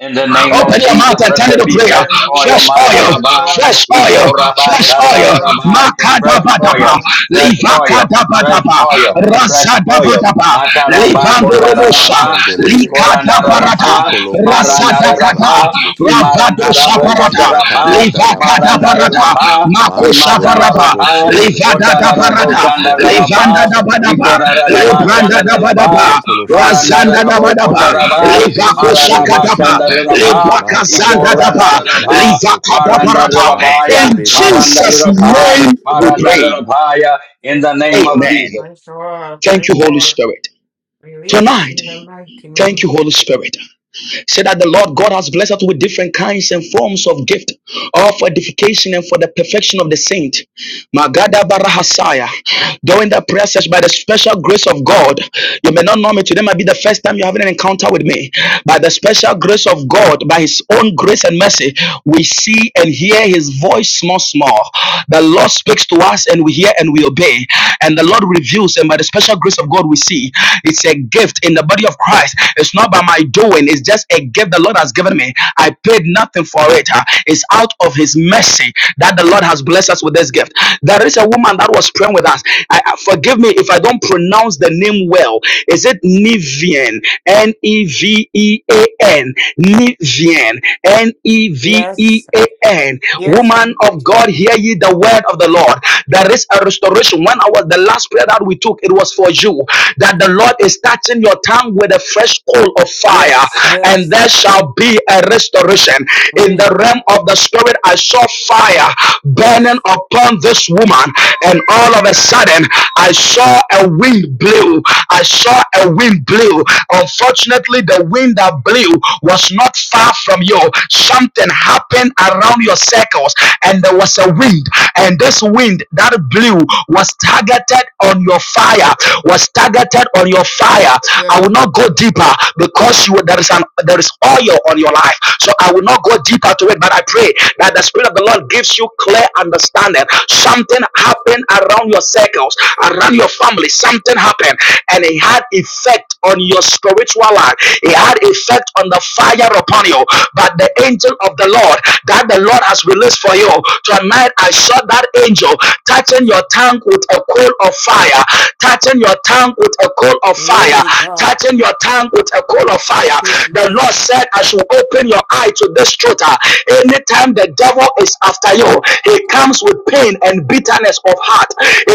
Speaker 3: In the
Speaker 6: Fresh
Speaker 3: name
Speaker 6: oil,
Speaker 5: Open
Speaker 3: of
Speaker 5: your mouth
Speaker 3: Jesus,
Speaker 6: God.
Speaker 5: and
Speaker 3: let
Speaker 6: Let
Speaker 5: turn it
Speaker 3: there
Speaker 5: to
Speaker 3: be
Speaker 6: there be
Speaker 5: prayer.
Speaker 6: a
Speaker 3: fresh oil,
Speaker 5: Fresh
Speaker 6: release of
Speaker 5: oil,
Speaker 6: fresh
Speaker 3: Mataraba,
Speaker 6: oil.
Speaker 5: fresh oil,
Speaker 3: Ikoraba,
Speaker 5: fresh
Speaker 6: Fresh
Speaker 5: oil.
Speaker 6: oil,
Speaker 3: Sataraba,
Speaker 6: Jesus.
Speaker 3: fresh
Speaker 6: Fresh
Speaker 5: Makadabadaba,
Speaker 3: oil,
Speaker 6: oil.
Speaker 3: fresh oil, fresh
Speaker 5: Livakadabadaba,
Speaker 6: Yes,
Speaker 3: oil,
Speaker 6: Lord.
Speaker 3: fresh oil,
Speaker 5: Razadabadaba,
Speaker 3: Mataraba,
Speaker 1: Majila
Speaker 6: Jesus.
Speaker 1: kaba
Speaker 5: Livandorobosha,
Speaker 3: Kotaraba,
Speaker 1: fendelebe.
Speaker 5: Likadabarada,
Speaker 3: Ikorandaraba,
Speaker 1: Majokolobo tolo
Speaker 5: Razadakada,
Speaker 1: shekalaba
Speaker 3: Marandaraba,
Speaker 1: sekebe.
Speaker 3: Imarandara
Speaker 5: Ravadosabarada,
Speaker 1: Majila kaba
Speaker 3: Bokotarapa,
Speaker 5: livaka
Speaker 1: talaba
Speaker 5: da
Speaker 3: Marandara
Speaker 5: barata
Speaker 1: shakalaba.
Speaker 3: Rapa,
Speaker 5: makosha
Speaker 1: Mazolo
Speaker 5: baraba
Speaker 3: Imatalarapa,
Speaker 1: shetelebe.
Speaker 5: livada da
Speaker 3: Kotarara
Speaker 5: barata
Speaker 1: Majila kadaba
Speaker 5: livanda
Speaker 3: Boshandarapa,
Speaker 5: da badaba
Speaker 1: sakalaba.
Speaker 3: Ikoraraba
Speaker 5: libranda da
Speaker 1: Mazatalaba
Speaker 3: Shandaraba,
Speaker 5: badaba
Speaker 1: sokolo shekelebe.
Speaker 5: razanda
Speaker 3: Marandara
Speaker 5: da badaba
Speaker 3: Bokotaraba,
Speaker 1: Ajelebe
Speaker 6: Mm.
Speaker 5: livakosha
Speaker 1: sotolobo
Speaker 3: Mararaba
Speaker 5: kadaba
Speaker 1: shilababa.
Speaker 3: Shandaraba,
Speaker 1: Ma
Speaker 5: librakazanda
Speaker 1: vandalaba
Speaker 5: daba
Speaker 1: sakalaba
Speaker 3: Ikorandaraba,
Speaker 5: livaka da
Speaker 1: sokobo.
Speaker 5: barata
Speaker 1: Ma
Speaker 3: Marandarabaya,
Speaker 5: in
Speaker 1: kirebe tere
Speaker 5: Jesus
Speaker 1: shekelebe.
Speaker 3: Marandaraba,
Speaker 5: name we pray
Speaker 3: Marandarabaya, in the
Speaker 6: Yes,
Speaker 3: name of
Speaker 6: Lord.
Speaker 5: amen
Speaker 3: Jesus.
Speaker 6: Fresh oil.
Speaker 5: thank
Speaker 6: Fresh
Speaker 5: you holy
Speaker 6: oil.
Speaker 5: spirit
Speaker 6: Release
Speaker 5: tonight
Speaker 6: in the mighty
Speaker 5: thank
Speaker 6: name.
Speaker 5: you holy spirit Say that the Lord God has blessed us with different kinds and forms of gift, all for edification and for the perfection of the saint. Magada Barahasaya. During the prayer session, by the special grace of God, you may not know me. Today might be the first time you're having an encounter with me. By the special grace of God, by His own grace and mercy, we see and hear His voice small, small. The Lord speaks to us and we hear and we obey. And the Lord reveals, and by the special grace of God, we see. It's a gift in the body of Christ of Christ. It's not by my doing, it's just a gift the Lord has given me. I paid nothing for it. huh? It's out of His mercy that the Lord has blessed us with this gift. There is a woman that was praying with us. I, I- forgive me if I don't pronounce the name well. Is it Nivian? N E V E A N. Nivian. N E V E
Speaker 6: Yes.
Speaker 5: A N.
Speaker 6: Yes.
Speaker 5: Woman of God, hear ye the word of the Lord. There is a restoration. When I was the last prayer that we took, it was for you that the Lord is touching your tongue with a fresh coal of fire,
Speaker 6: Yes.
Speaker 5: and
Speaker 6: Yes.
Speaker 5: there shall be a restoration. In
Speaker 6: We.
Speaker 5: the realm of the spirit, I saw fire burning
Speaker 6: Yes.
Speaker 5: upon this woman, and
Speaker 6: Yes.
Speaker 5: all of a sudden, I saw a wind blew. I saw a wind blew.
Speaker 6: Yes.
Speaker 5: Unfortunately, the wind that blew was not far from you. Something happened around your circles, and there was a wind, and this wind that blew was targeted targeted on your fire was targeted on your fire i will
Speaker 6: Yes.
Speaker 5: not go deeper because you there is an there is oil on your life so i will not go deeper to it but i pray that the spirit of the lord gives you clear understanding something happened around your circles around your family something happened and it had effect on your spiritual life it had effect on the fire upon you but the angel of the lord that the lord has released for you tonight i saw that angel angel touching
Speaker 6: Yes.
Speaker 5: your tongue with a coal of fire, touching your tongue with a coal of fire,
Speaker 6: Yay, God.
Speaker 5: touching your tongue with a coal of fire.
Speaker 6: Okay,
Speaker 5: The
Speaker 6: Jesus.
Speaker 5: Lord said, I should open your eye to this truth. ah. Anytime the devil is after you, he comes with pain and bitterness of heart.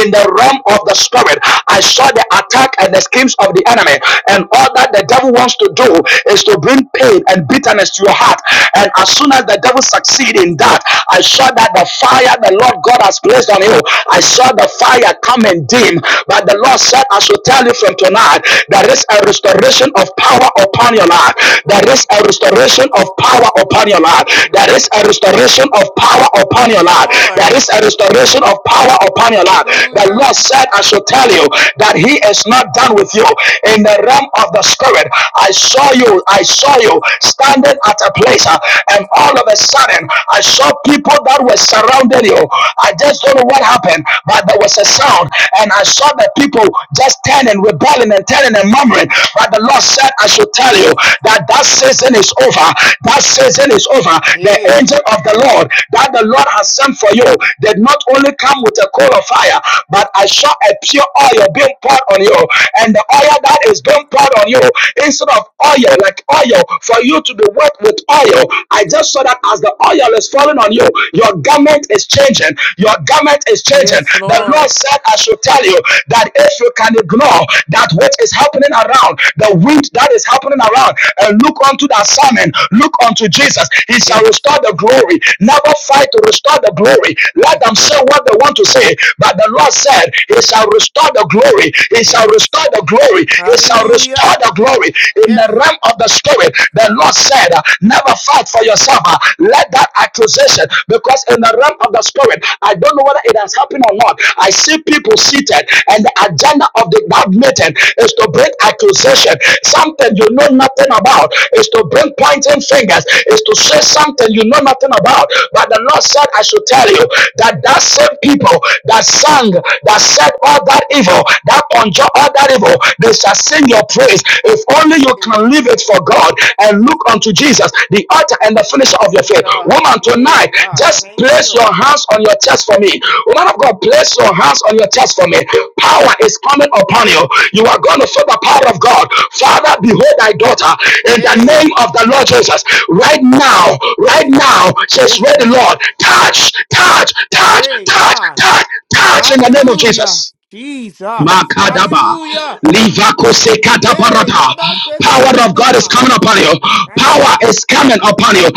Speaker 5: In the realm of the spirit, I saw the attack and the schemes of the enemy, and all that the devil wants to do is to bring pain and bitterness to your heart. And as soon as the devil succeeds in that, I saw that the fire the Lord God has placed on you, I
Speaker 6: Yeah.
Speaker 5: saw the fire come and dim. But the Lord
Speaker 6: Yes.
Speaker 5: said, I should tell you from tonight, there is a restoration of power upon your life. There
Speaker 6: Yeah.
Speaker 5: is a restoration of power upon your life. There
Speaker 6: Yes.
Speaker 5: is a restoration of power upon your
Speaker 6: Yes,
Speaker 5: life. There
Speaker 6: Lord.
Speaker 5: is a restoration of power upon your life. The
Speaker 6: Hallelujah.
Speaker 5: Lord said, I should tell you that He is not done with you. In the realm of the Spirit, I saw you, I saw you standing at a place, uh, and and all of a sudden, I saw people that were surrounding you. I just don't know what happened, but there was a sound, and I saw the people just turning, rebelling, and turning and murmuring. But the Lord said, I should tell you that that season is over. That season is over. The
Speaker 6: Hey.
Speaker 5: angel of the Lord that the Lord has sent for you did not only come with a coal of fire, but I saw a pure oil being poured on you, and the oil that is being poured on you instead of oil like oil for you to be wet with oil. I just saw that as the oil is falling on you, your garment is changing. Your garment is changing.
Speaker 6: Yes,
Speaker 5: The Lord
Speaker 6: Lord.
Speaker 5: said, I should tell you that if you can ignore that which is happening around, the wind that is happening around, and look unto that sermon, look unto Jesus, he shall
Speaker 6: Yes.
Speaker 5: restore the glory. Never fight to restore the glory. Let
Speaker 6: Mm.
Speaker 5: them say what they want to say. But the Lord said, He shall restore the glory. He shall
Speaker 6: Yes.
Speaker 5: restore the glory. He shall restore
Speaker 6: Hallelujah.
Speaker 5: the glory glory in the
Speaker 6: Yes.
Speaker 5: realm of the spirit. The Lord said, uh, Never fight for yourself. uh, Let that accusation, because in the realm of the spirit, I don't know whether it has happened or not. I see people seated, and the agenda of the that meeting is to bring accusation, something you know nothing about, is to bring pointing fingers, is to say something you know nothing about. But the Lord said, I should tell you that that same people that sang, that said all that evil, that conjure all that incredible. They shall sing your praise. If only you
Speaker 6: Hey.
Speaker 5: can leave it for God and look unto Jesus, the author and the finisher of your
Speaker 6: Finish
Speaker 5: faith.
Speaker 6: up.
Speaker 5: Woman,
Speaker 6: Hey,
Speaker 5: tonight,
Speaker 6: God.
Speaker 5: just
Speaker 6: Thank
Speaker 5: place
Speaker 6: you.
Speaker 5: your hands on your chest for me. Woman of God, place your hands on your chest for me. Power is coming upon you. You are going to feel the power of God. Father, behold thy daughter in the
Speaker 6: Hey.
Speaker 5: name of the Lord Jesus. Right now, right
Speaker 6: Yes.
Speaker 5: now, says
Speaker 6: Yes,
Speaker 5: ready,
Speaker 6: Lord.
Speaker 5: Lord. Touch, touch, touch,
Speaker 6: Hey,
Speaker 5: touch,
Speaker 6: God.
Speaker 5: touch, touch in the name of
Speaker 6: Hallelujah.
Speaker 5: Jesus.
Speaker 6: Jesus.
Speaker 5: Makadaba.
Speaker 6: Hallelujah.
Speaker 5: Livakose
Speaker 6: Hey,
Speaker 5: kataparata.
Speaker 6: Baba said to
Speaker 5: Power of God is
Speaker 6: Kondolama.
Speaker 5: coming upon you.
Speaker 6: Thank
Speaker 5: Power
Speaker 6: you.
Speaker 5: is coming upon you.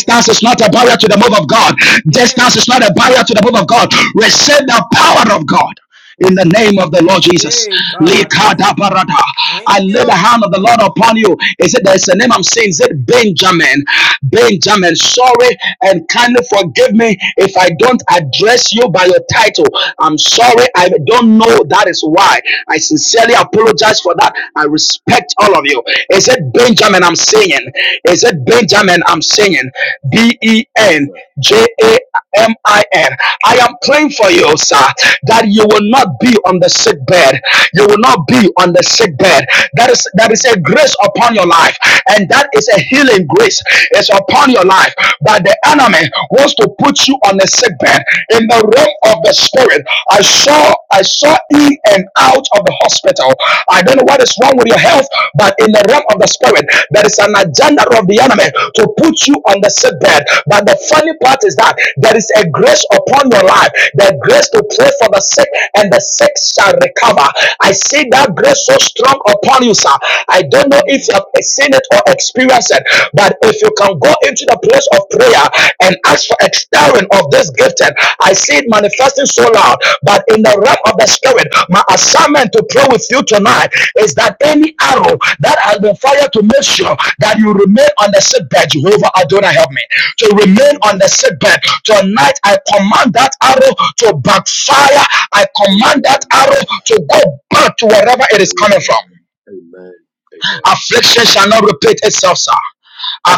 Speaker 6: Yeah.
Speaker 5: is not a barrier to the move of God. Distance is
Speaker 6: Yay.
Speaker 5: not a barrier to the move of God. Receive the power of God in the
Speaker 6: Yes,
Speaker 5: name of the Lord
Speaker 6: Jesus.
Speaker 5: Jesus.
Speaker 6: Yay, God. Thank,
Speaker 5: Likadabarata. I
Speaker 6: thank
Speaker 5: lay the
Speaker 6: you.
Speaker 5: hand of the Lord upon you. He said, There's a name I'm saying, is it Benjamin? Benjamin, sorry and kindly forgive me if I don't address you by your title. I'm sorry, I don't know. That is why I sincerely apologize for that. I respect all of you. Is it Benjamin? I'm singing. Is it Benjamin? I'm singing. B E
Speaker 7: Yes,
Speaker 5: N
Speaker 7: sir.
Speaker 5: J A. M I N. I am praying for you, sir, that you will not be on the sick bed. You will not be on the sick bed. That is that is a
Speaker 7: Amen.
Speaker 5: grace upon your life, and that is a healing grace. It's upon your life. But the enemy wants to put you on the sick bed in the realm of the spirit. I saw I saw in and out of the hospital. I don't know what is wrong with your health. But in the realm of the spirit, there is an agenda of the enemy to put you on the sick bed. But the funny part is that there is a grace upon your life, the grace to pray for the sick, and the sick shall recover. I see that
Speaker 7: Amen.
Speaker 5: grace so strong upon you, sir. I don't know if
Speaker 7: Amen.
Speaker 5: you have seen it or experienced it, but if you can go into the place of prayer and ask for extending of this gifting, I see it manifesting so loud. But in the realm of the spirit, my assignment to pray with you tonight is that any arrow that has been fired to make sure that you remain on the sick bed, Jehovah Adonai, help me to
Speaker 7: Amen.
Speaker 5: remain
Speaker 7: Amen.
Speaker 5: on the sick bed tonight. I command that arrow to backfire. I command that
Speaker 7: Amen.
Speaker 5: arrow to go back to wherever it is coming from.
Speaker 7: Amen. Amen.
Speaker 5: Affliction shall
Speaker 7: Amen.
Speaker 5: not repeat itself, sir.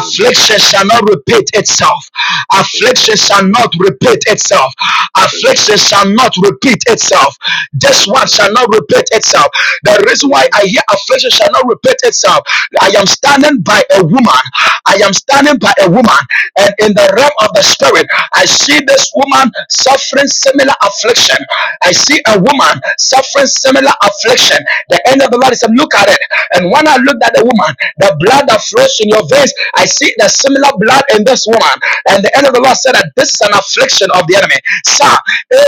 Speaker 7: Amen. Amen.
Speaker 5: shall not repeat itself. Affliction
Speaker 7: Amen.
Speaker 5: shall not repeat itself. Affliction
Speaker 7: Amen.
Speaker 5: shall not repeat itself. This one shall
Speaker 7: Amen. Amen.
Speaker 5: not repeat itself. The reason
Speaker 7: Amen.
Speaker 5: why I
Speaker 7: Amen.
Speaker 5: hear affliction shall not repeat itself. I am standing by a woman. I am standing by a woman, and in the realm of the spirit, I see this woman suffering similar affliction. I see a woman suffering similar affliction. The end of the Lord is look at it. And when I looked at the woman, the blood that flows in your veins, I see the similar blood in this woman. And the end of the Lord said that this is an affliction of the enemy. Sir,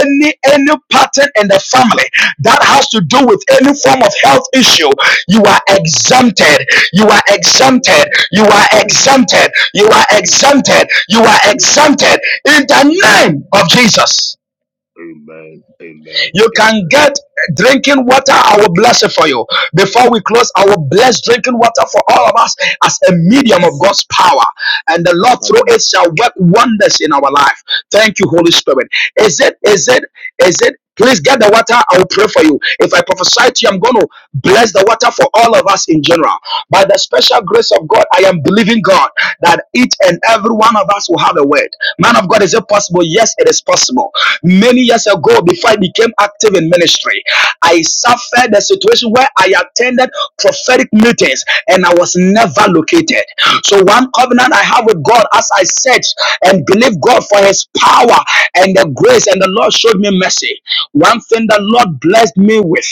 Speaker 5: any any pattern in the family that has to do with any form of health issue, you are exempted. You are exempted.
Speaker 7: Amen.
Speaker 5: You are
Speaker 7: Amen.
Speaker 5: exempted. You are exempted. You are exempted in the name
Speaker 7: Amen.
Speaker 5: of Jesus.
Speaker 7: Amen.
Speaker 5: You can
Speaker 7: Amen.
Speaker 5: get drinking water. I will bless it for you. Before we close, I will bless drinking water for all of us as a medium of
Speaker 7: Yes.
Speaker 5: God's power. And the
Speaker 7: I'm
Speaker 5: Lord through
Speaker 7: having
Speaker 5: it
Speaker 7: it.
Speaker 5: shall work wonders in our life. Thank you, Holy Spirit. Is it,
Speaker 7: Yes.
Speaker 5: is it, is it? Please get the water. I will pray for you. If I prophesy
Speaker 7: sir.
Speaker 5: to you, I'm going to bless the water for all of us in general. By the special grace of God, I am believing God that each and every one of us will have a word. Man of God, is it possible? Yes, it is it is possible. Many years ago, before I became active in ministry, I suffered a situation where I attended prophetic meetings and I was never located. So, one covenant I have with God as I search and believe God for His power and the grace, and the Lord showed me mercy. One thing the Lord blessed me with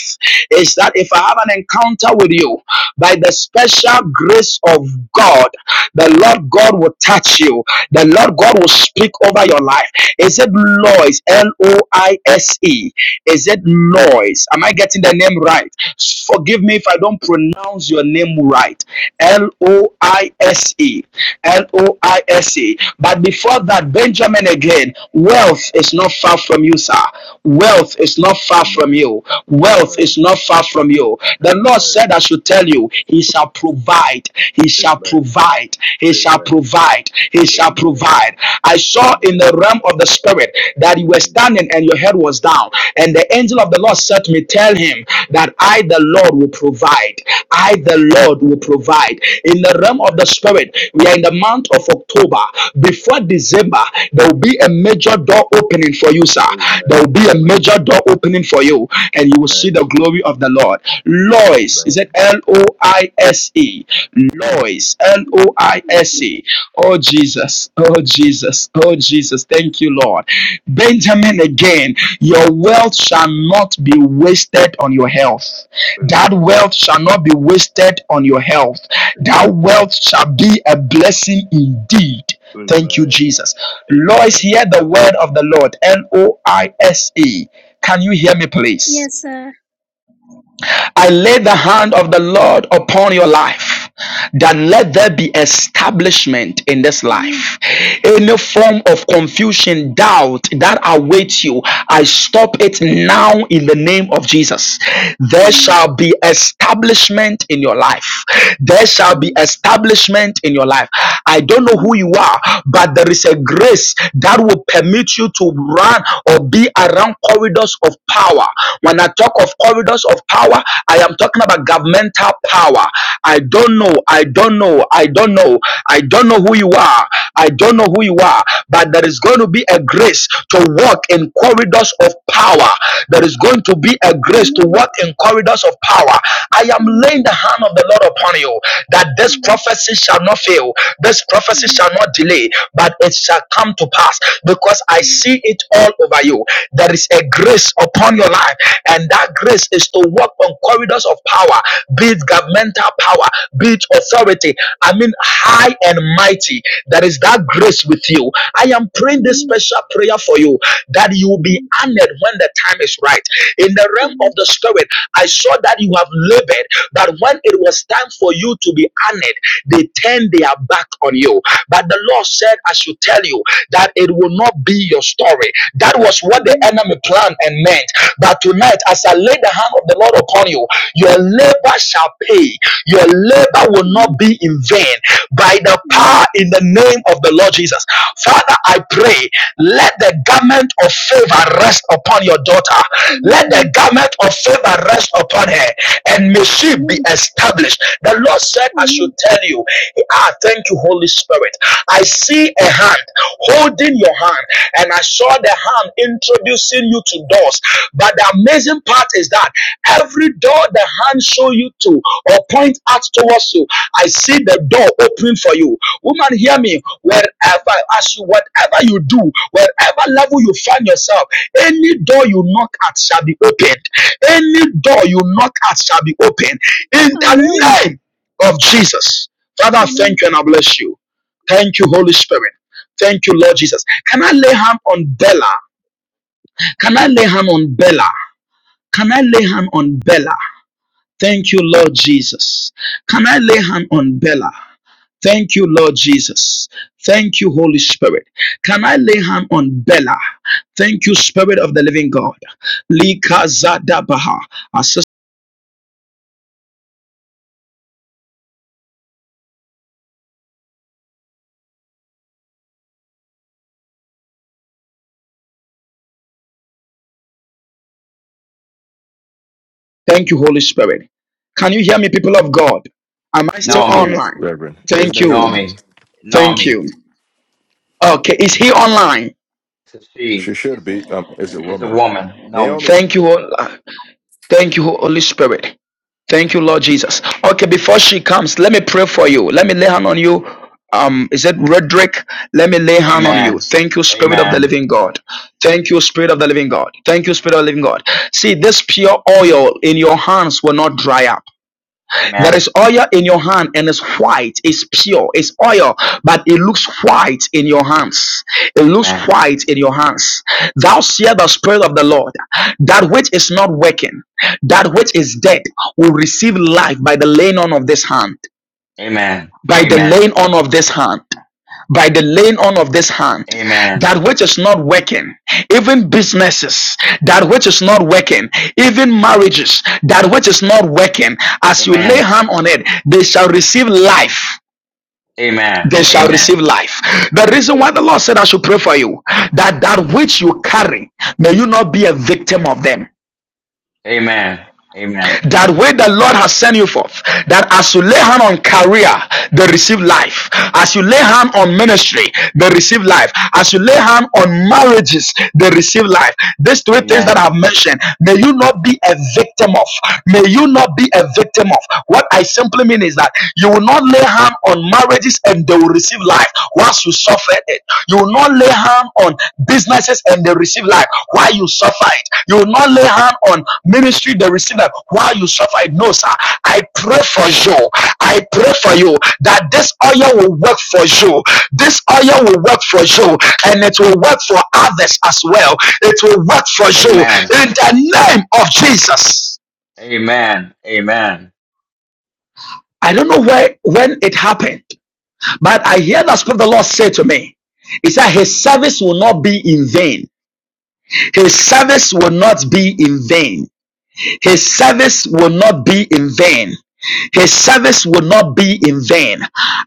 Speaker 5: is that if I have an encounter with you by the special grace of God, the Lord God will touch you the Lord God will speak over your life. Is it Lois? L O I S E. Is it Lois? Am I getting the name right? Forgive me if I don't pronounce your name right. L O I S E. L O I S E. But before that, Benjamin again, wealth is not far from you, sir. Wealth is not far from
Speaker 7: Amen.
Speaker 5: you. Wealth
Speaker 7: Amen.
Speaker 5: is not far from you. The Lord
Speaker 7: Amen.
Speaker 5: said, I should tell you, He shall provide. He shall shall
Speaker 7: Amen.
Speaker 5: provide. He shall
Speaker 7: Amen.
Speaker 5: provide. He shall provide. I
Speaker 7: Amen.
Speaker 5: saw in
Speaker 7: Amen.
Speaker 5: the realm of the spirit that you were
Speaker 7: Mm.
Speaker 5: standing and your head was down. And the angel of the Lord said to me, Tell him that I, the Lord, will provide. I, the
Speaker 7: Amen.
Speaker 5: Lord, will provide. In the realm of
Speaker 7: Amen.
Speaker 5: the spirit, we are in the month of October. Before
Speaker 7: Mm,
Speaker 5: December, there will be a
Speaker 7: yes, Lord.
Speaker 5: major door opening for you, sir. There will
Speaker 7: Amen.
Speaker 5: be a
Speaker 7: Amen.
Speaker 5: major door opening for you, and you will see the
Speaker 7: Amen.
Speaker 5: glory of the Lord. Lois, is
Speaker 7: Amen.
Speaker 5: that L O I S E? Lois. L O I S E. Oh Jesus. Oh Jesus. Oh Jesus. Thank you, Lord. Benjamin again. Your wealth shall not be wasted on your health. That
Speaker 7: Amen.
Speaker 5: wealth shall not be wasted on your health. That
Speaker 7: Amen.
Speaker 5: wealth shall be a blessing indeed. Thank you,
Speaker 7: Amen.
Speaker 5: Jesus. Lois,
Speaker 7: Amen.
Speaker 5: hear the word of the Lord. L O I S E. Can you hear me, please?
Speaker 8: Yes, sir.
Speaker 5: I lay the hand of the Lord upon your life. That let there be establishment in this
Speaker 8: Amen.
Speaker 5: life. Any form of confusion, doubt that awaits you, I stop it now in the name of Jesus. There
Speaker 8: Amen.
Speaker 5: shall be establishment in your life. There shall be establishment in your life. I don't know who
Speaker 8: Amen.
Speaker 5: you are, but there is a grace that will permit you to run or be around corridors of power. When I talk of corridors of power, I am talking about governmental power. I don't know, I don't know, I don't know, I don't know who you are, I don't know who you are, but there is going to be a grace to walk in corridors of power. There is going to be a grace to walk in corridors of power. I am
Speaker 8: Amen.
Speaker 5: laying the hand of the Lord upon you that this prophecy shall shall not fail. This prophecy shall not delay, but it shall come to pass because I see it all over you. There is a grace upon your life, and that grace is to walk on corridors of power, be it governmental power, be it authority. I mean, high and mighty. There is that grace with you. I am praying this
Speaker 8: Amen. Amen.
Speaker 5: special prayer for you that you will be honored when the time is right. In the realm of the spirit, I saw that you have labored, that when it was time for you to be honored, they turn their back on you. But the Lord said, I should tell you that it will not be your story. That was what the enemy planned and meant. But tonight, as I lay the hand of the Lord upon you, your labor shall pay. Your labor will not be in vain by the power in the name of the Lord Jesus. Father, I pray. Let the garment of favor rest upon your daughter. Let the garment of favor rest upon her, and may she be established. The Lord said, I should tell you, Ah, thank you, Holy Spirit. I see a hand holding your hand, and I saw the hand introducing you to doors. But the amazing part is that every door the hand show you to or point out towards you, I see the door opening for you. Woman, hear me. Wherever, as you, whatever you do, wherever level you find yourself, any door you knock at shall be opened. Any door you knock at shall be opened. In the
Speaker 8: Amen.
Speaker 5: name of Jesus. Father, I
Speaker 8: Amen.
Speaker 5: thank you and I bless you. Thank you, Holy Spirit. Thank you, Lord Jesus. Can I lay hand on Bella? Can I lay hand on Bella? Can I lay hand on Bella? Thank you, Lord Jesus. Can I lay hand on Bella? Thank you, Lord Jesus. Thank you, Holy Spirit. Can I lay hand on Bella? Thank you, Spirit of the Living God. Lika Zadabaha. Our Thank you, Holy Spirit. Can you hear me, people of God? Am I still
Speaker 1: Yes,
Speaker 3: Naomi,
Speaker 1: please,
Speaker 5: online?
Speaker 1: Reverend. It's
Speaker 5: Thank you.
Speaker 3: Naomi,
Speaker 1: Naomi.
Speaker 5: Thank
Speaker 3: Naomi.
Speaker 5: you. Okay, is he online?
Speaker 3: It's a she,
Speaker 1: She should
Speaker 3: it's
Speaker 1: be
Speaker 3: a,
Speaker 1: um, is a
Speaker 3: it's a
Speaker 1: woman.
Speaker 3: woman, Naomi.
Speaker 1: Naomi.
Speaker 5: Thank you. Hol- Thank you, Holy Spirit. Thank you, Lord Jesus. Okay, before she comes, let me pray for you. Let me lay hand on you. Um, is it Roderick? Let me lay hand on you.
Speaker 3: Amen.
Speaker 5: Thank you, Spirit of the
Speaker 3: Amen.
Speaker 5: Living God. Thank you, Spirit of the Living God. Thank you, Spirit of the Living God. See, this pure oil in your hands will not dry up. There
Speaker 3: Amen.
Speaker 5: is oil in your hand and it's white, it's pure, it's oil, but it looks white in your hands. It looks
Speaker 3: Amen.
Speaker 5: white in your hands. Thou seest the Spirit of the Lord. That which is not working, that which is dead, will receive life by the laying on of this hand.
Speaker 3: Amen. Amen.
Speaker 5: By the
Speaker 3: Amen.
Speaker 5: laying on of this hand by the laying on of this hand
Speaker 3: Amen.
Speaker 5: that which is not working even businesses that which is not working even marriages that which is not working as you lay
Speaker 3: Amen.
Speaker 5: hand on it they shall receive life
Speaker 3: Amen. Amen.
Speaker 5: they shall receive life. The reason why the Lord said, I should pray for you, that that which you carry, may you not be a victim of them.
Speaker 3: Amen. Amen. Amen.
Speaker 5: that way the Lord has sent you forth, that as you lay hand on career, they receive life. As you lay hand on ministry, they receive life. As you lay hand on marriages, they receive life. These three things that
Speaker 3: Amen.
Speaker 5: I've mentioned, may you not be a victim of. May you not be a victim of. What I simply mean is that you will not lay hand on marriages and they will receive life. Once you suffer burdened. You will not lay hand on businesses and they receive life while you suffer it. You will not lay hand on ministry, they receive life while you suffer it. No, sir. I pray for you. I pray for you that this oil will work for you. This oil will work for you and it will work for others as well. It will work for
Speaker 3: Amen.
Speaker 5: you in the name of Jesus.
Speaker 3: Amen.
Speaker 5: I don't know where when it happened, but I hear the Spirit of the Lord say to me, He said, His service will not be in vain. His
Speaker 3: Amen.
Speaker 5: service will not be in vain. His service will not be in vain. His service will not be in vain.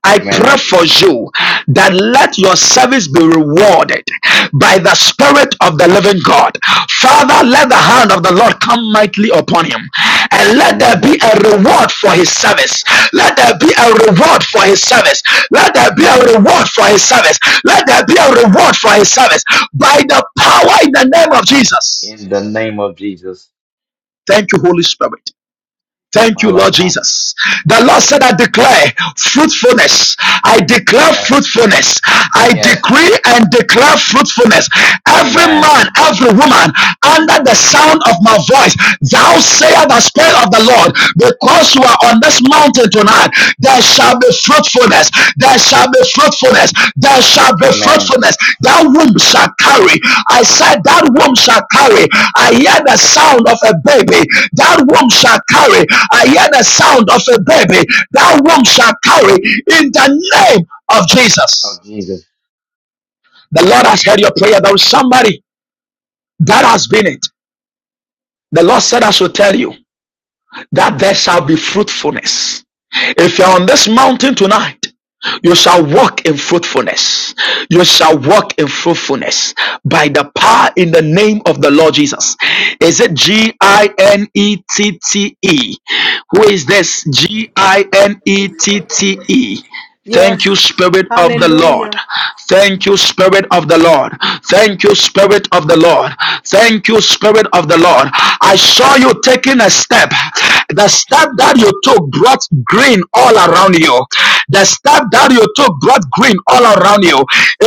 Speaker 5: I pray for you that let your service be rewarded by the Spirit of the living God. Father,
Speaker 3: Amen.
Speaker 5: let the hand of the Lord come mightily upon him and
Speaker 3: In the
Speaker 5: let there
Speaker 3: name
Speaker 5: be
Speaker 3: of
Speaker 5: a
Speaker 3: Jesus.
Speaker 5: reward for his service.
Speaker 9: Stop this.
Speaker 5: Let there be a reward for his service. Let there be a
Speaker 3: Amen.
Speaker 5: reward for his service. Let there be a reward for his service by the power in the name of Jesus.
Speaker 3: In the name of Jesus.
Speaker 5: Thank you, Holy Spirit. Thank you, Lord
Speaker 3: Malaba.
Speaker 5: Jesus. The Lord said,
Speaker 3: Kota.
Speaker 5: I declare fruitfulness. I declare
Speaker 3: Yes.
Speaker 5: fruitfulness. I
Speaker 3: Yes.
Speaker 5: decree and declare fruitfulness. Every
Speaker 3: Amen.
Speaker 5: man, every woman, under the sound of my voice, thou sayest the Spirit of the Lord, because you are on this mountain tonight, there shall be fruitfulness. There shall be fruitfulness. There shall be
Speaker 3: Amen.
Speaker 5: fruitfulness. That womb shall carry. I said, That womb shall carry. I hear the sound of a baby. That womb shall carry. I hear the sound of a baby. That womb shall carry in the name of Jesus.
Speaker 3: Of Jesus.
Speaker 5: The Lord has heard your prayer. There is somebody that has been it. The Lord said, I should tell you that there shall be fruitfulness. If you're on this mountain tonight You shall walk in fruitfulness. You shall walk in fruitfulness by the power in the name of the Lord Jesus. Is it G I N E T T E? Who is this? G I N E T T E. Thank you,
Speaker 10: Yes.
Speaker 5: Spirit of the Lord.
Speaker 10: Hallelujah.
Speaker 5: Thank you, Spirit of the Lord. Thank you, Spirit of the Lord. Thank you, Spirit of the Lord. I saw you taking a step. The step that you took brought green all around you. The stuff that you took brought green all around you.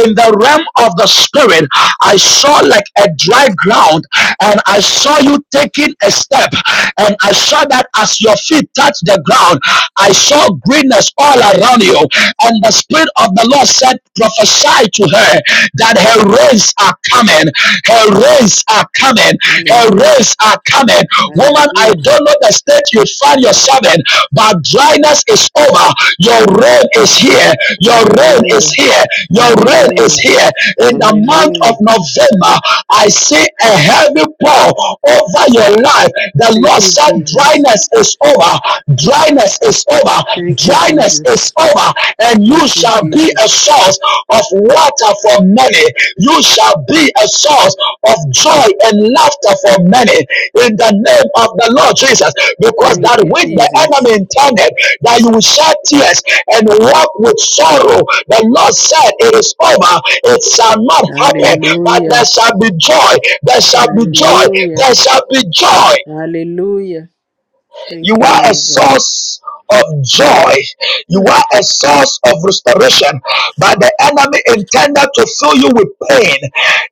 Speaker 5: In the realm of the spirit, I saw like a dry ground, and I saw you taking a step, and I saw that as your feet touched the ground, I saw greenness all around you. And the spirit of the Lord said, prophesy to her that her rains are coming, her rains are coming, her
Speaker 10: Hallelujah.
Speaker 5: rains are coming. Woman, I
Speaker 10: Hallelujah.
Speaker 5: don't know the state you find yourself in, but dryness is over. Your rain is here. Your rain is
Speaker 10: Hallelujah.
Speaker 5: here. Your rain is
Speaker 10: Hallelujah.
Speaker 5: here. In the month of
Speaker 10: Hallelujah.
Speaker 5: November, I see a heavy pour over your life. The
Speaker 10: Thank
Speaker 5: Lord
Speaker 10: you,
Speaker 5: said,
Speaker 10: Jesus.
Speaker 5: dryness is over. Dryness is over.
Speaker 10: Thank you,
Speaker 5: Dryness is
Speaker 10: Jesus.
Speaker 5: over. And you
Speaker 10: Thank you,
Speaker 5: shall be a
Speaker 10: Jesus.
Speaker 5: source of water for many. You shall be a source of joy and laughter for many. In the name of the Lord Jesus. Because
Speaker 10: Thank
Speaker 5: that
Speaker 10: you,
Speaker 5: which the
Speaker 10: Jesus.
Speaker 5: enemy intended that you will shed tears and walk with sorrow. The Lord said, It is over, it shall not happen, but there
Speaker 10: Hallelujah.
Speaker 5: shall be joy, there shall be joy,
Speaker 10: Hallelujah.
Speaker 5: there shall be joy.
Speaker 10: Hallelujah.
Speaker 5: You
Speaker 10: Thank you,
Speaker 5: are
Speaker 10: man
Speaker 5: a
Speaker 10: of God.
Speaker 5: source of joy. You
Speaker 10: Hmm,
Speaker 5: are a source of restoration. But the enemy intended to fill you with pain.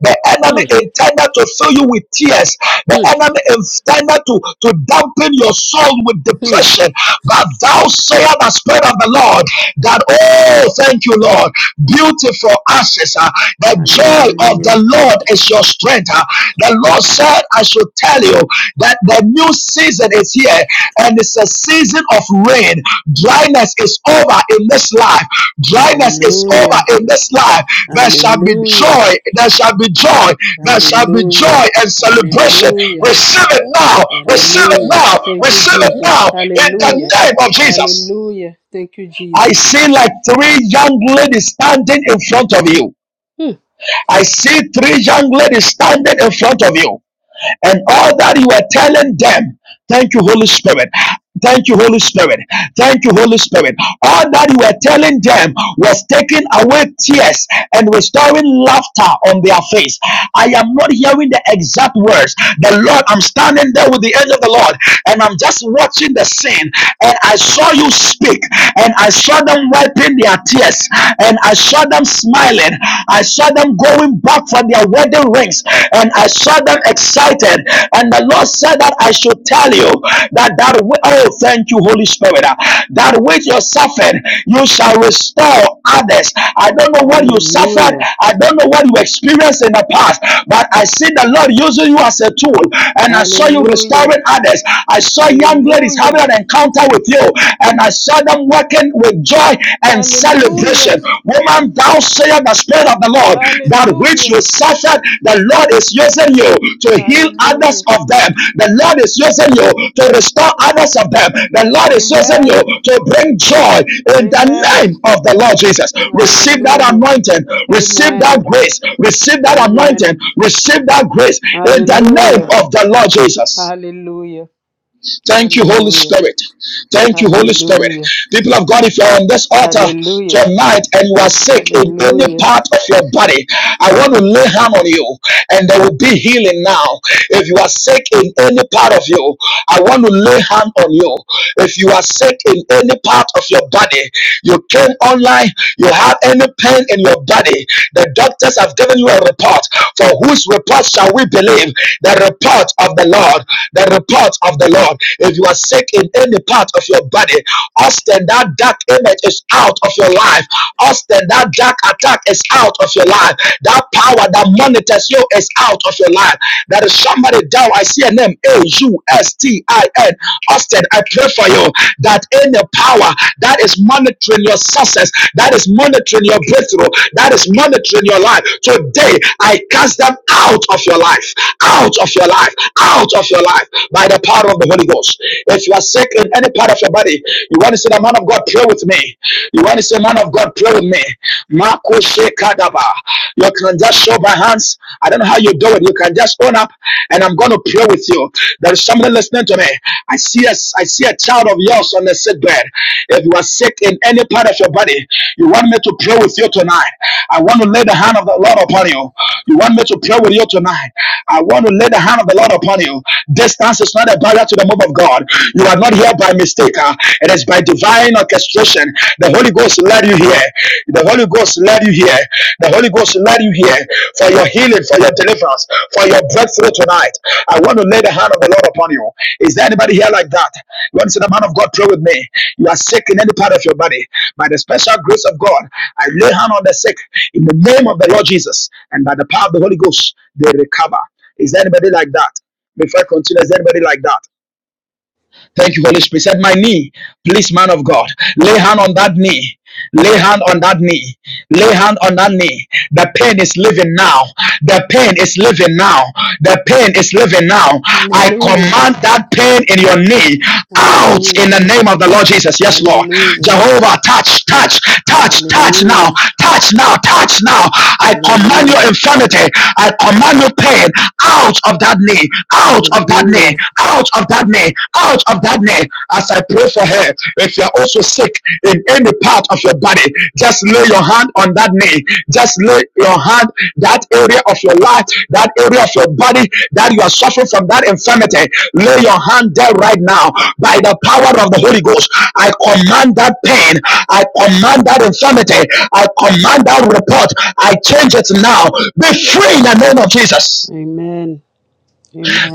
Speaker 5: The enemy
Speaker 10: hmm,
Speaker 5: intended to fill you with tears. The
Speaker 10: hmm,
Speaker 5: enemy intended to, to dampen your soul with
Speaker 10: hmm.
Speaker 5: depression. But thou sayest the Spirit of the Lord that, oh, thank you, Lord. Beautiful ashes. ah. the joy of the
Speaker 10: Hallelujah.
Speaker 5: Lord is your strength. ah. the Lord said, I should tell you that the new season is here and it's a season of rain. Dryness is over in this life. Dryness is over
Speaker 10: Hallelujah.
Speaker 5: in this life. There shall be
Speaker 10: Hallelujah.
Speaker 5: joy. There shall be joy. There shall be
Speaker 10: Hallelujah.
Speaker 5: joy and celebration.
Speaker 10: Hallelujah.
Speaker 5: Receive it now. Receive it
Speaker 10: Hallelujah.
Speaker 5: now.
Speaker 10: Thank you,
Speaker 5: Receive it
Speaker 10: Jesus.
Speaker 5: now in the
Speaker 10: Hallelujah.
Speaker 5: name of Jesus.
Speaker 10: Hallelujah. Thank you,
Speaker 5: I
Speaker 10: Jesus.
Speaker 5: see like three young ladies standing in front of you.
Speaker 10: Hmm.
Speaker 5: I see three young ladies standing in front of you and all that you were telling them. Thank you, Holy Spirit. Thank you, Holy Spirit. Thank you, Holy Spirit. All that you were telling them was taking away tears and restoring laughter on their face. I am not hearing the exact words. The Lord, I'm standing there with the angel of the Lord and I'm just watching the scene. And I saw you speak and I saw them wiping their tears and I saw them smiling. I saw them going back up for their wedding rings, and I saw them excited. And the Lord said that I should tell you that that wi- oh, thank you, Holy Spirit, uh, that with your suffering you shall restore others. I don't know what you suffered.
Speaker 10: Hallelujah.
Speaker 5: I don't know what you experienced in the past, but I see the Lord using you as a tool, and I saw you
Speaker 10: Hallelujah.
Speaker 5: restoring others. I saw young ladies
Speaker 10: Hallelujah.
Speaker 5: having an encounter with you, and I saw them working with with joy and
Speaker 10: Hallelujah.
Speaker 5: celebration. Woman, thou sayest the Spirit of the Lord, that which
Speaker 10: Hallelujah.
Speaker 5: you suffered, the Lord is using you to heal others
Speaker 10: Hallelujah.
Speaker 5: of them. The Lord is using you to restore others of them. The Lord is using you
Speaker 10: Amen.
Speaker 5: to bring joy in the
Speaker 10: Amen.
Speaker 5: name of the Lord Jesus. Receive that
Speaker 10: Hallelujah.
Speaker 5: anointing, receive
Speaker 10: Amen.
Speaker 5: that grace, receive that anointing,
Speaker 10: Amen.
Speaker 5: receive that grace in the name
Speaker 10: Hallelujah.
Speaker 5: of the Lord Jesus.
Speaker 10: Hallelujah.
Speaker 5: Thank you, Holy
Speaker 10: Hallelujah.
Speaker 5: Spirit. Thank you, Holy Spirit.
Speaker 10: Hallelujah.
Speaker 5: People of God, if you're on this altar
Speaker 10: Hallelujah.
Speaker 5: tonight and you are sick in
Speaker 10: Hallelujah.
Speaker 5: any part of your body, I want to lay hand on you and there will be healing now. If you are sick in any part of you, I want to lay hand on you. If you are sick in any part of your body, you came online, you have any pain in your body, the doctors have given you a report. For whose report shall we believe? The report of the Lord. The report of the Lord. If you are sick in any part of your body, Austin, that dark image is out of your life. Austin, that dark attack is out of your life. That power that monitors you is out of your life. There is somebody down. I see a name A U S T I N. Austin, I pray for you that any power that is monitoring your success, that is monitoring your breakthrough, that is monitoring your life, today I cast them out of your life, out of your life, out of your life by the power of the Holy Ghost. If you are sick in any part of your body, you want to say, the man of God, pray with me. You want to say, man of God, pray with me. Mako Shekadaba. You can just show by hands I don't know how you do it. You can just own up and I'm going to pray with you. There is somebody listening to me. I see a, I see a child of yours on the sick bed. If you are sick in any part of your body, you want me to pray with you tonight. I want to lay the hand of the Lord upon you. You want me to pray with you tonight. I want to lay the hand of the Lord upon you. Distance is not a barrier to the move of God. You are not here by mistake. uh, It is by divine orchestration manifestation. The Holy Ghost led you here. The Holy Ghost led you here. The Holy Ghost led you here for your healing, for your deliverance, for your breakthrough tonight. I want to lay the hand of the Lord upon you. Is there anybody here like that? You want to say, the man of God, pray with me. You are sick in any part of your body. By the special grace of God, I lay hand on the sick in the name of the Lord Jesus. And by the power of the Holy Ghost, they recover. Is there anybody like that? Before I continue, is there anybody like that? Thank you, Holy Spirit. Said my knee, please, man of God, lay hand on that knee. Lay hand on that knee. Lay hand on that knee. The pain is living now. The pain is living now. The pain is living now. I
Speaker 10: Hallelujah.
Speaker 5: command that pain in your knee out in
Speaker 10: Hallelujah.
Speaker 5: the name of the Lord Jesus. Yes, Lord.
Speaker 10: Hallelujah.
Speaker 5: Jehovah, touch, touch, touch, touch now,
Speaker 10: Hallelujah.
Speaker 5: touch now, touch now. I command your
Speaker 10: Hallelujah.
Speaker 5: infirmity, I command your pain out of that knee, out of that knee,
Speaker 10: Hallelujah.
Speaker 5: out of that knee, out of that knee. As I pray for her, if you're also sick in any part of your body, just lift lay your hand on that knee. Just lay your hand, that area of your life, that area of your body that you are suffering from that infirmity. Lay your hand there right now by the power of the Holy Ghost. I command that pain. I command that infirmity. I command that report. I change it now. Be free in the name of Jesus.
Speaker 10: Amen.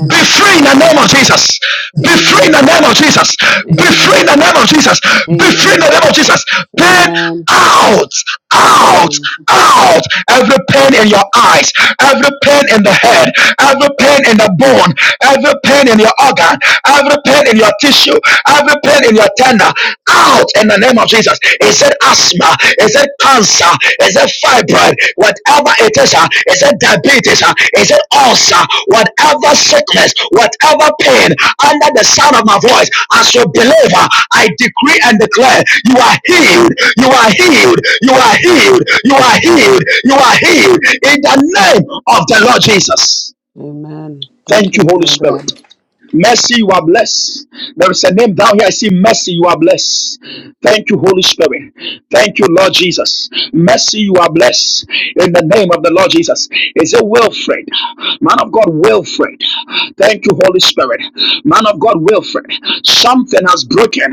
Speaker 5: Be free in the
Speaker 10: Thank
Speaker 5: name
Speaker 10: you.
Speaker 5: of Jesus. Be free in
Speaker 10: Amen.
Speaker 5: the name of Jesus. Be free in
Speaker 10: Amen.
Speaker 5: the name of Jesus. Be free in the
Speaker 10: Amen.
Speaker 5: name of Jesus. Pain
Speaker 10: Amen.
Speaker 5: out, out,
Speaker 10: Amen.
Speaker 5: out. Every pain in your eyes, every pain in the head, every pain in the bone, every pain in your organ, every pain in your tissue, every pain in your tender, out in the name of Jesus. Is it asthma. Is it cancer. Is it fibroid. Whatever it is. Uh, he said diabetes. Uh, he said ulcer. Whatever sickness. Whatever pain. Under the sound of my voice. As your believer. I decree and declare. You are healed. You are healed. You are healed. You are healed. You are healed. In the name of the Lord Jesus.
Speaker 10: Amen. Thank
Speaker 5: Thank
Speaker 10: you,
Speaker 5: you,
Speaker 10: man
Speaker 5: Holy
Speaker 10: of God.
Speaker 5: Spirit. Mercy, you are blessed. There is a name down here. I see mercy, you are blessed. Thank you, Holy Spirit. Thank you, Lord Jesus. Mercy, you are blessed. In the name of the Lord Jesus. Is it Wilfred? Man of God, Wilfred. Thank you, Holy Spirit. Man of God, Wilfred. Something has broken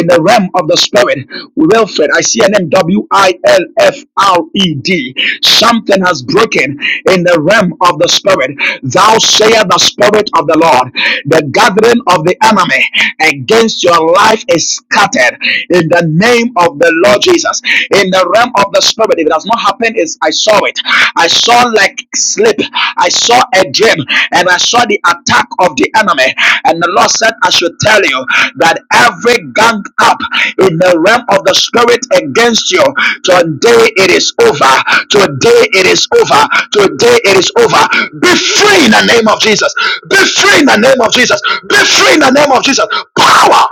Speaker 5: in the realm of the Spirit. Wilfred, I see W I L F R E D. Something has broken in the realm of the spirit. Thou sayest the spirit of the Lord. The gathering of the enemy against your life is scattered in the name of the Lord Jesus. In the realm of the spirit, if it has not happened, is I saw it. I saw like sleep. I saw a dream and I saw the attack of the enemy. And the Lord said, I should tell you that every gang up in the realm of the spirit against you, today it is over. Today it is over. Today it is over. Be free in the name of Jesus. Be free in the name of Jesus. Be free in the name of Jesus. Power.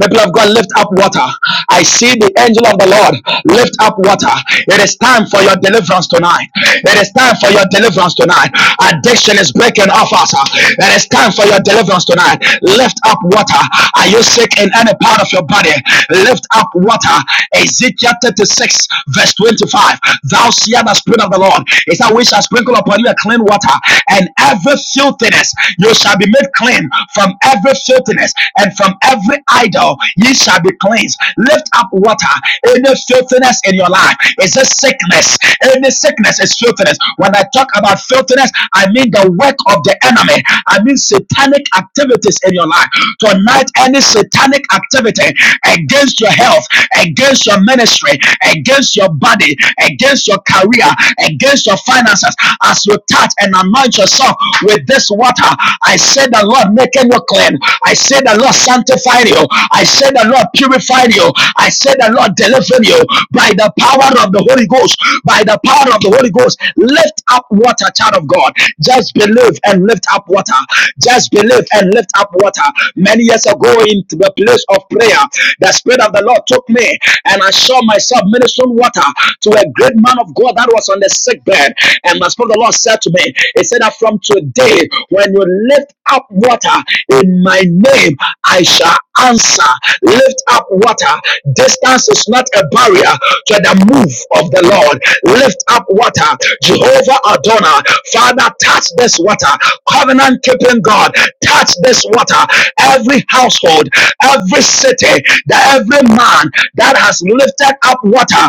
Speaker 5: People of God, lift up water. I see the angel of the Lord lift up water. It is time for your deliverance tonight. It is time for your deliverance tonight. Addiction is breaking off us. It is time for your deliverance tonight. Lift up water. Are you sick in any part of your body? Lift up water. Ezekiel 36, verse 25. Thou seest the spirit of the Lord. It's that we shall sprinkle upon you a clean water and every filthiness. You shall be made be made clean from every filthiness and from every idol. Ye shall be cleansed. Lift up water. Any filthiness in your life is a sickness. Any sickness is filthiness. When I talk about filthiness, I mean the work of the enemy. I mean satanic activities in your life. Tonight, any satanic activity against your health, against your ministry, against your body, against your career, against your finances. I as you touch and anoint yourself with this water, I say the Lord making you clean. I say the Lord sanctifying you. I say the Lord purifying you. I say the Lord delivering you by the power of the Holy Ghost. By the power of the Holy Ghost, lift up water, child of God. Just believe and lift up water. Just believe and lift up water. Many years ago, into the place of prayer, the Spirit of the Lord took me and I saw myself ministering water to a great man of God that was on the sick bed. And the Spirit of the Lord said to me, He said that from today, when you lift up water in my name, I shall answer. Lift up water. Distance is not a barrier to the move of the Lord. Lift up water. Jehovah Adonai, Father, touch this water. Covenant keeping God, touch this water. Every household, every city, that every man, hand that has lifted up water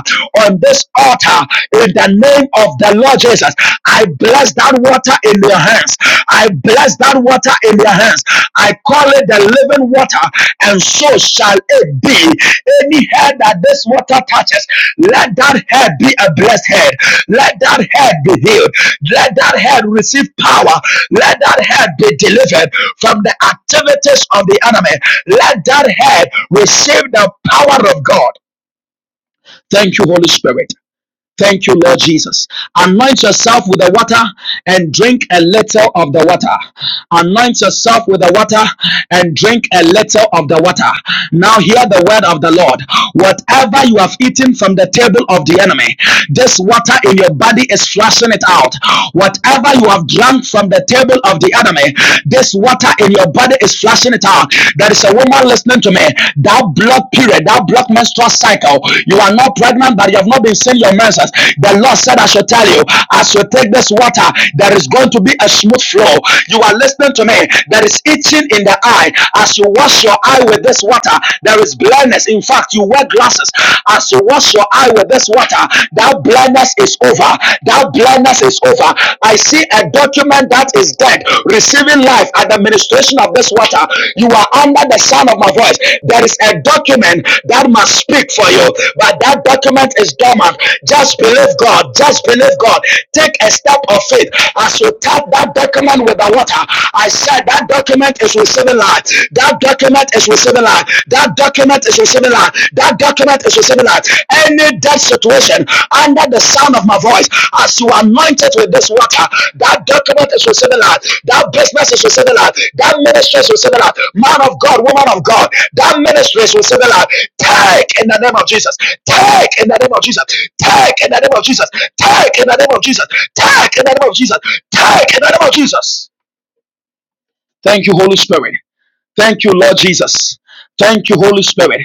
Speaker 5: on this altar in the name of the Lord Jesus. I bless that water in your hands. I bless that water in your hands. I call it the living water, and so shall it be. Any head that this water touches, let that head be a blessed head. Let that head be healed. Let that head receive power. Let that head be delivered from the activities of the enemy. Let that head receive the power of God. Thank you, Holy Spirit. Thank you, Lord Jesus. Anoint yourself with the water and drink a little of the water. Anoint yourself with the water and drink a little of the water. Now, hear the word of the Lord. Whatever you have eaten from the table of the enemy, this water in your body is flushing it out. Whatever you have drunk from the table of the enemy, this water in your body is flushing it out. There is is a woman listening to me, that block period, that block menstrual cycle, you are not pregnant, but you have not been seeing your menses. The Lord said, I should tell you, as you take this water, there is going to be a smooth flow. You are listening to me. There is itching in the eye. As you wash your eye with this water, there is blindness. In fact, you wear glasses. As you wash your eye with this water, that blindness is over. That blindness is over over. I see a document that is dead receiving life at the ministration of this water. You are under the sound of my voice. There is a document that must speak for you, but that document is dormant. Just believe God. Just believe God. Take a step of faith as you tap that document with the water. I said that document is receiving life. That document is receiving life. That document is receiving life. That document is receiving that. Any dead situation under the sound of my voice, as you are anointed with this water, that document is receiving that. That business is receiving that. That ministry is receiving that. Man of God, woman of God, that ministry is receiving that. Take in the name of Jesus. Take in the name of Jesus. Take in the name of Jesus. Take in the name of Jesus. Take in the name of Jesus. Take in the name of Jesus. Thank you, Holy Spirit. Thank you, Lord Jesus. Thank you, Holy Spirit.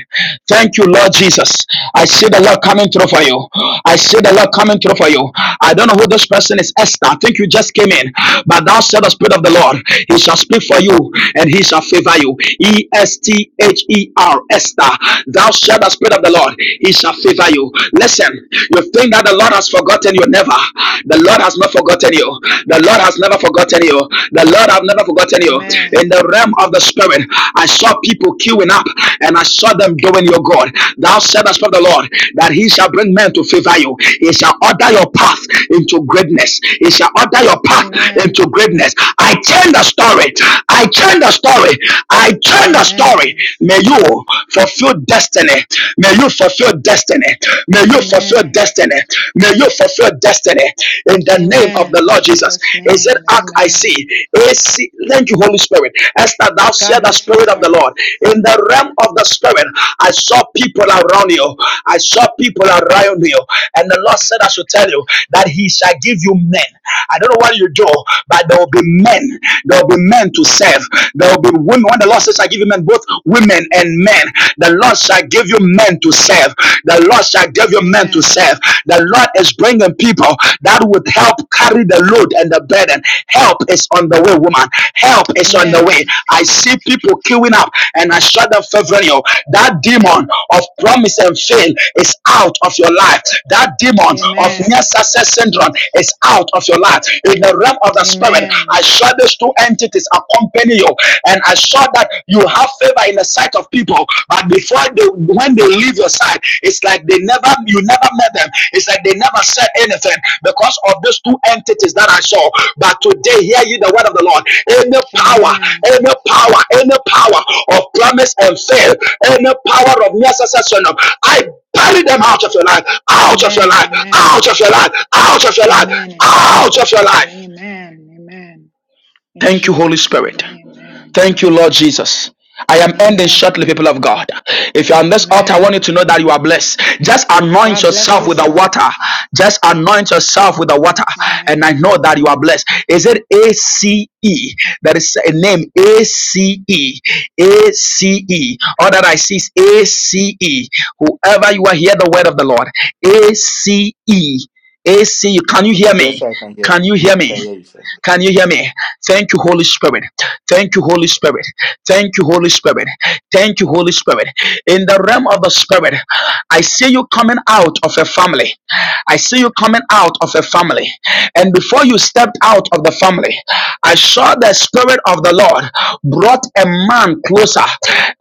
Speaker 5: Thank you, Lord Jesus. I see the Lord coming through for you. I see the Lord coming through for you. I don't know who this person is, Esther. I think you just came in. But thou said the Spirit of the Lord, He shall speak for you and He shall favor you. E S T H E R, Esther. Thou said the Spirit of the Lord, He shall favor you. Listen, you think that the Lord has forgotten you? Never. The Lord has not forgotten you. The Lord has never forgotten you. The Lord Lord, I've never forgotten you.
Speaker 11: Amen.
Speaker 5: In the realm of the spirit, I saw people queuing up and I saw them doing your God. Thou said the Spirit of the Lord that he shall bring men to favor you. He shall order your path into greatness. He shall order your path into
Speaker 11: Amen.
Speaker 5: greatness. I change the story. I change the story. I change the story.
Speaker 11: Amen.
Speaker 5: May you fulfill destiny. May you fulfill destiny. May you fulfill
Speaker 11: Amen.
Speaker 5: destiny. May you fulfill destiny destiny in the name of
Speaker 11: Amen.
Speaker 5: the
Speaker 11: In
Speaker 5: Lord Jesus.
Speaker 11: Jesus'
Speaker 5: He
Speaker 11: name.
Speaker 5: said, Ark, I see.
Speaker 11: Amen.
Speaker 5: He see. Thank you, Holy Spirit. Esther, thou
Speaker 11: God
Speaker 5: said the
Speaker 11: bless you,
Speaker 5: Spirit of the
Speaker 11: sir.
Speaker 5: Lord. In the realm of the Spirit, I saw people around you. I saw people around you. And the Lord said, I should tell you that He shall give you men. I don't know what you do, but there will be men. There will be men to serve. There will be women. When the Lord says, I give you men, both women and men, the Lord shall give you men men to serve. The Lord shall give you men
Speaker 11: Amen.
Speaker 5: to serve. The Lord is bringing people that would help carry the load and the burden. Help is on the way, woman. Help is on the
Speaker 11: Amen.
Speaker 5: way. I see people queuing up and I shut them favoring you. That demon of promise and fail is out of your life. That demon of
Speaker 11: Amen.
Speaker 5: near success syndrome is out of your life. In the realm of the spirit, I
Speaker 11: Amen.
Speaker 5: shut these two entities accompany you and I so that you have favor in the sight of people. But before they, when they leave your side, it's like they never, you never met them. It's like they never said anything because of these two entities that I saw. But today, hear ye the word of the Lord. Any power,
Speaker 11: Amen.
Speaker 5: any power, any power of promise and fail, any power of necessary, I bury them out of your life, out of your
Speaker 11: Amen.
Speaker 5: life, out
Speaker 11: Amen.
Speaker 5: of your life, out of your life,
Speaker 11: Amen. In
Speaker 5: out of
Speaker 11: Jesus'
Speaker 5: your
Speaker 11: name.
Speaker 5: life.
Speaker 11: Amen. Amen. In
Speaker 5: Thank you, Holy
Speaker 11: Jesus' name.
Speaker 5: Spirit.
Speaker 11: Amen.
Speaker 5: Thank you, Lord
Speaker 11: Amen.
Speaker 5: Jesus. I am ending
Speaker 11: Amen.
Speaker 5: shortly, people of God. If you're on this altar, I want
Speaker 11: Amen.
Speaker 5: you to know that you are blessed. Just anoint
Speaker 11: God bless
Speaker 5: yourself
Speaker 11: you,
Speaker 5: with the
Speaker 11: sir.
Speaker 5: water. Just anoint yourself with the water. And I
Speaker 11: Amen.
Speaker 5: know that you are blessed. Is it A C E? That is a name A C E. A C E. All that I see is A C E. Whoever you are, hear the word of the Lord. A C E, A C E. Can you hear
Speaker 12: Yes,
Speaker 5: me?
Speaker 12: I can hear
Speaker 5: Can
Speaker 12: you.
Speaker 5: you hear
Speaker 12: I can
Speaker 5: me?
Speaker 12: hear you, sir.
Speaker 5: Can you hear me? Thank you, Holy Spirit. Thank you, Holy Spirit. Thank you, Holy Spirit. Thank you, Holy Spirit. In the realm of the Spirit, I see you coming out of a family. I see you coming out of a family. And before you stepped out of the family, I saw the Spirit of the Lord brought a man closer.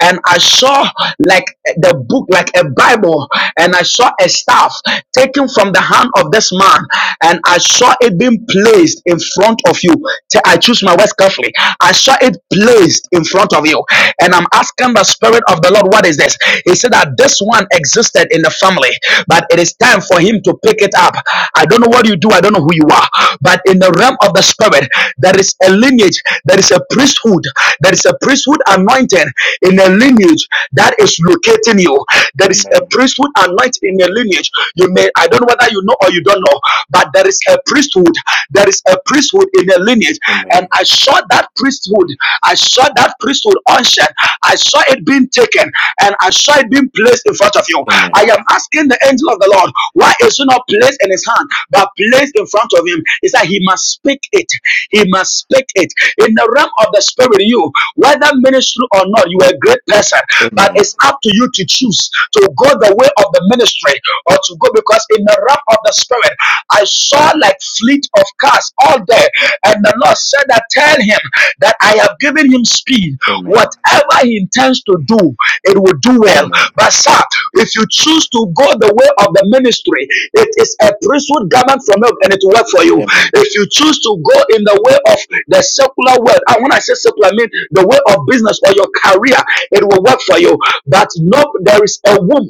Speaker 5: And I saw like the book like a Bible, and I saw a staff taken from the hand of this man, and I saw it being placed in front of you. T- I choose my words carefully. I saw it placed in front of you, and I'm asking the Spirit of the Lord, what is this? He said that this one existed in the family, but it is time for him to pick it up. I don't know what you do, I don't know who you are, but in the realm of the spirit, there is a lineage, there is a priesthood, there is a priesthood anointing in a lineage that is locating you. There is a
Speaker 12: Amen.
Speaker 5: priesthood anointing in a lineage. You may, I don't know whether you know or you don't know, but there is a priesthood, there is a priesthood in a lineage. And
Speaker 12: Amen.
Speaker 5: I saw that priesthood, I saw that priesthood unction, I saw it being taken, and I saw it being placed in front of you. I
Speaker 12: Amen.
Speaker 5: am asking the angel of the Lord, why is it not placed in his hand? but placed in front of him is that he must speak it. He must speak it. In the realm of the spirit, you, whether ministry or not, you are a great person, but
Speaker 12: Amen.
Speaker 5: it's up to you to choose to go the way of the ministry or to go because in the realm of the spirit, I saw like fleet of cars all day, and the Lord said that tell him that I have given him speed.
Speaker 12: Amen.
Speaker 5: Whatever he intends to do, it will do well.
Speaker 12: Amen.
Speaker 5: But sir, if you choose to go the way of the ministry, it is a priesthood garment from heaven and it will work for you.
Speaker 12: Amen.
Speaker 5: If you choose to go in the way of the secular world, and when I say secular, I mean the way of business or your career, it will work for you. But no, there is a womb.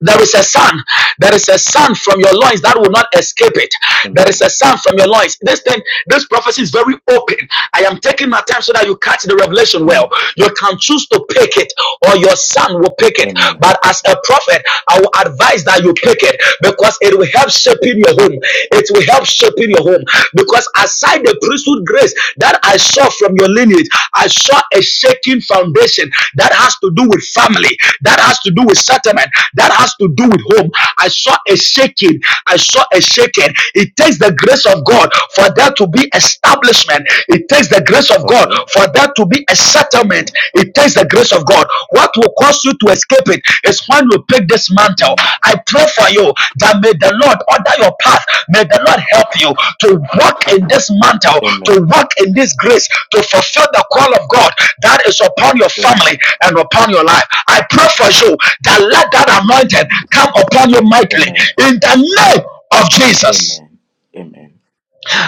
Speaker 5: There is a sound. There is a sound from your loins that will not escape it. There is
Speaker 12: Amen.
Speaker 5: a sound from your loins. This thing, this prophecy is very open. I am taking my time so that you catch the revelation well.
Speaker 12: Mm.
Speaker 5: You can choose to pick it, or your son will pick it.
Speaker 12: Amen.
Speaker 5: But as a prophet, I will advise that you pick it because it will help shaping your home. It will help shaping your home because aside by the priesthood grace that I saw from your lineage, I saw a shaking foundation that has to do with family, that has to do with settlement, that has to do with home. I saw a shaking. I saw a shaking. It takes the grace of God for there to be establishment. It takes the grace of God
Speaker 12: Okay.
Speaker 5: for there to be a
Speaker 12: Okay.
Speaker 5: settlement. It takes the grace of God. What will cause you to escape it is when you pick this mantle.
Speaker 12: Amen.
Speaker 5: I pray for you that may the Lord order your path. May the Lord help you to walk in this mantle,
Speaker 12: Amen.
Speaker 5: to walk in this grace, to fulfill the call of God that is upon your family
Speaker 12: Amen.
Speaker 5: and upon your life. I pray for you that let that anointing come upon you mightily
Speaker 12: Amen.
Speaker 5: in the name of Jesus.
Speaker 12: Amen. Amen.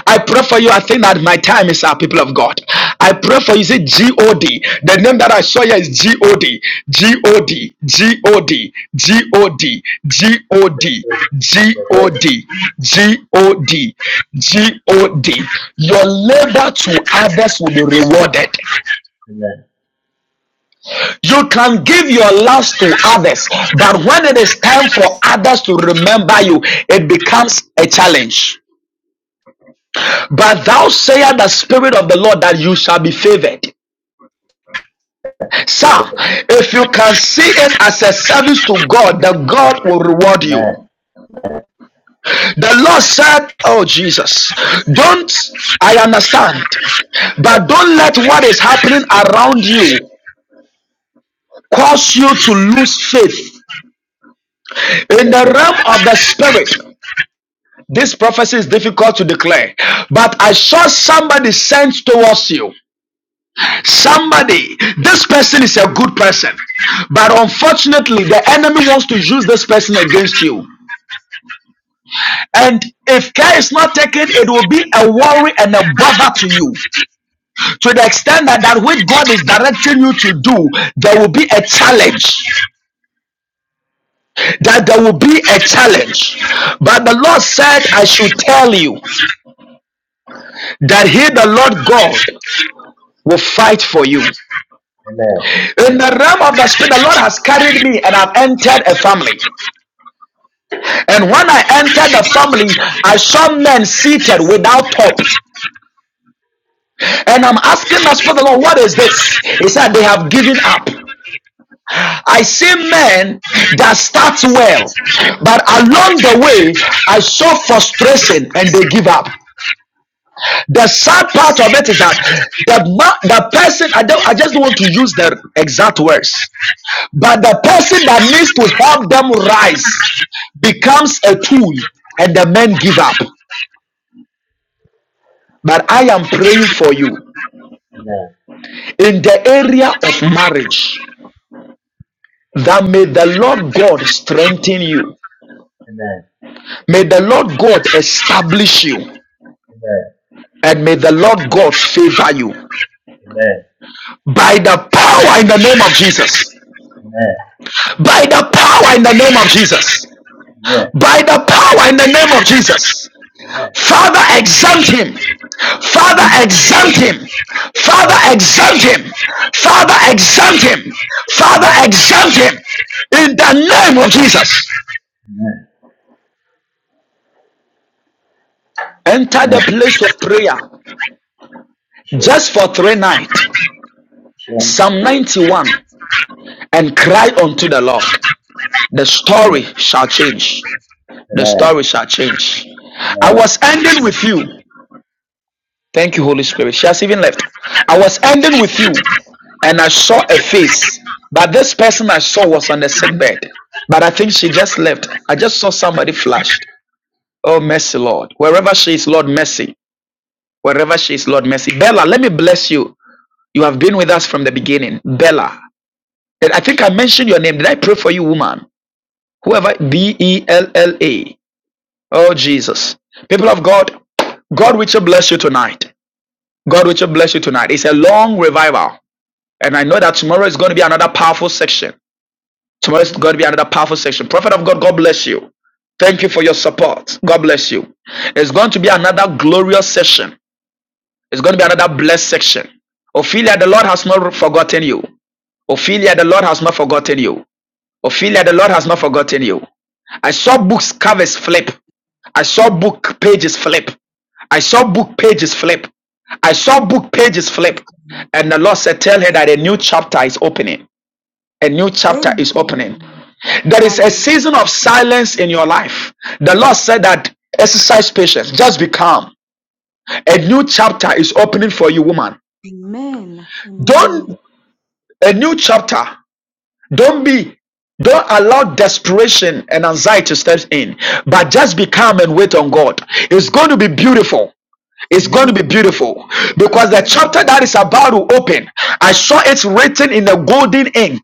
Speaker 5: I pray for you. I think that my time is up, people of God. I pray for you. Is it G O D? The name that I saw here is G O D. G O D. G O D. G O D. G O D.
Speaker 13: Yes,
Speaker 5: G O
Speaker 13: sir.
Speaker 5: D. G O D. G O D. Your labor to others will be rewarded.
Speaker 13: Amen.
Speaker 5: You can give your loves to others, but when it is time for others to remember you, it becomes a challenge. But thou sayest the Spirit of the Lord that you shall be favored. Sir, if you can see it as a service to God, the God will reward you.
Speaker 13: Amen.
Speaker 5: The Lord said, Oh Jesus, don't I understand,
Speaker 13: Amen.
Speaker 5: but don't let what is happening around you cause you to lose faith in
Speaker 13: Yes, sir.
Speaker 5: the realm of the spirit. This prophecy is difficult to declare, but I saw somebody sent towards you. Somebody, this person is a good person, but unfortunately, the enemy wants to use this person against you.
Speaker 13: Amen.
Speaker 5: And if care is not taken, it will be a worry and a bother to you. To the extent that that which God is directing you to do, there will be a challenge. That there will be a challenge. But the Lord said, I should tell you that He, the Lord God, will fight for you. In the realm of the Spirit, the Lord has carried me and I've entered a family. And when I entered the family, I saw men seated without hope.
Speaker 13: Amen.
Speaker 5: And I'm asking the Spirit of the Lord, what is this? He said, they have given up. I see men that start well, but along the way, I saw frustration and they give up. The sad part of it is that the, the person, I, don't, I just don't want to use the exact words, but the person that needs to help them rise becomes a tool and the men give up. But I am praying for you in the area of marriage that may the Lord God strengthen you.
Speaker 13: No. Amen. Amen. Amen. Amen. Amen. Amen. Amen. Amen.
Speaker 5: May the Lord God establish you and may the Lord God favor you by the power in the name of Jesus. By the power in the name of Jesus. By the power in the name of Jesus. Father, exempt him. Father, exempt him. Father, exempt him. Father, exempt him. Father, exempt him. In the name of Jesus.
Speaker 13: Amen. Amen.
Speaker 5: Enter
Speaker 13: Amen. Amen.
Speaker 5: the place of prayer
Speaker 13: Amen. Sure.
Speaker 5: just for three nights.
Speaker 13: Sure.
Speaker 5: Psalm 91 and cry
Speaker 13: Sure.
Speaker 5: unto the Lord. The story
Speaker 13: Amen.
Speaker 5: shall change. The
Speaker 13: Amen.
Speaker 5: story shall change. I
Speaker 13: Amen.
Speaker 5: was ending with you. Thank you, Holy Spirit. She has even left. I was ending with you, and I saw a face, but this person I saw was on the sick bed. But I think she just left. I just saw somebody flashed. Oh, mercy, Lord. Wherever she is, Lord, mercy. Wherever she is, Lord, mercy. Bella, let me bless you. You have been with us from the beginning. Bella. And I think I mentioned your name. Did I pray for you, woman? Whoever, B E L L A. Oh, Jesus. People of God, God, will bless you tonight. God, will bless you tonight. It's a long revival. And I know that tomorrow is going to be another powerful section. Tomorrow is going to be another powerful section. Prophet of God, God bless you. Thank you for your support. God bless you. It's going to be another glorious session. It's going to be another blessed section. Ophelia, the Lord has not forgotten you. Ophelia, the Lord has not forgotten you. Ophelia, the Lord has not forgotten you. I saw books covers flip. I saw book pages flip. I saw book pages flip. I saw book pages
Speaker 14: Thank
Speaker 5: flip.
Speaker 14: you.
Speaker 5: And the Lord said, Tell her
Speaker 14: Lord. Thank
Speaker 5: that a
Speaker 14: you.
Speaker 5: new chapter is opening a new chapter is opening.
Speaker 14: Amen.
Speaker 5: There is a season of
Speaker 14: Hallelujah.
Speaker 5: silence in your life. The Lord said that exercise patience, just be calm. A new chapter is opening for you, woman.
Speaker 14: Amen. Amen.
Speaker 5: Don't, a new chapter, don't be, don't allow desperation and anxiety steps in, but just be calm and wait on God. It's going to be beautiful. It's going to be
Speaker 14: Amen.
Speaker 5: beautiful because the chapter
Speaker 14: Amen.
Speaker 5: that is about to open, I saw it written in a golden ink.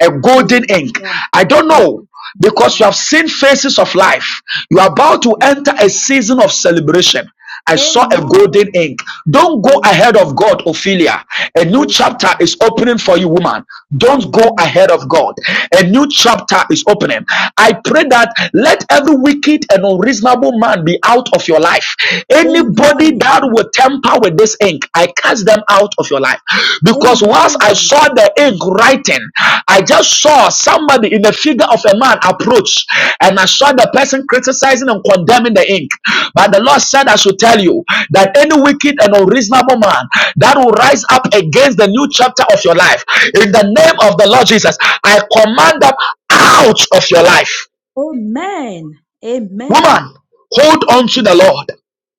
Speaker 5: A golden ink.
Speaker 14: Hallelujah.
Speaker 5: I don't
Speaker 14: Thank
Speaker 5: know
Speaker 14: you,
Speaker 5: because you
Speaker 14: Jesus.
Speaker 5: have seen phases of life. You are about to enter a season of celebration. I saw a golden
Speaker 14: Amen.
Speaker 5: ink. Don't go ahead of
Speaker 14: Amen.
Speaker 5: God, Ophelia. A new
Speaker 14: Yes,
Speaker 5: chapter
Speaker 14: Lord.
Speaker 5: is opening for you, woman. Don't go ahead
Speaker 14: Amen.
Speaker 5: of God. A new chapter is opening. I pray that let every wicked and unreasonable man be out of your life. Anybody that
Speaker 14: Amen.
Speaker 5: will temper with this ink, I cast them out of your life. Because once I
Speaker 14: Amen.
Speaker 5: saw the ink writing, I just saw somebody in the figure of a man approach and I saw the person criticizing and condemning the ink. But the Lord said, I should tell you that any wicked and unreasonable man that will rise up against the new chapter of your life, in the name of the Lord Jesus, I command them out of your life.
Speaker 14: Amen. Amen.
Speaker 5: Woman, hold
Speaker 14: Oh,
Speaker 5: on to the Lord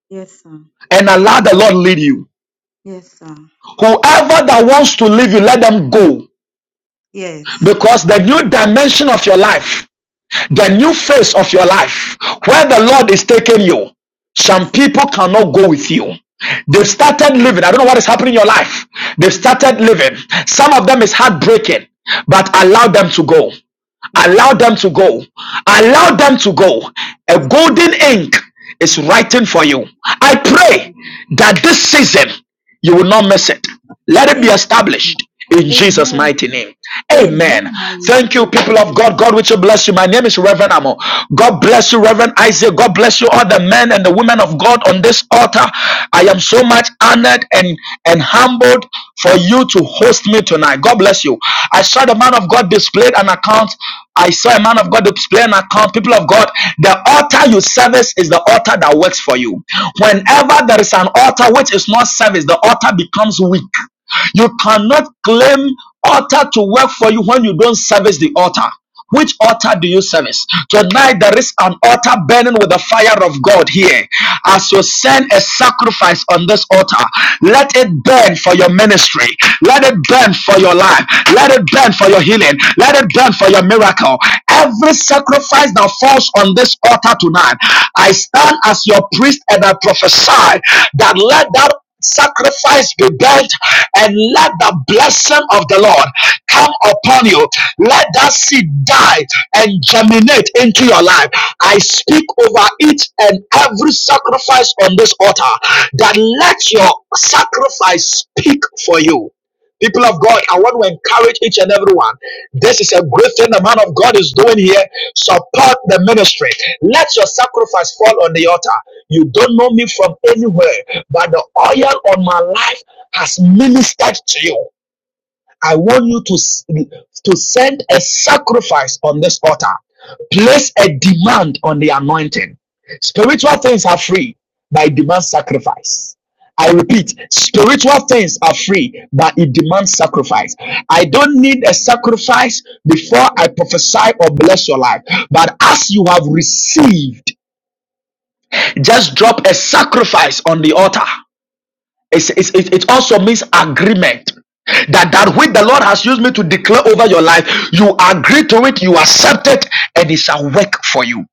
Speaker 14: Yes, sir.
Speaker 5: and allow the Lord lead you.
Speaker 14: Yes, sir.
Speaker 5: Whoever that wants to leave you, let them go.
Speaker 14: Yes.
Speaker 5: Because the new
Speaker 14: Amen.
Speaker 5: dimension of your life, the new phase of your life, where the Lord is taking you, some people cannot go with you. They've
Speaker 14: Thank you.
Speaker 5: started
Speaker 14: Thank
Speaker 5: living. I don't
Speaker 14: you.
Speaker 5: know what is happening in your life. They've
Speaker 14: Thank
Speaker 5: started
Speaker 14: you.
Speaker 5: living. Some of them is heartbreaking, but allow them to go.
Speaker 14: Yes.
Speaker 5: Allow them to go.
Speaker 14: Yes.
Speaker 5: Allow them to go. A
Speaker 14: Yes, sir.
Speaker 5: golden ink is
Speaker 14: Amen.
Speaker 5: writing for you. I
Speaker 14: Thank
Speaker 5: pray
Speaker 14: you, Lord.
Speaker 5: that this season you will not
Speaker 14: Yep.
Speaker 5: miss it. Let it be
Speaker 14: Amen.
Speaker 5: established in Jesus'
Speaker 14: Amen.
Speaker 5: mighty name. Amen.
Speaker 14: Amen. I
Speaker 5: Thank you,
Speaker 14: receive that.
Speaker 5: people
Speaker 14: Thank
Speaker 5: of
Speaker 14: you,
Speaker 5: God. God, which will bless you. My name is Reverend Amo. God bless you, Reverend Isaac. God bless you, all the men and the women of God on this altar. I am so much honored and, and humbled for you to host me tonight. God bless you. I saw the man of God of God displayed an account. I saw a man of God display an account. People of God, the altar you service is the altar that works for you. Whenever there is an altar which is not service, the altar becomes weak. You cannot claim altar to work for you when you don't service the altar. Which altar do you service? Tonight there is an altar burning with the fire of God here. As you send a sacrifice on this altar, let it burn for your ministry. Let it burn for your life. Let it burn for your healing. Let it burn for your miracle. Every sacrifice that falls on this altar tonight, I stand as your priest and I prophesy that let that sacrifice be burnt and let the blessing of the Lord come upon you. Let that seed die and germinate into your life. I speak over each and every sacrifice on this altar that let your sacrifice speak for you. People of God, I want to encourage each and everyone. This is a great thing the man of God is doing here. Support the ministry. Let your sacrifice fall on the altar. You don't know me from anywhere, but the oil on my life has ministered to you. I want you to, s- to send a sacrifice on this altar. Place a demand on the anointing. Spiritual things are free, but it demands sacrifice. I repeat, spiritual things are free, but it demands sacrifice. I don't need a sacrifice before I prophesy or bless your life. But as you have received, just drop a sacrifice on the altar. It's, it's, it it also means agreement. That that which the Lord has used me to declare over your life, you agree to it, you accept it, and it shall work for you.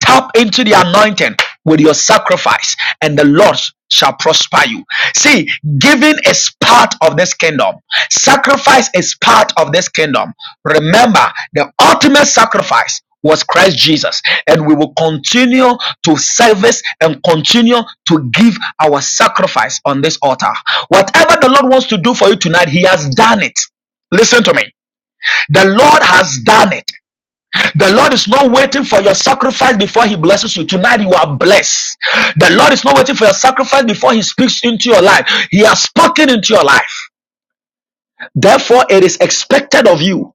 Speaker 5: Tap into the anointing with your sacrifice, and the Lord shall prosper you. See, giving is part of this kingdom, sacrifice is part of this kingdom. Remember, the ultimate sacrifice was Christ Jesus, and we will continue to service and continue to give our sacrifice on this altar. Whatever the Lord wants to do for you tonight, He has done it. Listen to me. The Lord has done it. The Lord is not waiting for your sacrifice before He blesses you. Tonight you are blessed. The Lord is not waiting for your sacrifice before He speaks into your life. He has spoken into your life. Therefore, it is expected of you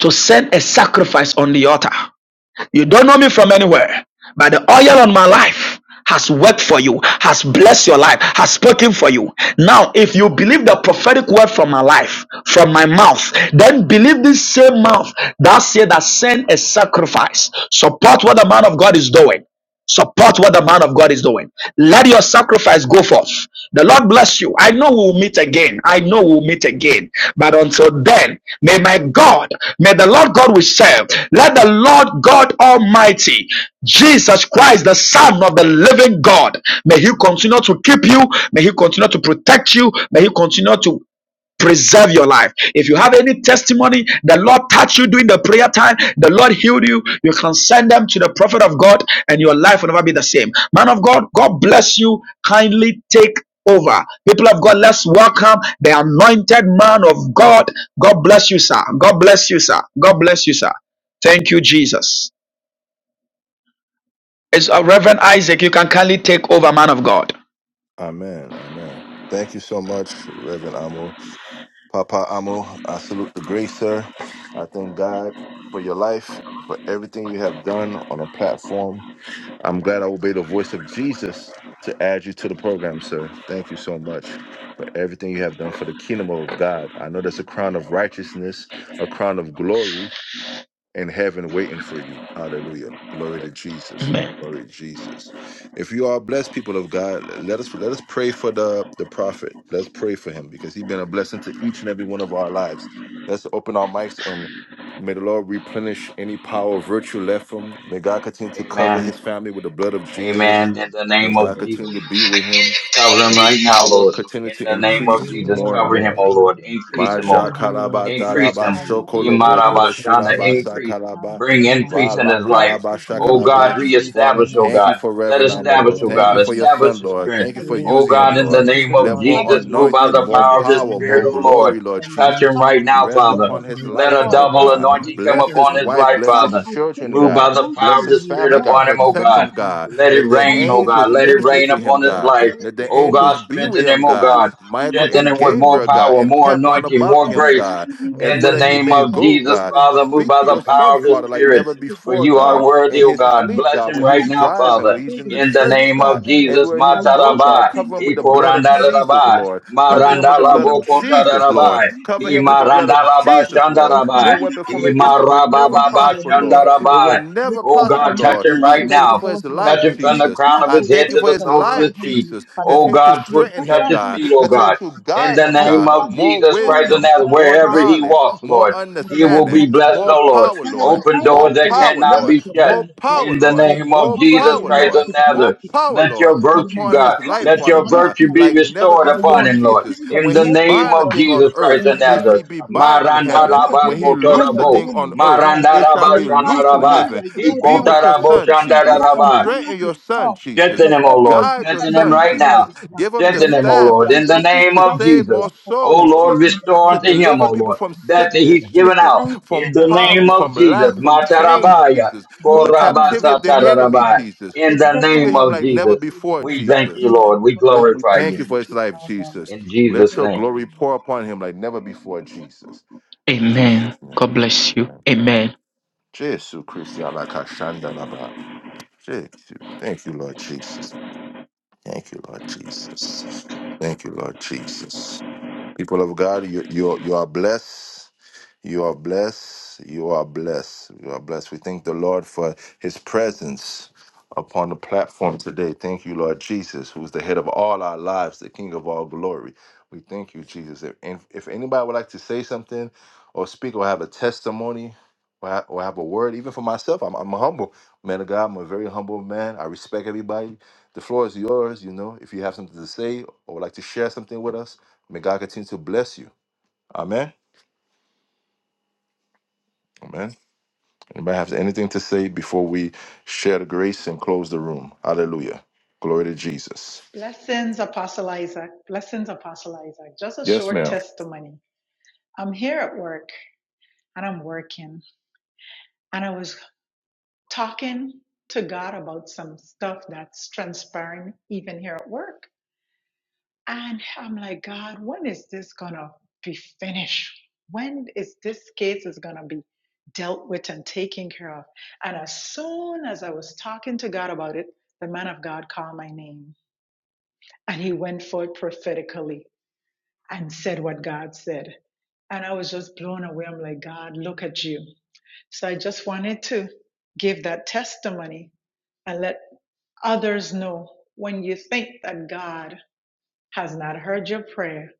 Speaker 5: to send a sacrifice on the altar. You don't know me from anywhere, but the oil on my life has worked for you, has blessed your life, has spoken for you. Now, if you believe the prophetic word from my life, from my mouth, then believe this same mouth that said that send a sacrifice. Support what the man of God is doing. Support what the man of God is doing. Let your sacrifice go forth. The Lord bless you. I know we'll meet again. I know we'll meet again. But until then, may my God, may the Lord God we serve, let the Lord God Almighty, Jesus Christ, the Son of the living God, may He continue to keep you. May He continue to protect you. May He continue to preserve your life. If you have any testimony, the Lord touched you during the prayer time, the Lord healed you, you can send them to the prophet of God, and your life will never be the same. Man of God, God bless you. Kindly take over. People of God, let's welcome the anointed man of God. God bless you, sir. God bless you, sir. God bless you, sir. Thank you, Jesus. It's uh, Reverend Isaac. You can kindly take over, man of God.
Speaker 1: Amen. Amen. Thank you so much, Reverend Amo. Papa Amo, I salute the grace, sir. I thank God for your life, for everything you have done on a platform. I'm glad I obeyed the voice of Jesus to add you to the program, sir. Thank you so much for everything you have done for the kingdom of God. I know that's a crown of righteousness, a crown of glory in heaven waiting for you. Hallelujah. Glory to Jesus. Glory to Jesus. If you are blessed people of God, let us let us pray for the the prophet. Let's pray for him because he's been a blessing to each and every one of our lives. Let's open our mics and may the Lord replenish any power of virtue left from him. May God continue to cover
Speaker 3: Amen.
Speaker 1: his family with the blood of Jesus.
Speaker 3: Amen. In
Speaker 14: Lord.
Speaker 3: the
Speaker 1: May
Speaker 3: name of
Speaker 1: God continue to
Speaker 3: Jesus.
Speaker 1: be
Speaker 14: Amen.
Speaker 1: with him.
Speaker 3: Cover
Speaker 1: May
Speaker 3: him
Speaker 1: his
Speaker 3: right now,
Speaker 1: power
Speaker 3: Lord.
Speaker 1: continue
Speaker 3: In
Speaker 1: to
Speaker 3: the
Speaker 14: In
Speaker 6: Come
Speaker 3: name
Speaker 14: the
Speaker 6: to
Speaker 3: of
Speaker 1: increase
Speaker 6: you,
Speaker 3: Jesus,
Speaker 1: more
Speaker 6: Lord.
Speaker 1: and
Speaker 6: I
Speaker 14: name
Speaker 3: cover
Speaker 14: of
Speaker 1: more.
Speaker 3: him,
Speaker 6: pray,
Speaker 3: O
Speaker 14: Jesus,
Speaker 6: God.
Speaker 3: Lord.
Speaker 14: in the
Speaker 3: Increase him, O
Speaker 14: name
Speaker 1: Maja
Speaker 14: of
Speaker 6: Over
Speaker 3: God.
Speaker 6: here,
Speaker 1: kalaba
Speaker 14: Jesus,
Speaker 6: Lord.
Speaker 3: Increase
Speaker 6: Jesus, I
Speaker 1: talaba
Speaker 3: him.
Speaker 6: have
Speaker 14: Father,
Speaker 6: your
Speaker 1: shokolo
Speaker 14: evil verse,
Speaker 1: botola
Speaker 6: grace
Speaker 3: Imarabashana,
Speaker 1: shilaba
Speaker 6: upon
Speaker 14: evil verse
Speaker 3: increase.
Speaker 14: that I
Speaker 1: sakalaba
Speaker 3: Bring
Speaker 14: have
Speaker 6: you.
Speaker 14: to,
Speaker 3: increase in
Speaker 1: vala
Speaker 3: his
Speaker 14: Lord,
Speaker 3: life.
Speaker 1: kalaba
Speaker 14: today
Speaker 6: You are
Speaker 14: I
Speaker 3: O
Speaker 6: you to
Speaker 3: God,
Speaker 1: shakalaba
Speaker 6: get
Speaker 14: decree
Speaker 6: these
Speaker 1: Father,
Speaker 3: reestablish, O
Speaker 14: it.
Speaker 1: thank
Speaker 6: things.
Speaker 3: God.
Speaker 1: you for
Speaker 3: Let
Speaker 1: Reverend
Speaker 14: So,
Speaker 6: Oh,
Speaker 1: Amo,
Speaker 14: Father
Speaker 3: establish,
Speaker 1: Lord.
Speaker 6: God,
Speaker 3: O
Speaker 14: God, in
Speaker 6: it
Speaker 14: the
Speaker 1: Thank
Speaker 3: God.
Speaker 1: you for
Speaker 14: name
Speaker 6: was,
Speaker 1: your
Speaker 14: of
Speaker 3: Establish
Speaker 1: son,
Speaker 14: Jesus,
Speaker 3: his
Speaker 14: I
Speaker 1: Lord.
Speaker 14: pray
Speaker 3: strength.
Speaker 1: Thank you
Speaker 14: that you
Speaker 1: for
Speaker 6: yeah, it
Speaker 3: O
Speaker 1: using
Speaker 14: restore
Speaker 3: God,
Speaker 1: him,
Speaker 6: was
Speaker 3: in
Speaker 14: his
Speaker 3: the
Speaker 1: Lord.
Speaker 14: faith.
Speaker 3: name
Speaker 6: nurtured
Speaker 3: of
Speaker 1: Let
Speaker 6: on. You
Speaker 1: more
Speaker 14: Father,
Speaker 3: Jesus,
Speaker 6: know,
Speaker 3: move
Speaker 6: that's
Speaker 3: by
Speaker 1: anointing,
Speaker 14: restore
Speaker 6: what
Speaker 3: the
Speaker 6: I
Speaker 14: him,
Speaker 1: more
Speaker 14: O
Speaker 3: power of
Speaker 6: did
Speaker 3: the
Speaker 14: God,
Speaker 1: power,
Speaker 6: from
Speaker 14: with
Speaker 3: Spirit,
Speaker 1: more
Speaker 6: the,
Speaker 3: O
Speaker 14: new
Speaker 3: Lord.
Speaker 1: glory, Lord
Speaker 14: wisdom.
Speaker 3: Touch
Speaker 6: you
Speaker 3: him
Speaker 1: Jesus.
Speaker 14: Father,
Speaker 3: right
Speaker 6: know,
Speaker 14: I
Speaker 3: now,
Speaker 1: Rest
Speaker 6: when
Speaker 14: pray
Speaker 6: you're
Speaker 3: Father.
Speaker 14: for
Speaker 1: upon
Speaker 6: looking at
Speaker 1: his
Speaker 6: me,
Speaker 14: fresh
Speaker 3: Let
Speaker 1: life,
Speaker 3: a
Speaker 6: Christians
Speaker 14: oil
Speaker 1: Lord
Speaker 6: on
Speaker 14: to
Speaker 3: double
Speaker 6: this
Speaker 1: God.
Speaker 3: anointing
Speaker 14: release
Speaker 6: phone.
Speaker 3: come
Speaker 14: it
Speaker 1: Bless his
Speaker 3: upon
Speaker 14: again.
Speaker 6: you
Speaker 3: his
Speaker 6: know,
Speaker 1: wife,
Speaker 3: life,
Speaker 1: bless his
Speaker 14: Father,
Speaker 3: Father.
Speaker 14: I pray
Speaker 1: children,
Speaker 14: that
Speaker 3: Move
Speaker 14: you
Speaker 3: by
Speaker 1: God.
Speaker 3: the
Speaker 14: grant
Speaker 3: power
Speaker 1: Bless
Speaker 14: him
Speaker 3: of the
Speaker 1: his
Speaker 3: Spirit
Speaker 1: family, God.
Speaker 14: reward
Speaker 3: upon him,
Speaker 14: in
Speaker 3: O
Speaker 14: the
Speaker 1: Protect
Speaker 3: God.
Speaker 14: name
Speaker 1: him,
Speaker 14: of
Speaker 1: God.
Speaker 14: Jesus.
Speaker 3: Let it
Speaker 1: Let the
Speaker 14: That
Speaker 6: with
Speaker 3: rain,
Speaker 14: your
Speaker 3: O God.
Speaker 1: angels
Speaker 14: glory we
Speaker 3: Let
Speaker 14: will
Speaker 3: it
Speaker 14: be
Speaker 1: minister
Speaker 3: rain
Speaker 1: to
Speaker 14: revealed
Speaker 1: him,
Speaker 3: upon
Speaker 14: and
Speaker 3: his
Speaker 1: God.
Speaker 3: life.
Speaker 1: Let
Speaker 14: expressed in
Speaker 1: the
Speaker 14: the
Speaker 3: Oh
Speaker 14: name
Speaker 3: God,
Speaker 14: of
Speaker 1: angels be
Speaker 6: the
Speaker 1: with
Speaker 14: Jesus.
Speaker 3: strengthen
Speaker 1: him,
Speaker 3: him, oh
Speaker 1: God.
Speaker 14: Holy
Speaker 3: God.
Speaker 14: things
Speaker 1: Michael
Speaker 14: I
Speaker 3: Strengthen
Speaker 1: and
Speaker 3: him
Speaker 14: pray
Speaker 3: with
Speaker 14: that you
Speaker 3: more
Speaker 1: Gabriel,
Speaker 6: recreation
Speaker 1: God,
Speaker 3: power,
Speaker 1: and
Speaker 14: empower
Speaker 3: more
Speaker 1: camp
Speaker 14: him,
Speaker 1: round
Speaker 3: anointing,
Speaker 1: about
Speaker 3: more
Speaker 1: him him,
Speaker 3: grace.
Speaker 14: empower
Speaker 1: God.
Speaker 14: him
Speaker 6: from this
Speaker 3: In
Speaker 14: with
Speaker 1: Everywhere
Speaker 3: the
Speaker 14: the
Speaker 1: that he
Speaker 3: name
Speaker 1: may
Speaker 6: problem.
Speaker 3: of
Speaker 14: wisdom
Speaker 1: go,
Speaker 14: of
Speaker 3: Jesus,
Speaker 1: God.
Speaker 14: knowledge.
Speaker 3: Father, move
Speaker 1: Speak
Speaker 3: by
Speaker 1: to
Speaker 3: the
Speaker 1: your
Speaker 14: Father,
Speaker 1: son,
Speaker 3: power of the
Speaker 1: Father, like
Speaker 14: strengthen his
Speaker 3: Spirit.
Speaker 1: never
Speaker 14: spiritual
Speaker 3: For
Speaker 1: before,
Speaker 3: you are
Speaker 1: God.
Speaker 3: worthy,
Speaker 1: In
Speaker 3: oh
Speaker 14: strength
Speaker 1: his
Speaker 3: God.
Speaker 1: sleep,
Speaker 3: Bless
Speaker 1: God,
Speaker 3: him
Speaker 1: when
Speaker 3: right
Speaker 1: he's
Speaker 14: pray, oh God, in
Speaker 3: now,
Speaker 1: driving,
Speaker 3: Father.
Speaker 1: when he's in the
Speaker 3: In
Speaker 14: this
Speaker 3: the
Speaker 1: church,
Speaker 3: name
Speaker 14: spiritual
Speaker 3: of
Speaker 1: God.
Speaker 14: journey
Speaker 3: Jesus,
Speaker 1: Everywhere he
Speaker 14: that you be
Speaker 1: go,
Speaker 14: with
Speaker 1: God,
Speaker 3: Mataraba,
Speaker 14: me,
Speaker 1: cover
Speaker 14: my
Speaker 1: him with the
Speaker 14: God, in
Speaker 1: blood
Speaker 14: the
Speaker 1: of
Speaker 14: end of
Speaker 1: Jesus,
Speaker 3: Ikorandaraba,
Speaker 14: Jesus.
Speaker 1: Lord. Cover
Speaker 14: Every
Speaker 1: him with the
Speaker 3: Marandala
Speaker 14: hour
Speaker 1: blood of
Speaker 14: that wants to
Speaker 1: Jesus,
Speaker 14: come
Speaker 1: Lord.
Speaker 3: Bokotarabai,
Speaker 14: against you
Speaker 1: Cover him with
Speaker 14: because
Speaker 1: the
Speaker 14: of
Speaker 1: blood of
Speaker 3: Imarandalaba
Speaker 14: people.
Speaker 1: Jesus,
Speaker 14: We
Speaker 1: Lord. No
Speaker 3: Shandarabai,
Speaker 14: command the
Speaker 1: weapon formed
Speaker 14: arrow back
Speaker 1: against him
Speaker 14: to
Speaker 1: will
Speaker 14: the
Speaker 1: never
Speaker 14: sender in
Speaker 3: Imarababa
Speaker 14: the
Speaker 1: prosper,
Speaker 14: name of
Speaker 1: Lord. It
Speaker 14: Jesus.
Speaker 1: will
Speaker 3: Shandarabai.
Speaker 14: We
Speaker 1: never
Speaker 3: Oh
Speaker 14: declare
Speaker 1: prosper,
Speaker 14: that
Speaker 3: God,
Speaker 14: no
Speaker 3: touch
Speaker 1: Lord.
Speaker 3: him
Speaker 14: evil
Speaker 1: I
Speaker 3: right
Speaker 14: will
Speaker 1: thank you
Speaker 3: now.
Speaker 1: for
Speaker 14: befall
Speaker 1: his
Speaker 14: him.
Speaker 3: Touch
Speaker 1: life,
Speaker 3: him
Speaker 14: We
Speaker 3: from the
Speaker 1: Jesus.
Speaker 3: crown
Speaker 14: declare
Speaker 3: of
Speaker 1: I
Speaker 3: his head
Speaker 1: thank you
Speaker 3: to
Speaker 1: for
Speaker 3: the
Speaker 1: his
Speaker 14: protection
Speaker 3: soles of
Speaker 14: over
Speaker 3: his
Speaker 1: life,
Speaker 14: him
Speaker 3: feet.
Speaker 14: and his
Speaker 1: Jesus.
Speaker 3: Oh
Speaker 14: family.
Speaker 1: Continue to
Speaker 3: God,
Speaker 14: We
Speaker 3: put,
Speaker 1: strengthen him,
Speaker 14: cover
Speaker 3: touch his
Speaker 14: him
Speaker 1: God.
Speaker 14: with
Speaker 3: feet,
Speaker 14: the
Speaker 3: oh
Speaker 14: blood
Speaker 1: Continue
Speaker 14: of
Speaker 3: God.
Speaker 1: to
Speaker 14: Jesus.
Speaker 3: In
Speaker 1: guide
Speaker 3: the
Speaker 1: him,
Speaker 14: I
Speaker 3: name
Speaker 1: God.
Speaker 14: declare
Speaker 3: of
Speaker 1: More
Speaker 14: peace
Speaker 3: Jesus
Speaker 14: all
Speaker 3: Christ
Speaker 14: and
Speaker 3: of
Speaker 1: wisdom,
Speaker 3: Nazareth,
Speaker 1: more
Speaker 14: peace
Speaker 3: wherever
Speaker 14: out
Speaker 3: he
Speaker 1: knowledge,
Speaker 3: walks,
Speaker 1: more
Speaker 3: Lord,
Speaker 14: in
Speaker 3: he
Speaker 14: the
Speaker 3: will
Speaker 14: name
Speaker 1: understanding,
Speaker 3: be
Speaker 14: of
Speaker 3: blessed,
Speaker 1: more
Speaker 14: Jesus.
Speaker 3: oh Lord.
Speaker 1: power,
Speaker 14: Father, we
Speaker 1: Lord.
Speaker 3: Open
Speaker 14: thank
Speaker 1: More
Speaker 14: you
Speaker 3: doors
Speaker 14: for
Speaker 3: that
Speaker 14: your
Speaker 1: power,
Speaker 3: cannot
Speaker 1: Lord.
Speaker 14: grace
Speaker 3: be
Speaker 14: and for
Speaker 3: shut.
Speaker 1: More
Speaker 14: your blood.
Speaker 1: power,
Speaker 3: In the
Speaker 1: Lord.
Speaker 14: I
Speaker 3: name
Speaker 14: pray,
Speaker 3: of
Speaker 1: More
Speaker 14: oh God, that
Speaker 3: Jesus
Speaker 14: you
Speaker 1: power,
Speaker 3: Christ
Speaker 1: Lord.
Speaker 3: of
Speaker 14: multiply
Speaker 1: More
Speaker 3: Nazareth.
Speaker 14: it,
Speaker 1: power,
Speaker 3: Let
Speaker 1: Lord,
Speaker 3: your
Speaker 14: that you
Speaker 3: virtue,
Speaker 1: upon
Speaker 3: God,
Speaker 1: his
Speaker 14: multiply
Speaker 1: life,
Speaker 14: your
Speaker 3: let
Speaker 1: Father
Speaker 3: your
Speaker 1: God,
Speaker 14: anointing
Speaker 3: virtue
Speaker 14: of
Speaker 3: be
Speaker 1: like
Speaker 14: us,
Speaker 1: never
Speaker 3: restored
Speaker 14: that you
Speaker 3: upon
Speaker 1: before,
Speaker 3: him, Lord.
Speaker 1: Jesus.
Speaker 14: multiply your
Speaker 3: In
Speaker 1: When
Speaker 3: the
Speaker 1: he
Speaker 14: blessing
Speaker 3: name
Speaker 1: bind a
Speaker 3: of
Speaker 14: upon
Speaker 1: thing
Speaker 14: him
Speaker 1: on
Speaker 3: Jesus Christ
Speaker 1: earth,
Speaker 14: in
Speaker 3: of
Speaker 14: the
Speaker 1: it
Speaker 14: name of
Speaker 3: Nazareth.
Speaker 1: should be
Speaker 14: Jesus.
Speaker 1: bind in
Speaker 14: Oh
Speaker 1: heaven.
Speaker 14: God,
Speaker 1: When when
Speaker 14: may you
Speaker 1: he
Speaker 14: find
Speaker 1: loosed the
Speaker 14: your
Speaker 3: Marandarabakotorabo.
Speaker 1: thing
Speaker 14: name in
Speaker 1: on
Speaker 14: his
Speaker 1: earth,
Speaker 14: life.
Speaker 1: it shall
Speaker 14: May
Speaker 1: be
Speaker 14: you find
Speaker 1: loose in
Speaker 14: only
Speaker 3: Marandarabashandaraba.
Speaker 1: heaven.
Speaker 14: your word
Speaker 1: Be
Speaker 14: in
Speaker 1: with
Speaker 14: his
Speaker 1: your
Speaker 14: life.
Speaker 1: son, Jesus.
Speaker 14: Father,
Speaker 3: Ikotarabo
Speaker 14: empower
Speaker 1: Strengthen your
Speaker 14: his
Speaker 1: son,
Speaker 14: talk.
Speaker 1: Jesus.
Speaker 3: Strengthen him, O
Speaker 14: Whatever he
Speaker 3: Lord.
Speaker 1: Guide your
Speaker 14: declared
Speaker 3: Strengthen
Speaker 14: may
Speaker 3: him
Speaker 1: son,
Speaker 14: not
Speaker 3: right
Speaker 14: fall on
Speaker 1: Jesus.
Speaker 3: now.
Speaker 14: his
Speaker 1: Give
Speaker 14: mouth,
Speaker 1: him the
Speaker 14: but
Speaker 3: Strengthen
Speaker 14: let
Speaker 3: him, O
Speaker 14: it
Speaker 1: staff,
Speaker 14: be
Speaker 3: Lord, in the
Speaker 1: Jesus,
Speaker 14: accomplished
Speaker 3: name
Speaker 1: to
Speaker 14: that
Speaker 3: of
Speaker 14: which
Speaker 1: save
Speaker 14: he
Speaker 1: more
Speaker 3: Jesus.
Speaker 14: has spoken
Speaker 3: O
Speaker 14: of
Speaker 1: souls,
Speaker 3: Lord,
Speaker 14: in
Speaker 1: Jesus,
Speaker 14: the
Speaker 3: restore
Speaker 1: to
Speaker 14: name
Speaker 3: unto
Speaker 14: of
Speaker 3: him,
Speaker 1: deliver
Speaker 3: O
Speaker 1: people
Speaker 3: Lord,
Speaker 14: Jesus.
Speaker 1: from
Speaker 3: that
Speaker 1: sickness,
Speaker 3: he's given
Speaker 1: Jesus,
Speaker 3: out
Speaker 14: Thank you,
Speaker 3: in
Speaker 1: from
Speaker 3: the
Speaker 14: Father.
Speaker 3: name
Speaker 1: poverty, from
Speaker 3: of Jesus.
Speaker 1: lack,
Speaker 14: Thank
Speaker 1: from
Speaker 14: you,
Speaker 1: chains,
Speaker 14: Jesus.
Speaker 3: Matarabaya,
Speaker 1: Jesus, from the
Speaker 14: Blessing my
Speaker 1: captivity of the
Speaker 14: family,
Speaker 1: enemy,
Speaker 3: korabasatarabai.
Speaker 14: Lord.
Speaker 1: Jesus.
Speaker 3: In the
Speaker 1: Be
Speaker 14: Protecting
Speaker 1: with
Speaker 3: name
Speaker 14: my
Speaker 1: him
Speaker 3: of
Speaker 1: like never
Speaker 3: Jesus,
Speaker 14: family,
Speaker 1: before,
Speaker 14: Lord.
Speaker 3: we thank
Speaker 14: In
Speaker 3: you,
Speaker 1: Jesus.
Speaker 14: the
Speaker 3: Lord. We
Speaker 14: name of
Speaker 1: Let, we
Speaker 3: glorify
Speaker 14: Jesus.
Speaker 1: thank
Speaker 3: you
Speaker 1: you
Speaker 14: Thank
Speaker 1: for his
Speaker 14: you,
Speaker 1: life,
Speaker 14: Father. In
Speaker 1: Jesus.
Speaker 3: in
Speaker 1: Let
Speaker 3: Jesus'
Speaker 14: the
Speaker 1: your
Speaker 14: name
Speaker 3: name.
Speaker 14: of
Speaker 1: glory
Speaker 14: Jesus.
Speaker 1: pour upon him like never before, Jesus. In
Speaker 5: Amen.
Speaker 1: Jesus' name.
Speaker 5: God bless you.
Speaker 1: Amen.
Speaker 5: Amen.
Speaker 1: Jesus Christ, Alakashandalaba. Jesus. Thank you, Lord Jesus. Thank you, Lord Jesus. Thank you, Lord Jesus. People of God, you, you, you are blessed. You are blessed. You are blessed. You are blessed. We thank the Lord for his presence upon the platform today. Thank you, Lord Jesus, who's the head of all our lives, the King of all glory. We thank you, Jesus. If, if anybody would like to say something or speak or have a testimony, well, I, well, I have a word even for myself. I'm, I'm a humble man of God. I'm a very humble man. I respect everybody. The floor is yours. You know, if you have something to say or would like to share something with us, may God continue to bless you. Amen. Amen. Anybody have anything to say before we share the grace and close the room? Hallelujah. Glory to Jesus.
Speaker 11: Blessings, Apostle Isaac. Blessings, Apostle Isaac. Just a
Speaker 1: Yes,
Speaker 11: short
Speaker 1: ma'am.
Speaker 11: testimony. I'm here at work and I'm working, and I was talking to God about some stuff that's transpiring even here at work. And I'm like, God, when is this gonna be finished? When is this case is gonna be dealt with and taken care of? And as soon as I was talking to God about it, the man of God called my name and he went forth prophetically. and said what God said. And I was just blown away. I'm like, God, look at you. So I just wanted to give that testimony and let others know when you think that God has not heard your prayer,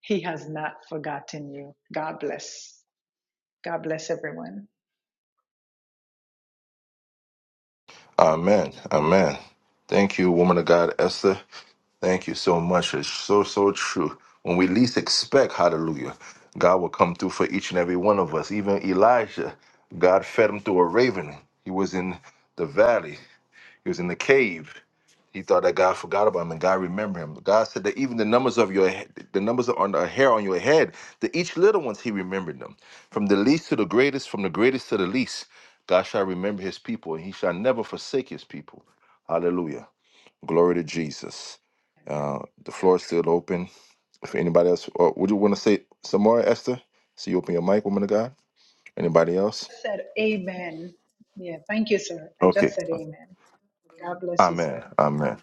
Speaker 11: He has not forgotten you. God bless. God bless everyone.
Speaker 1: Amen. Amen. Thank you, woman of God, Esther. Thank you so much. It's so, so true. When we least expect, hallelujah, God will come through for each and every one of us. Even Elijah, God fed him through a raven. He was in the valley, he was in the cave. He thought that God forgot about him, and God remembered him. God said that even the numbers of your he- the numbers on the hair on your head, the each little ones, He remembered them. From the least to the greatest, from the greatest to the least, God shall remember His people, and He shall never forsake His people. Hallelujah. Glory to Jesus. Uh, the floor is still open. If anybody else, or would you want to say some more, Esther? So you open your mic, woman of God. Anybody else?
Speaker 11: said amen. Yeah, thank you, sir. I just
Speaker 1: Okay.
Speaker 11: said amen. God bless you, sir.
Speaker 1: Amen. Amen.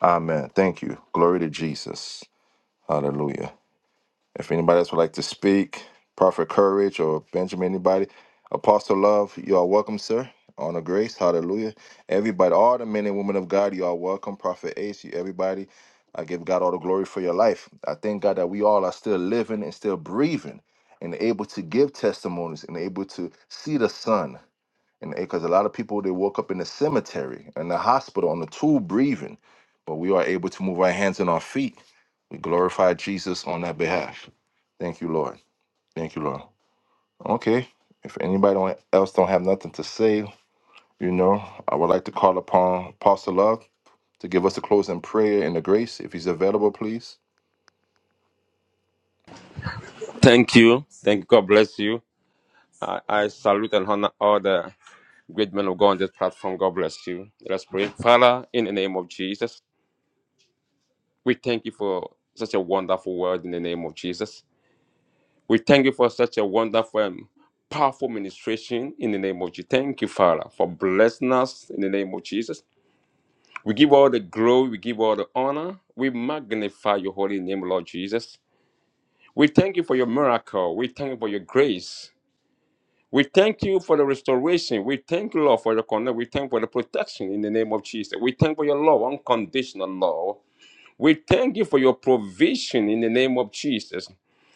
Speaker 1: Amen. Thank you. Glory to Jesus. Hallelujah. If anybody else would like to speak, Prophet Courage or Benjamin, anybody, Apostle Love, you are welcome, sir. Honor, grace, hallelujah. Everybody, all the men and women of God, you are welcome. Prophet Ace, you, everybody, I give God all the glory for your life. I thank God that we all are still living and still breathing and able to give testimonies and able to see the sun and because a lot of people they woke up in the cemetery in the hospital on the tube breathing but we are able to move our hands and our feet we glorify jesus on that behalf thank you lord thank you lord okay if anybody don't- else don't have nothing to say you know i would like to call upon apostle love to give us a closing prayer and the grace if he's available please
Speaker 15: Thank you. Thank God bless you. I, I salute and honor all the great men of God on this platform. God bless you. Let's pray. Father, in the name of Jesus, we thank you for such a wonderful word in the name of Jesus. We thank you for such a wonderful and powerful ministration in the name of Jesus. Thank you, Father, for blessing us in the name of Jesus. We give all the glory, we give all the honor. We magnify your holy name, Lord Jesus. We thank you for your miracle. We thank you for your grace. We thank you for the restoration. We thank you, Lord, for the connect. We thank for the protection in the name of Jesus. We thank for your love, unconditional love. We thank you for your provision in the name of Jesus.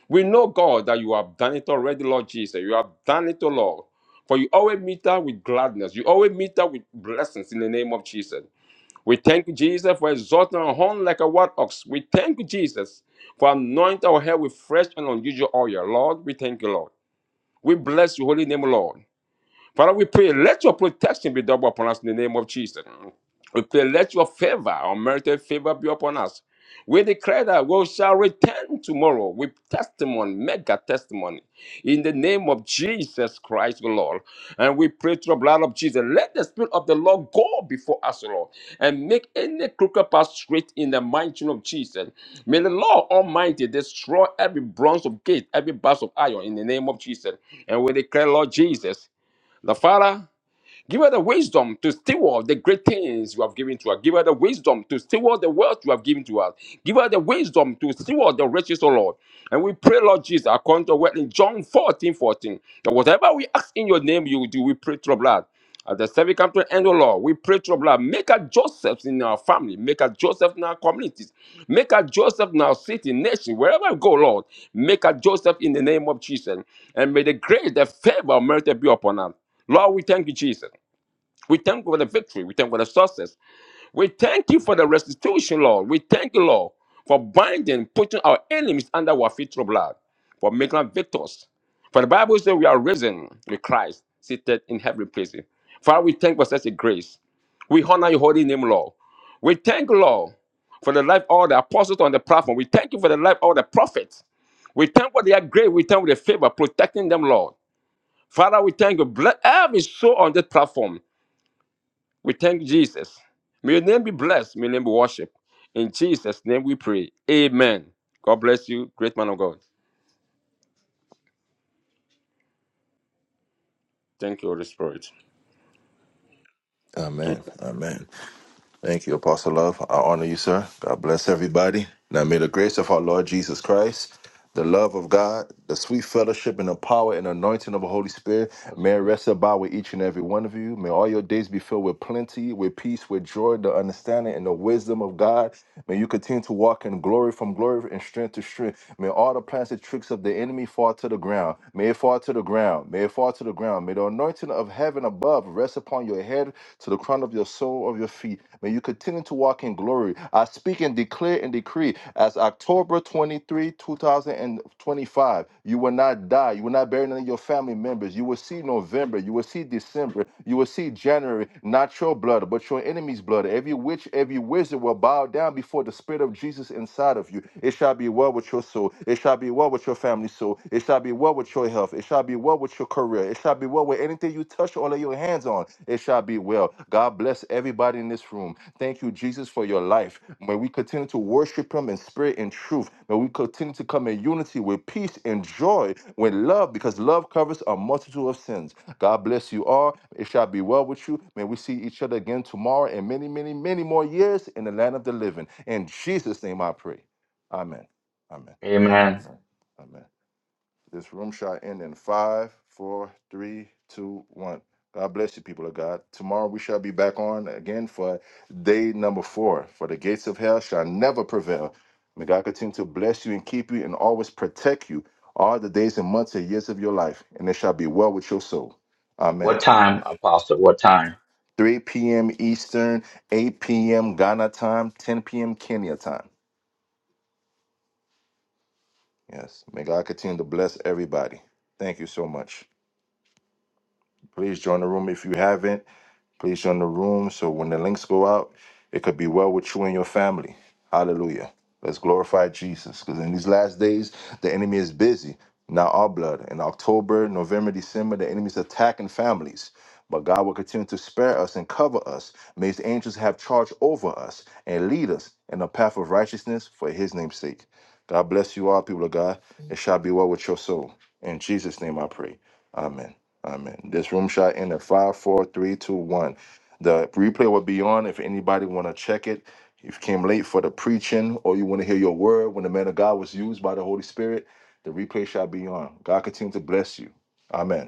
Speaker 15: We know, God, that you have done it already, Lord Jesus. You have done it, O Lord. For you always meet us with gladness. You always meet us with blessings in the name of Jesus. We thank you, Jesus, for exalting our horn like a wild ox. We thank you, Jesus, for anointing our head with fresh and unusual oil. Lord, we thank you, Lord. We bless your holy name, Lord. Father, we pray, let your protection be double upon us in the name of Jesus. We pray, let your favor, unmerited favor, be upon us. We declare that we shall return tomorrow with testimony, mega testimony, in the name of Jesus Christ, the Lord. And we pray through the blood of Jesus. Let the Spirit of the Lord go before us, Lord, and make any crooked path straight in the mighty name of Jesus. May the Lord Almighty destroy every bronze of gate, every bars of iron, in the name of Jesus. And we declare, Lord Jesus. The Father, Give her the wisdom to steward the great things you have given to her. Give her the wisdom to steward the wealth you have given to her. Give her the wisdom to steward the riches, O Lord. And we pray, Lord Jesus, according to what in John 14 14, that whatever we ask in your name, you will do. We pray through your blood. As the service comes to an end, O Lord, we pray through your blood. Make a Joseph in our family. Make a Joseph in our communities. Make a Joseph in our city, nation, wherever we go, Lord. Make a Joseph in the name of Jesus. And may the grace, the favor, merit be upon us. Lord, we thank you, Jesus. We thank you for the victory. We thank you for the success. We thank you for the restitution, Lord. We thank you, Lord, for binding, putting our enemies under our feet of blood, for making us victors. For the Bible says we are risen with Christ, seated in heavenly places. Father, we thank you for such a grace. We honor your holy name, Lord. We thank you, Lord, for the life of all the apostles on the platform. We thank you for the life of all the prophets. We thank you for their grace. We thank you for the favor, protecting them, Lord. Father, we thank you. Bless every soul on this platform. We thank Jesus. May your name be blessed. May your name be worshipped. In Jesus' name we pray. Amen. God bless you, great man of God. Thank you, Holy Spirit. Amen.
Speaker 1: amen amen Thank you, Apostle Love. I honor you, sir. God bless everybody. Now may the grace of our Lord Jesus Christ, the love of God, the sweet fellowship and the power and anointing of the Holy Spirit may it rest about with each and every one of you. May all your days be filled with plenty, with peace, with joy, the understanding and the wisdom of God. May you continue to walk in glory from glory and strength to strength. May all the plans and tricks of the enemy fall to the ground. May it fall fall to the ground. May it fall to the ground. May the anointing of heaven above rest upon your head to the crown of your soul of your feet. May you continue to walk in glory. I speak and declare and decree as October 23, 2025, you will not die. You will not bury none of your family members. You will see November. You will see December. You will see January. Not your blood, but your enemy's blood. Every witch, every wizard will bow down down before the Spirit of Jesus inside of you. It shall be well with your soul. It shall be well with your family soul. It shall be well with your health. It shall be well with your career. It shall be well with anything you touch all of your hands on. It shall be well. God bless everybody in this room. Thank you, Jesus, for your life. May we continue to worship Him in spirit and truth. May we continue to come in unity with peace and joy, with love, because love covers a multitude of sins. God bless you all. It shall be well with you. May we see each other again tomorrow and many, many, many more years in the land of the living. In Jesus' name I pray. Amen. Amen.
Speaker 3: Amen.
Speaker 1: Amen. Amen. This room shall end in five, four, three, two, one. God bless you, people of God. Tomorrow we shall be back on again for day number four. For the gates of hell shall never prevail. May God continue to bless you and keep you and always protect you all the days and months and years of your life, and it shall be well with your soul.
Speaker 3: What
Speaker 1: Amen.
Speaker 3: time, Apostle? What time?
Speaker 1: 3 p.m. Eastern, 8 p.m. Ghana time, 10 p.m. Kenya time. Yes, may God continue to bless everybody. Thank you so much. Please join the room if you haven't. Place you in the room so when the links go out, it could be well with you and your family. Hallelujah. Let's glorify Jesus. Because in these last days, the enemy is busy. Now our blood. In October, November, December, the enemy's attacking families. But God will continue to spare us and cover us. May his angels have charge over us and lead us in the path of righteousness for his name's sake. God bless you all, people of God. It shall be well with your soul. In Jesus' name I pray. Amen. Amen. This room shall end at five, four, three, two, one. The replay will be on if anybody want to check it. If you came late for the preaching or you want to hear your word when the man of God was used by the Holy Spirit, the replay shall be on. God continue to bless you. Amen.